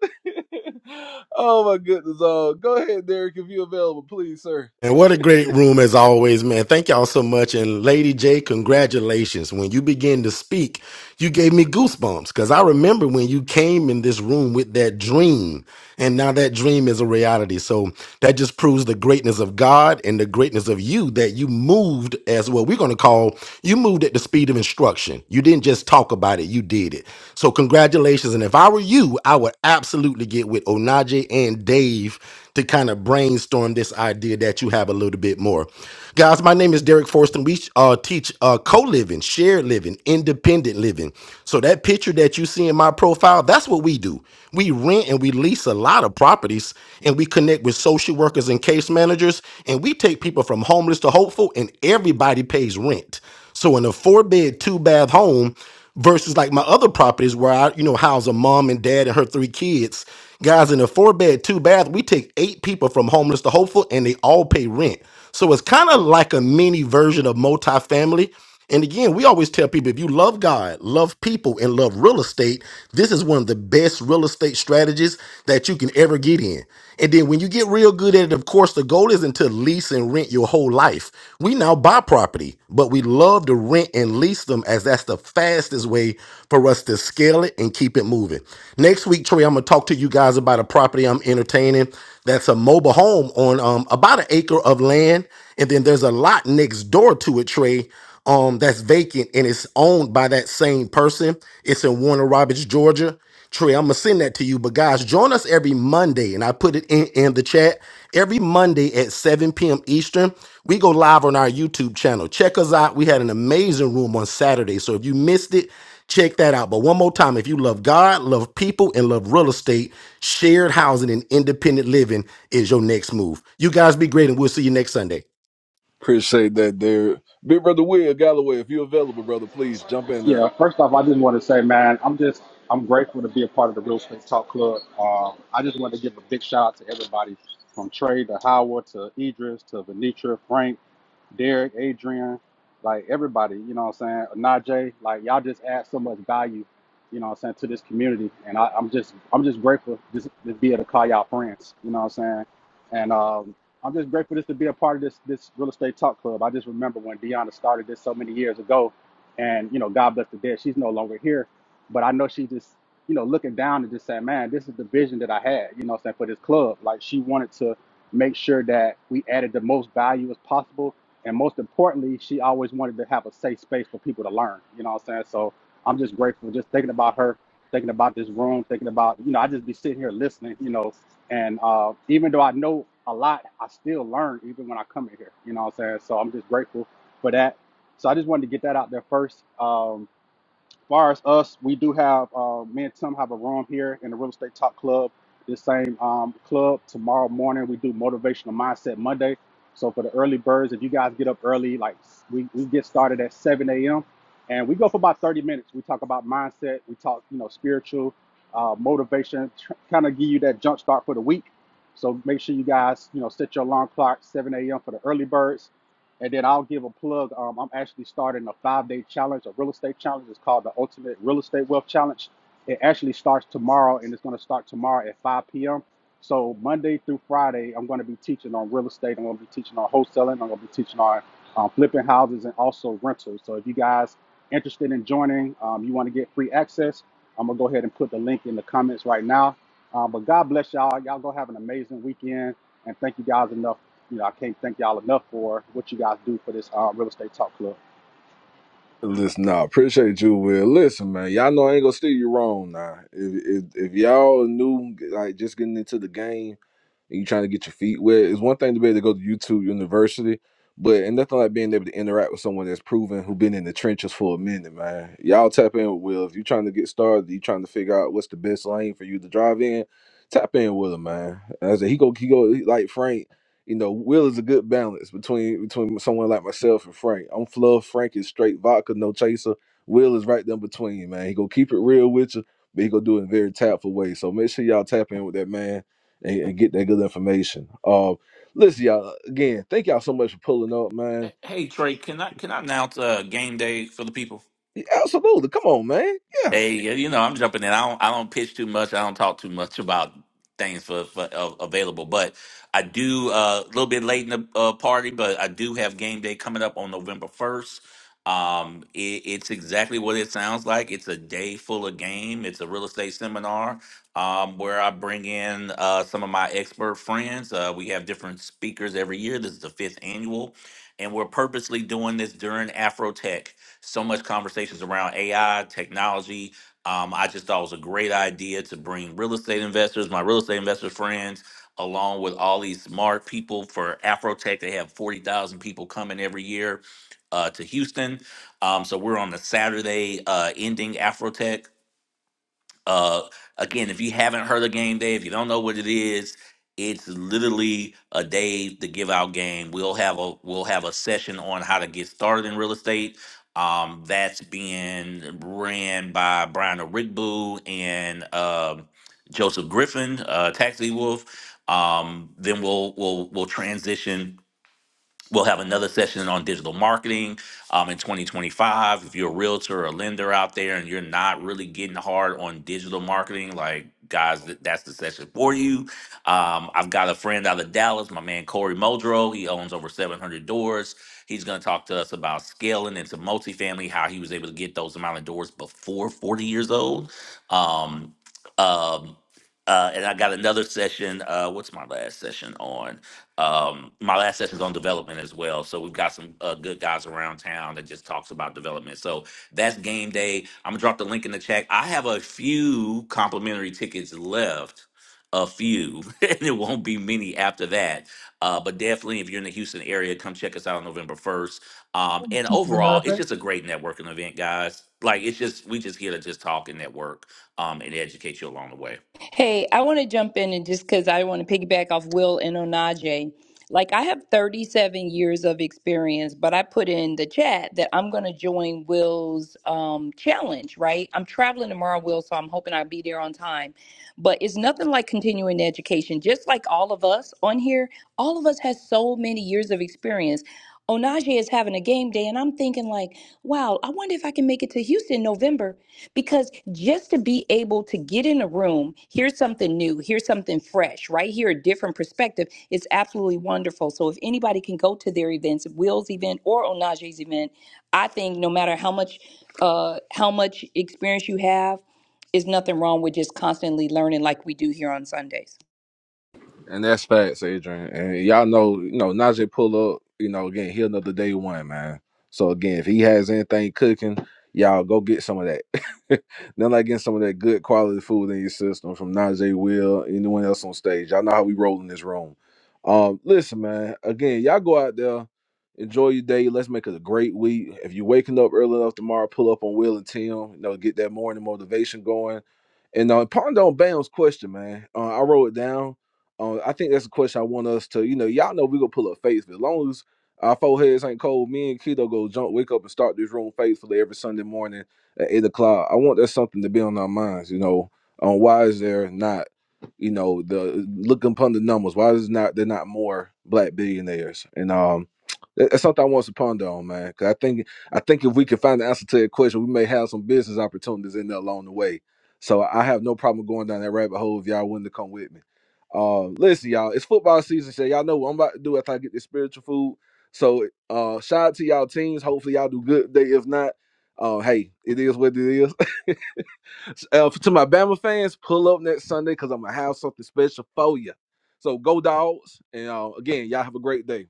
[LAUGHS] oh my goodness. Uh, go ahead, Derek, if you're available, please, sir. And what a great room as always, man. Thank y'all so much. And Lady J, congratulations. When you begin to speak, you gave me goosebumps because I remember when you came in this room with that dream. And now that dream is a reality. So that just proves the greatness of God and the greatness of you that you moved as what we're going to call you moved at the speed of instruction. You didn't just talk about it, you did it. So, congratulations. And if I were you, I would absolutely get with Onaje and Dave to kind of brainstorm this idea that you have a little bit more. Guys, my name is Derek Forston. We uh, teach uh, co living, shared living, independent living. So, that picture that you see in my profile, that's what we do. We rent and we lease a lot of properties and we connect with social workers and case managers and we take people from homeless to hopeful and everybody pays rent. So in a four bed, two bath home versus like my other properties where I, you know, house a mom and dad and her three kids, guys in a four bed, two bath, we take eight people from homeless to hopeful and they all pay rent. So it's kind of like a mini version of multifamily and again, we always tell people if you love God, love people, and love real estate, this is one of the best real estate strategies that you can ever get in. And then when you get real good at it, of course, the goal isn't to lease and rent your whole life. We now buy property, but we love to rent and lease them as that's the fastest way for us to scale it and keep it moving. Next week, Trey, I'm gonna talk to you guys about a property I'm entertaining that's a mobile home on um, about an acre of land. And then there's a lot next door to it, Trey um that's vacant and it's owned by that same person. It's in Warner Robins, Georgia. Trey, I'm gonna send that to you. But guys, join us every Monday, and I put it in, in the chat. Every Monday at 7 p.m. Eastern, we go live on our YouTube channel. Check us out. We had an amazing room on Saturday. So if you missed it, check that out. But one more time, if you love God, love people, and love real estate, shared housing and independent living is your next move. You guys be great, and we'll see you next Sunday. Appreciate that, Derek. Big brother Will Galloway, if you're available, brother, please jump in there. Yeah, first off, I just want to say, man, I'm just I'm grateful to be a part of the Real Estate Talk Club. Um, I just want to give a big shout out to everybody from Trey to Howard to Idris to Venetra, Frank, Derek, Adrian, like everybody, you know what I'm saying? Najee, like y'all just add so much value, you know what I'm saying, to this community. And I, I'm just I'm just grateful just to be able to call y'all friends, you know what I'm saying? And um I'm just grateful just to be a part of this this real estate talk club. I just remember when Deanna started this so many years ago and you know, God bless the dead, she's no longer here. But I know she just, you know, looking down and just saying, Man, this is the vision that I had, you know what I'm saying, for this club. Like she wanted to make sure that we added the most value as possible and most importantly, she always wanted to have a safe space for people to learn. You know what I'm saying? So I'm just grateful just thinking about her, thinking about this room, thinking about, you know, I just be sitting here listening, you know, and uh, even though I know a lot, I still learn even when I come in here. You know what I'm saying? So I'm just grateful for that. So I just wanted to get that out there first. Um, far as us, we do have uh, me and Tim have a room here in the Real Estate Talk Club. This same um, club tomorrow morning we do motivational mindset Monday. So for the early birds, if you guys get up early, like we, we get started at 7 a.m. and we go for about 30 minutes. We talk about mindset, we talk you know spiritual, uh, motivation, tr- kind of give you that jump start for the week. So make sure you guys you know set your alarm clock 7 a.m. for the early birds and then I'll give a plug. Um, I'm actually starting a five day challenge, a real estate challenge. It's called the Ultimate Real Estate Wealth Challenge. It actually starts tomorrow and it's going to start tomorrow at 5 p.m. So, Monday through Friday, I'm going to be teaching on real estate. I'm going to be teaching on wholesaling. I'm going to be teaching on um, flipping houses and also rentals. So, if you guys interested in joining, um, you want to get free access, I'm going to go ahead and put the link in the comments right now. Um, but God bless y'all. Y'all go have an amazing weekend. And thank you guys enough you know, I can't thank y'all enough for what you guys do for this uh, real estate talk club. Listen, nah, appreciate you, Will. Listen, man, y'all know I ain't gonna steer you wrong now. If, if if y'all new, like just getting into the game. and you trying to get your feet wet. It's one thing to be able to go to YouTube University, but and nothing like being able to interact with someone that's proven who been in the trenches for a minute, man. Y'all tap in with Will. If you trying to get started, you trying to figure out what's the best lane for you to drive in, tap in with him, man. And I said he go he go he- like Frank. You know, Will is a good balance between between someone like myself and Frank. I'm fluff. Frank is straight vodka, no chaser. Will is right there in between, man. He gonna keep it real with you, but he gonna do it in a very tactful way. So make sure y'all tap in with that man and, and get that good information. Uh, listen, y'all. Again, thank y'all so much for pulling up, man. Hey Trey, can I can I announce uh, game day for the people? Yeah, Absolutely. Come on, man. Yeah. Hey, yeah, you know, I'm jumping in. I don't, I don't pitch too much. I don't talk too much about things for, for uh, available, but I do uh, a little bit late in the uh, party, but I do have game day coming up on November 1st. Um, it, it's exactly what it sounds like. It's a day full of game. It's a real estate seminar um, where I bring in uh, some of my expert friends. Uh, we have different speakers every year. This is the fifth annual, and we're purposely doing this during Afro Tech so much conversations around AI, technology. Um, I just thought it was a great idea to bring real estate investors, my real estate investor friends, along with all these smart people for Afrotech. They have 40,000 people coming every year uh, to Houston. Um, so we're on the Saturday uh, ending Afrotech. Uh, again, if you haven't heard of game day, if you don't know what it is, it's literally a day to give out game. We'll have a we'll have a session on how to get started in real estate. Um, that's being ran by Brian Rigbu and um Joseph Griffin, uh, Taxi Wolf. Um, then we'll we'll we'll transition We'll have another session on digital marketing um, in 2025. If you're a realtor or a lender out there and you're not really getting hard on digital marketing, like guys, th- that's the session for you. Um, I've got a friend out of Dallas, my man Corey Muldrow. He owns over 700 doors. He's going to talk to us about scaling into multifamily, how he was able to get those amount of doors before 40 years old. Um, um, uh, and I got another session. Uh, what's my last session on? Um, my last session is on development as well, so we've got some uh, good guys around town that just talks about development. So that's game day. I'm gonna drop the link in the chat. I have a few complimentary tickets left, a few, [LAUGHS] and it won't be many after that. Uh, but definitely, if you're in the Houston area, come check us out on November 1st. Um, and overall, it's just a great networking event, guys. Like it's just we just here to just talk and network um, and educate you along the way. Hey, I want to jump in and just because I want to piggyback off Will and Onaje. Like, I have 37 years of experience, but I put in the chat that I'm going to join Will's um, challenge, right? I'm traveling tomorrow, Will, so I'm hoping I'll be there on time. But it's nothing like continuing education. Just like all of us on here, all of us has so many years of experience. Onaje is having a game day, and I'm thinking, like, wow, I wonder if I can make it to Houston in November because just to be able to get in a room, hear something new, hear something fresh, right? here, a different perspective, it's absolutely wonderful. So if anybody can go to their events, Will's event or Onaje's event, I think no matter how much uh, how much experience you have, is nothing wrong with just constantly learning like we do here on Sundays. And that's facts, Adrian. And y'all know, you know, Najee pull up, you know, again, he another day one, man. So again, if he has anything cooking, y'all go get some of that. [LAUGHS] Then like getting some of that good quality food in your system from Najee Will, anyone else on stage. Y'all know how we roll in this room. Um, listen, man, again, y'all go out there, enjoy your day. Let's make it a great week. If you're waking up early enough tomorrow, pull up on Will and Tim, you know, get that morning motivation going. And uh, ponder on Bam's question, man. Uh, I wrote it down. Um, I think that's a question I want us to, you know, y'all know we gonna pull up faithfully. As long as our foreheads ain't cold, me and Keto go jump, wake up and start this room faithfully every Sunday morning at eight o'clock. I want that something to be on our minds, you know. On why is there not, you know, the looking upon the numbers, why is not there not more black billionaires? And um that- that's something I want us to ponder on, man. Cause I think I think if we can find the answer to that question, we may have some business opportunities in there along the way. So I have no problem going down that rabbit hole if y'all willing to come with me. Uh, listen, y'all, it's football season, so y'all know what I'm about to do after I get this spiritual food. So, uh, shout out to y'all teams. Hopefully, y'all do good day. If not, uh, hey, it is what it is. [LAUGHS] uh, to my Bama fans, pull up next Sunday because I'm gonna have something special for you. So, go dogs, and uh, again, y'all have a great day.